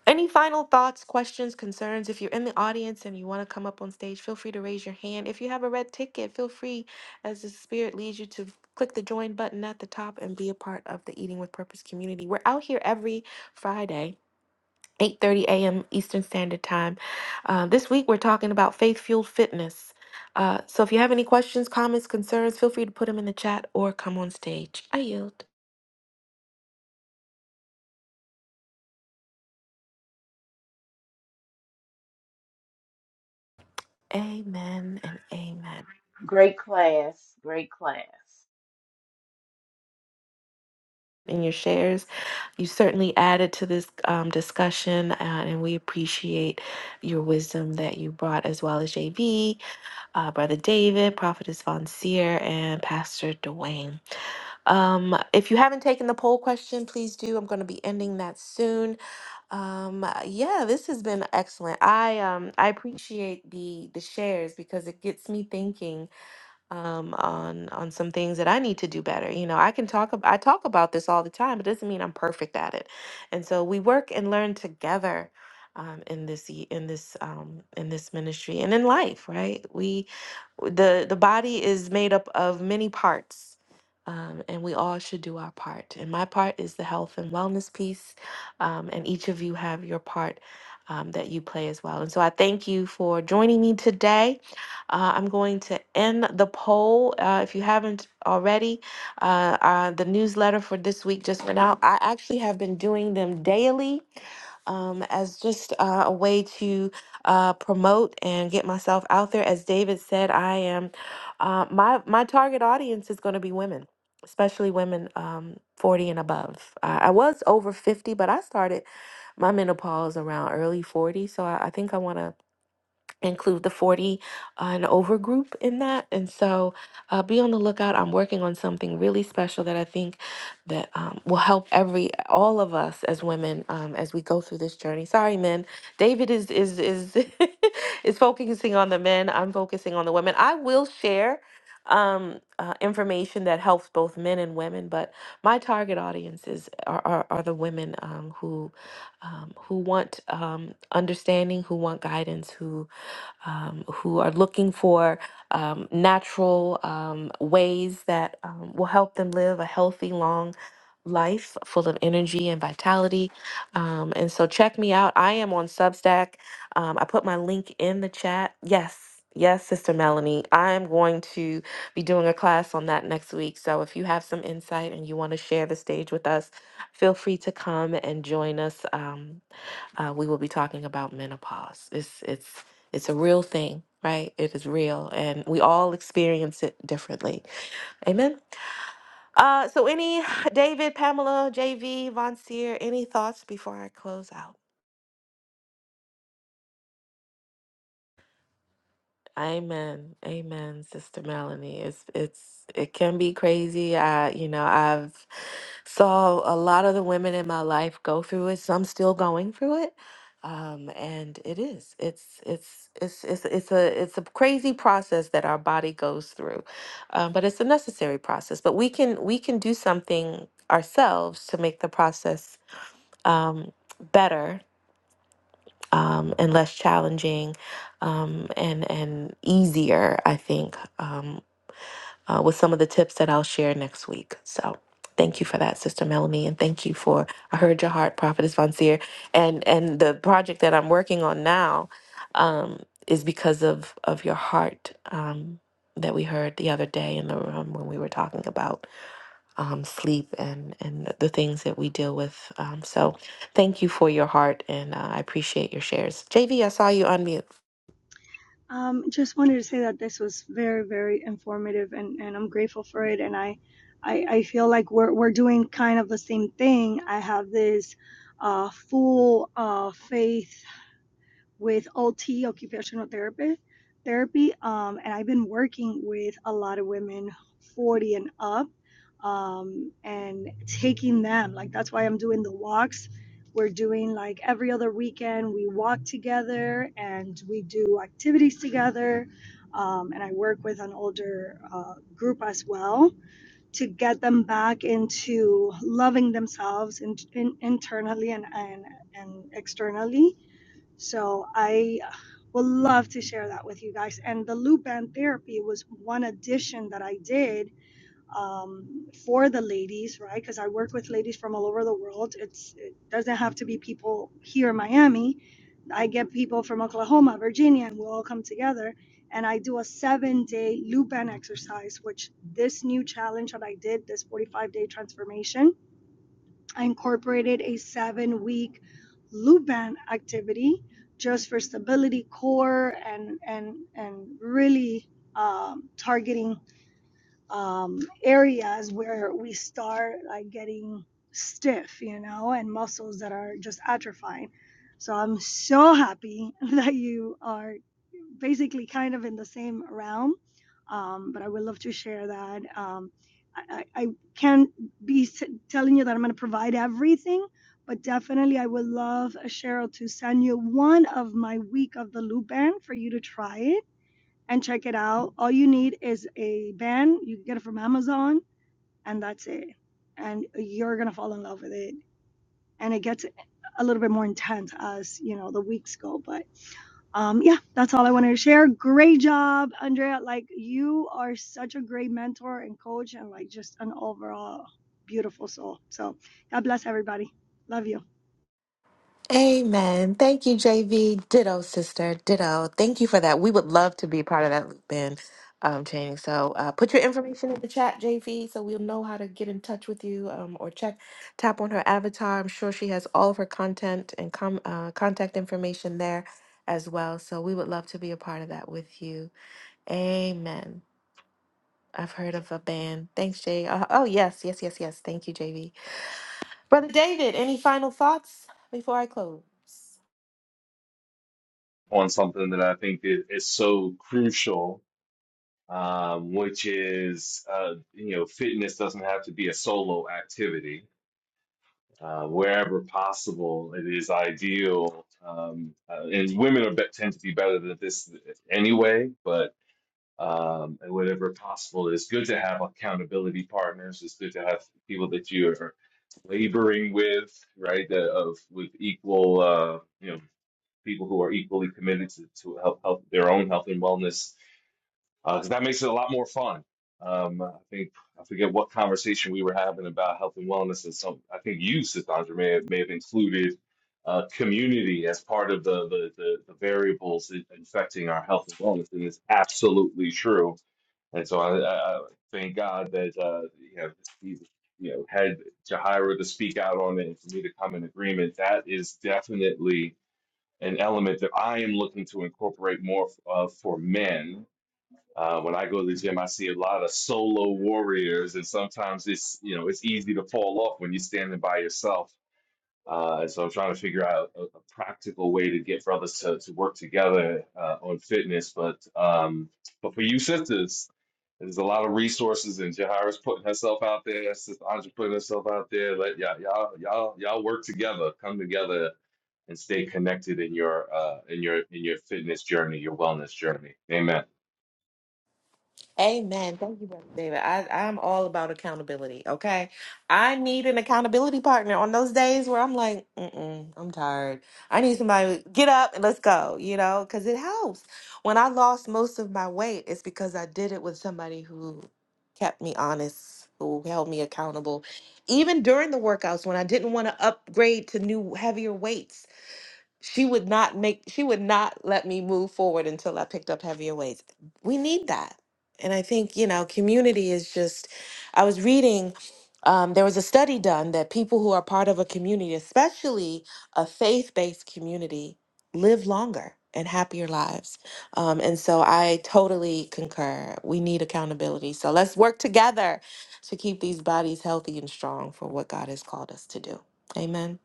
B: Any final thoughts, questions, concerns? If you're in the audience and you want to come up on stage, feel free to raise your hand. If you have a red ticket, feel free, as the Spirit leads you, to click the join button at the top and be a part of the Eating with Purpose community. We're out here every Friday. 8:30 a.m. Eastern Standard Time. Uh, this week we're talking about faith-fueled fitness. Uh, so if you have any questions, comments, concerns, feel free to put them in the chat or come on stage. I yield. Amen and amen.
C: Great class, great class.
B: and your shares. You certainly added to this um, discussion, uh, and we appreciate your wisdom that you brought, as well as JV, uh, Brother David, Prophetess Von Seer, and Pastor Dwayne. Um, if you haven't taken the poll question, please do. I'm going to be ending that soon. Um, yeah, this has been excellent. I um, I appreciate the the shares because it gets me thinking um, on on some things that I need to do better. You know, I can talk ab- I talk about this all the time. It doesn't mean I'm perfect at it. And so we work and learn together um, in this y- in this um, in this ministry and in life. Right? We the the body is made up of many parts. Um, and we all should do our part. And my part is the health and wellness piece. Um, and each of you have your part um, that you play as well. And so I thank you for joining me today. Uh, I'm going to end the poll. Uh, if you haven't already, uh, uh, the newsletter for this week just went out. I actually have been doing them daily um, as just uh, a way to uh, promote and get myself out there. As David said, I am uh, my my target audience is going to be women, especially women um, 40 and above. Uh, I was over 50, but I started my menopause around early 40, so I, I think I want to include the 40 uh, and over group in that and so uh, be on the lookout i'm working on something really special that i think that um, will help every all of us as women um, as we go through this journey sorry men david is is is is focusing on the men i'm focusing on the women i will share um uh, information that helps both men and women but my target audiences are are, are the women um, who um, who want um, understanding who want guidance who um, who are looking for um, natural um, ways that um, will help them live a healthy, long life full of energy and vitality. Um, and so check me out. I am on Substack. Um, I put my link in the chat. Yes. Yes, Sister Melanie, I'm going to be doing a class on that next week. So if you have some insight and you want to share the stage with us, feel free to come and join us. Um, uh, we will be talking about menopause. It's it's it's a real thing, right? It is real, and we all experience it differently. Amen. Uh, so, any David, Pamela, JV, Von Seer, any thoughts before I close out? Amen. Amen, Sister Melanie. It's it's it can be crazy. I, you know, I've saw a lot of the women in my life go through it. Some still going through it. Um, and it is. It's it's it's it's it's a it's a crazy process that our body goes through. Um, but it's a necessary process. But we can we can do something ourselves to make the process um better um, and less challenging um, and and easier, I think, um, uh, with some of the tips that I'll share next week. So thank you for that, Sister Melanie, and thank you for I heard your heart, Prophetess Von Seer, and and the project that I'm working on now um, is because of of your heart um, that we heard the other day in the room when we were talking about um, sleep and, and the things that we deal with. Um, so thank you for your heart and uh, I appreciate your shares. JV, I saw you unmute.
D: Um, just wanted to say that this was very, very informative and, and I'm grateful for it. And I, I, I feel like we're, we're doing kind of the same thing. I have this uh, full uh, faith with OT, occupational therapy, therapy. Um, and I've been working with a lot of women 40 and up um, and taking them. Like, that's why I'm doing the walks. We're doing like every other weekend, we walk together and we do activities together. Um, and I work with an older uh, group as well to get them back into loving themselves in, in, internally and, and, and externally so I uh, would love to share that with you guys. And the loop band therapy was one addition that I did um, for the ladies, right? Because I work with ladies from all over the world. It's it doesn't have to be people here in Miami. I get people from Oklahoma, Virginia, and we all come together. And I do a seven-day loop band exercise, which this new challenge that I did, this 45-day transformation, I incorporated a seven week loop band activity just for stability core and and and really um, targeting um, areas where we start like getting stiff, you know, and muscles that are just atrophying. So I'm so happy that you are basically kind of in the same realm. Um, but I would love to share that. Um, I, I I can't be s- telling you that I'm going to provide everything, but definitely I would love uh, Cheryl to send you one of my week of the loop band for you to try it and check it out. All you need is a band. You can get it from Amazon, and that's it. And you're gonna fall in love with it. And it gets a little bit more intense as you know the weeks go. But um, yeah, that's all I wanted to share. Great job, Andrea. Like you are such a great mentor and coach, and like just an overall beautiful soul. So God bless everybody. Love you.
B: Amen. Thank you, JV. Ditto, sister. Ditto. Thank you for that. We would love to be part of that loop in, um, Jane. So uh, put your information in the chat, JV, so we'll know how to get in touch with you um, or check, tap on her avatar. I'm sure she has all of her content and com- uh, contact information there as well. So we would love to be a part of that with you. Amen. I've heard of a band. Thanks, Jay. Uh, oh, yes, yes, yes, yes. Thank you, JV. Brother David, any final thoughts before I close?
A: on something that I think is, is so crucial, um, which is uh, you know, fitness doesn't have to be a solo activity. uh, wherever possible, it is ideal. Um, uh, and women are, bet- tend to be better than this anyway, but um, and whatever possible, it's good to have accountability partners. It's good to have people that you are laboring with, right? That of with equal, uh, you know, people who are equally committed to, to help help their own health and wellness because that makes it a lot more fun. Um, I think I forget what conversation we were having about health and wellness, and some I think you, Sithandra, may have, may have included uh, community as part of the the, the, the variables in- affecting our health and wellness, and it's absolutely true. And so I, I I thank God that uh, you know he you know had Jahira to speak out on it and for me to come in agreement. That is definitely an element that I am looking to incorporate more of for men uh, when I go to the gym, I see a lot of solo warriors, and sometimes it's you know it's easy to fall off when you're standing by yourself. Uh, and so I'm trying to figure out a, a practical way to get brothers to, to work together uh, on fitness. But um, but for you sisters, there's a lot of resources, and Jahira's putting herself out there. Sister Andre putting herself out there. Let y'all y'all y'all y'all work together, come together, and stay connected in your uh, in your in your fitness journey, your wellness journey. Amen.
B: Amen. Thank you, Brother David. I, I'm all about accountability. Okay. I need an accountability partner on those days where I'm like, Mm-mm, I'm tired. I need somebody to get up and let's go, you know, because it helps. When I lost most of my weight, it's because I did it with somebody who kept me honest, who held me accountable. Even during the workouts when I didn't want to upgrade to new, heavier weights, she would not make she would not let me move forward until I picked up heavier weights. We need that. And I think, you know, community is just I was reading um, there was a study done that people who are part of a community, especially a faith-based community, live longer and happier lives. Um, and so I totally concur. We need accountability. So let's work together to keep these bodies healthy and strong for what God has called us to do. Amen.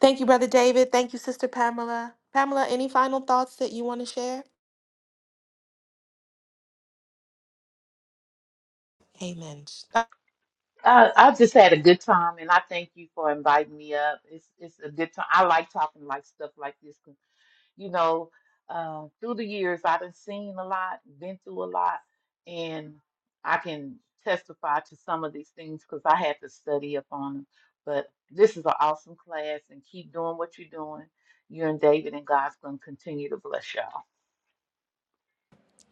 B: Thank you, Brother David. Thank you, Sister Pamela. Pamela, any final thoughts that you want to share? Amen.
C: I, I just had a good time, and I thank you for inviting me up. It's it's a good time. I like talking like stuff like this You know, uh, through the years, I've been seen a lot, been through a lot, and I can testify to some of these things because I had to study up on them. But this is an awesome class, and keep doing what you're doing. You and David, and God's going to continue to bless y'all.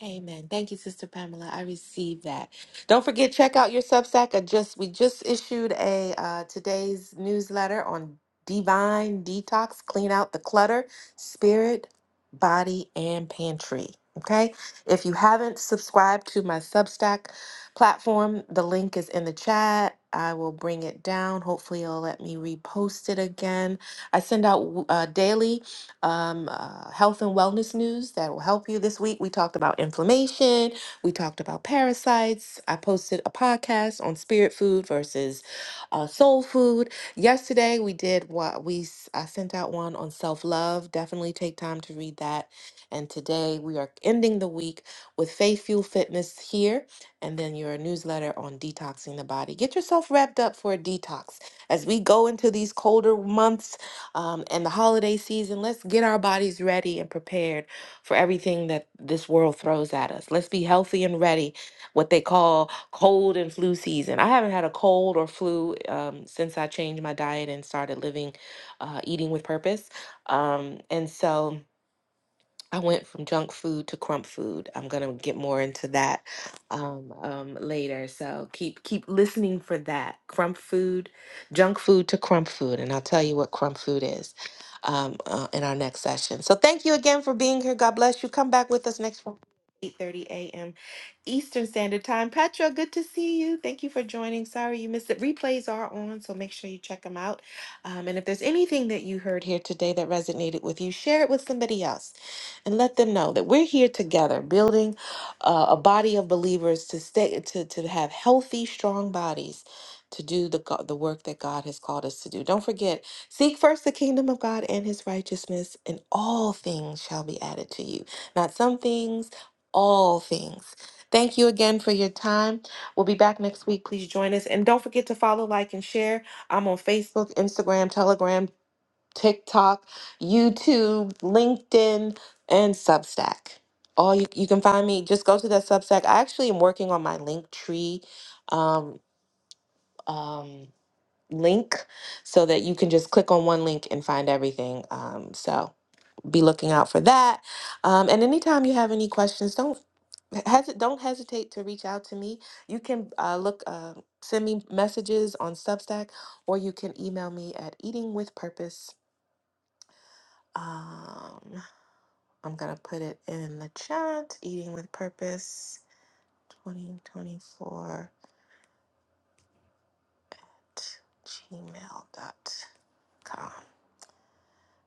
B: Amen. Thank you, Sister Pamela. I received that. Don't forget, check out your Substack. I just we just issued a uh, today's newsletter on divine detox, clean out the clutter, spirit, body, and pantry. Okay. If you haven't subscribed to my Substack platform, the link is in the chat. I will bring it down. Hopefully, it'll let me repost it again. I send out uh, daily um, uh, health and wellness news that will help you this week. We talked about inflammation, we talked about parasites. I posted a podcast on spirit food versus uh, soul food. Yesterday, we did what we s- I sent out one on self love. Definitely take time to read that. And today, we are ending the week with Faith Fuel Fitness here, and then your newsletter on detoxing the body. Get yourself wrapped up for a detox as we go into these colder months um, and the holiday season, let's get our bodies ready and prepared for everything that this world throws at us. Let's be healthy and ready, what they call cold and flu season. I haven't had a cold or flu um, since I changed my diet and started living, uh, eating with purpose. Um, and so, I went from junk food to crump food. I'm gonna get more into that um, um, later. So keep keep listening for that crump food, junk food to crump food, and I'll tell you what crump food is um, uh, in our next session. So thank you again for being here. God bless you. Come back with us next Friday, 8:30 a.m. Eastern Standard Time. Petra, good to see you. Thank you for joining. Sorry you missed it. Replays are on, so make sure you check them out. Um, and if there's anything that you heard here today that resonated with you, share it with somebody else and let them know that we're here together, building uh, a body of believers to stay to to have healthy, strong bodies to do the go- the work that God has called us to do. Don't forget, seek first the kingdom of God and His righteousness, and all things shall be added to you. Not some things, all things. Thank you again for your time. We'll be back next week. Please join us. And don't forget to follow, like, and share. I'm on Facebook, Instagram, Telegram, TikTok, YouTube, LinkedIn, and Substack. All you, you can find me, just go to that Substack. I actually am working on my link tree um, um, link so that you can just click on one link and find everything. Um, so be looking out for that. Um, and anytime you have any questions, don't Hesi- don't hesitate to reach out to me. You can uh, look, uh, send me messages on Substack, or you can email me at Eating with eatingwithpurpose um, I'm going to put it in the chat Eating with Purpose 2024 gmail dot com.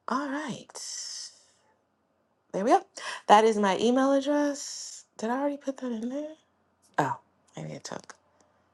B: All right. There we go. That is my email address. Did I already put that in there? Oh, maybe it took.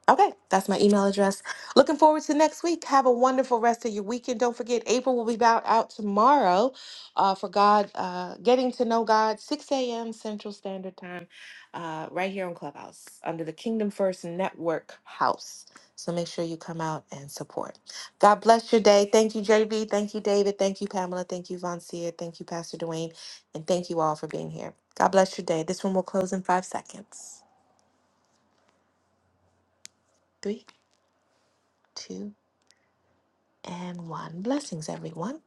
B: Okay, that's my email address. Looking forward to next week. Have a wonderful rest of your weekend. Don't forget, April will be back out tomorrow uh, for God, uh, getting to know God, 6 a.m. Central Standard Time, uh, right here on Clubhouse under the Kingdom First Network House. So make sure you come out and support. God bless your day. Thank you, JB. Thank you, David. Thank you, Pamela. Thank you, Von Thank you, Pastor Dwayne. And thank you all for being here. God bless your day. This one will close in five seconds. Three, two, and 1. Blessings, everyone.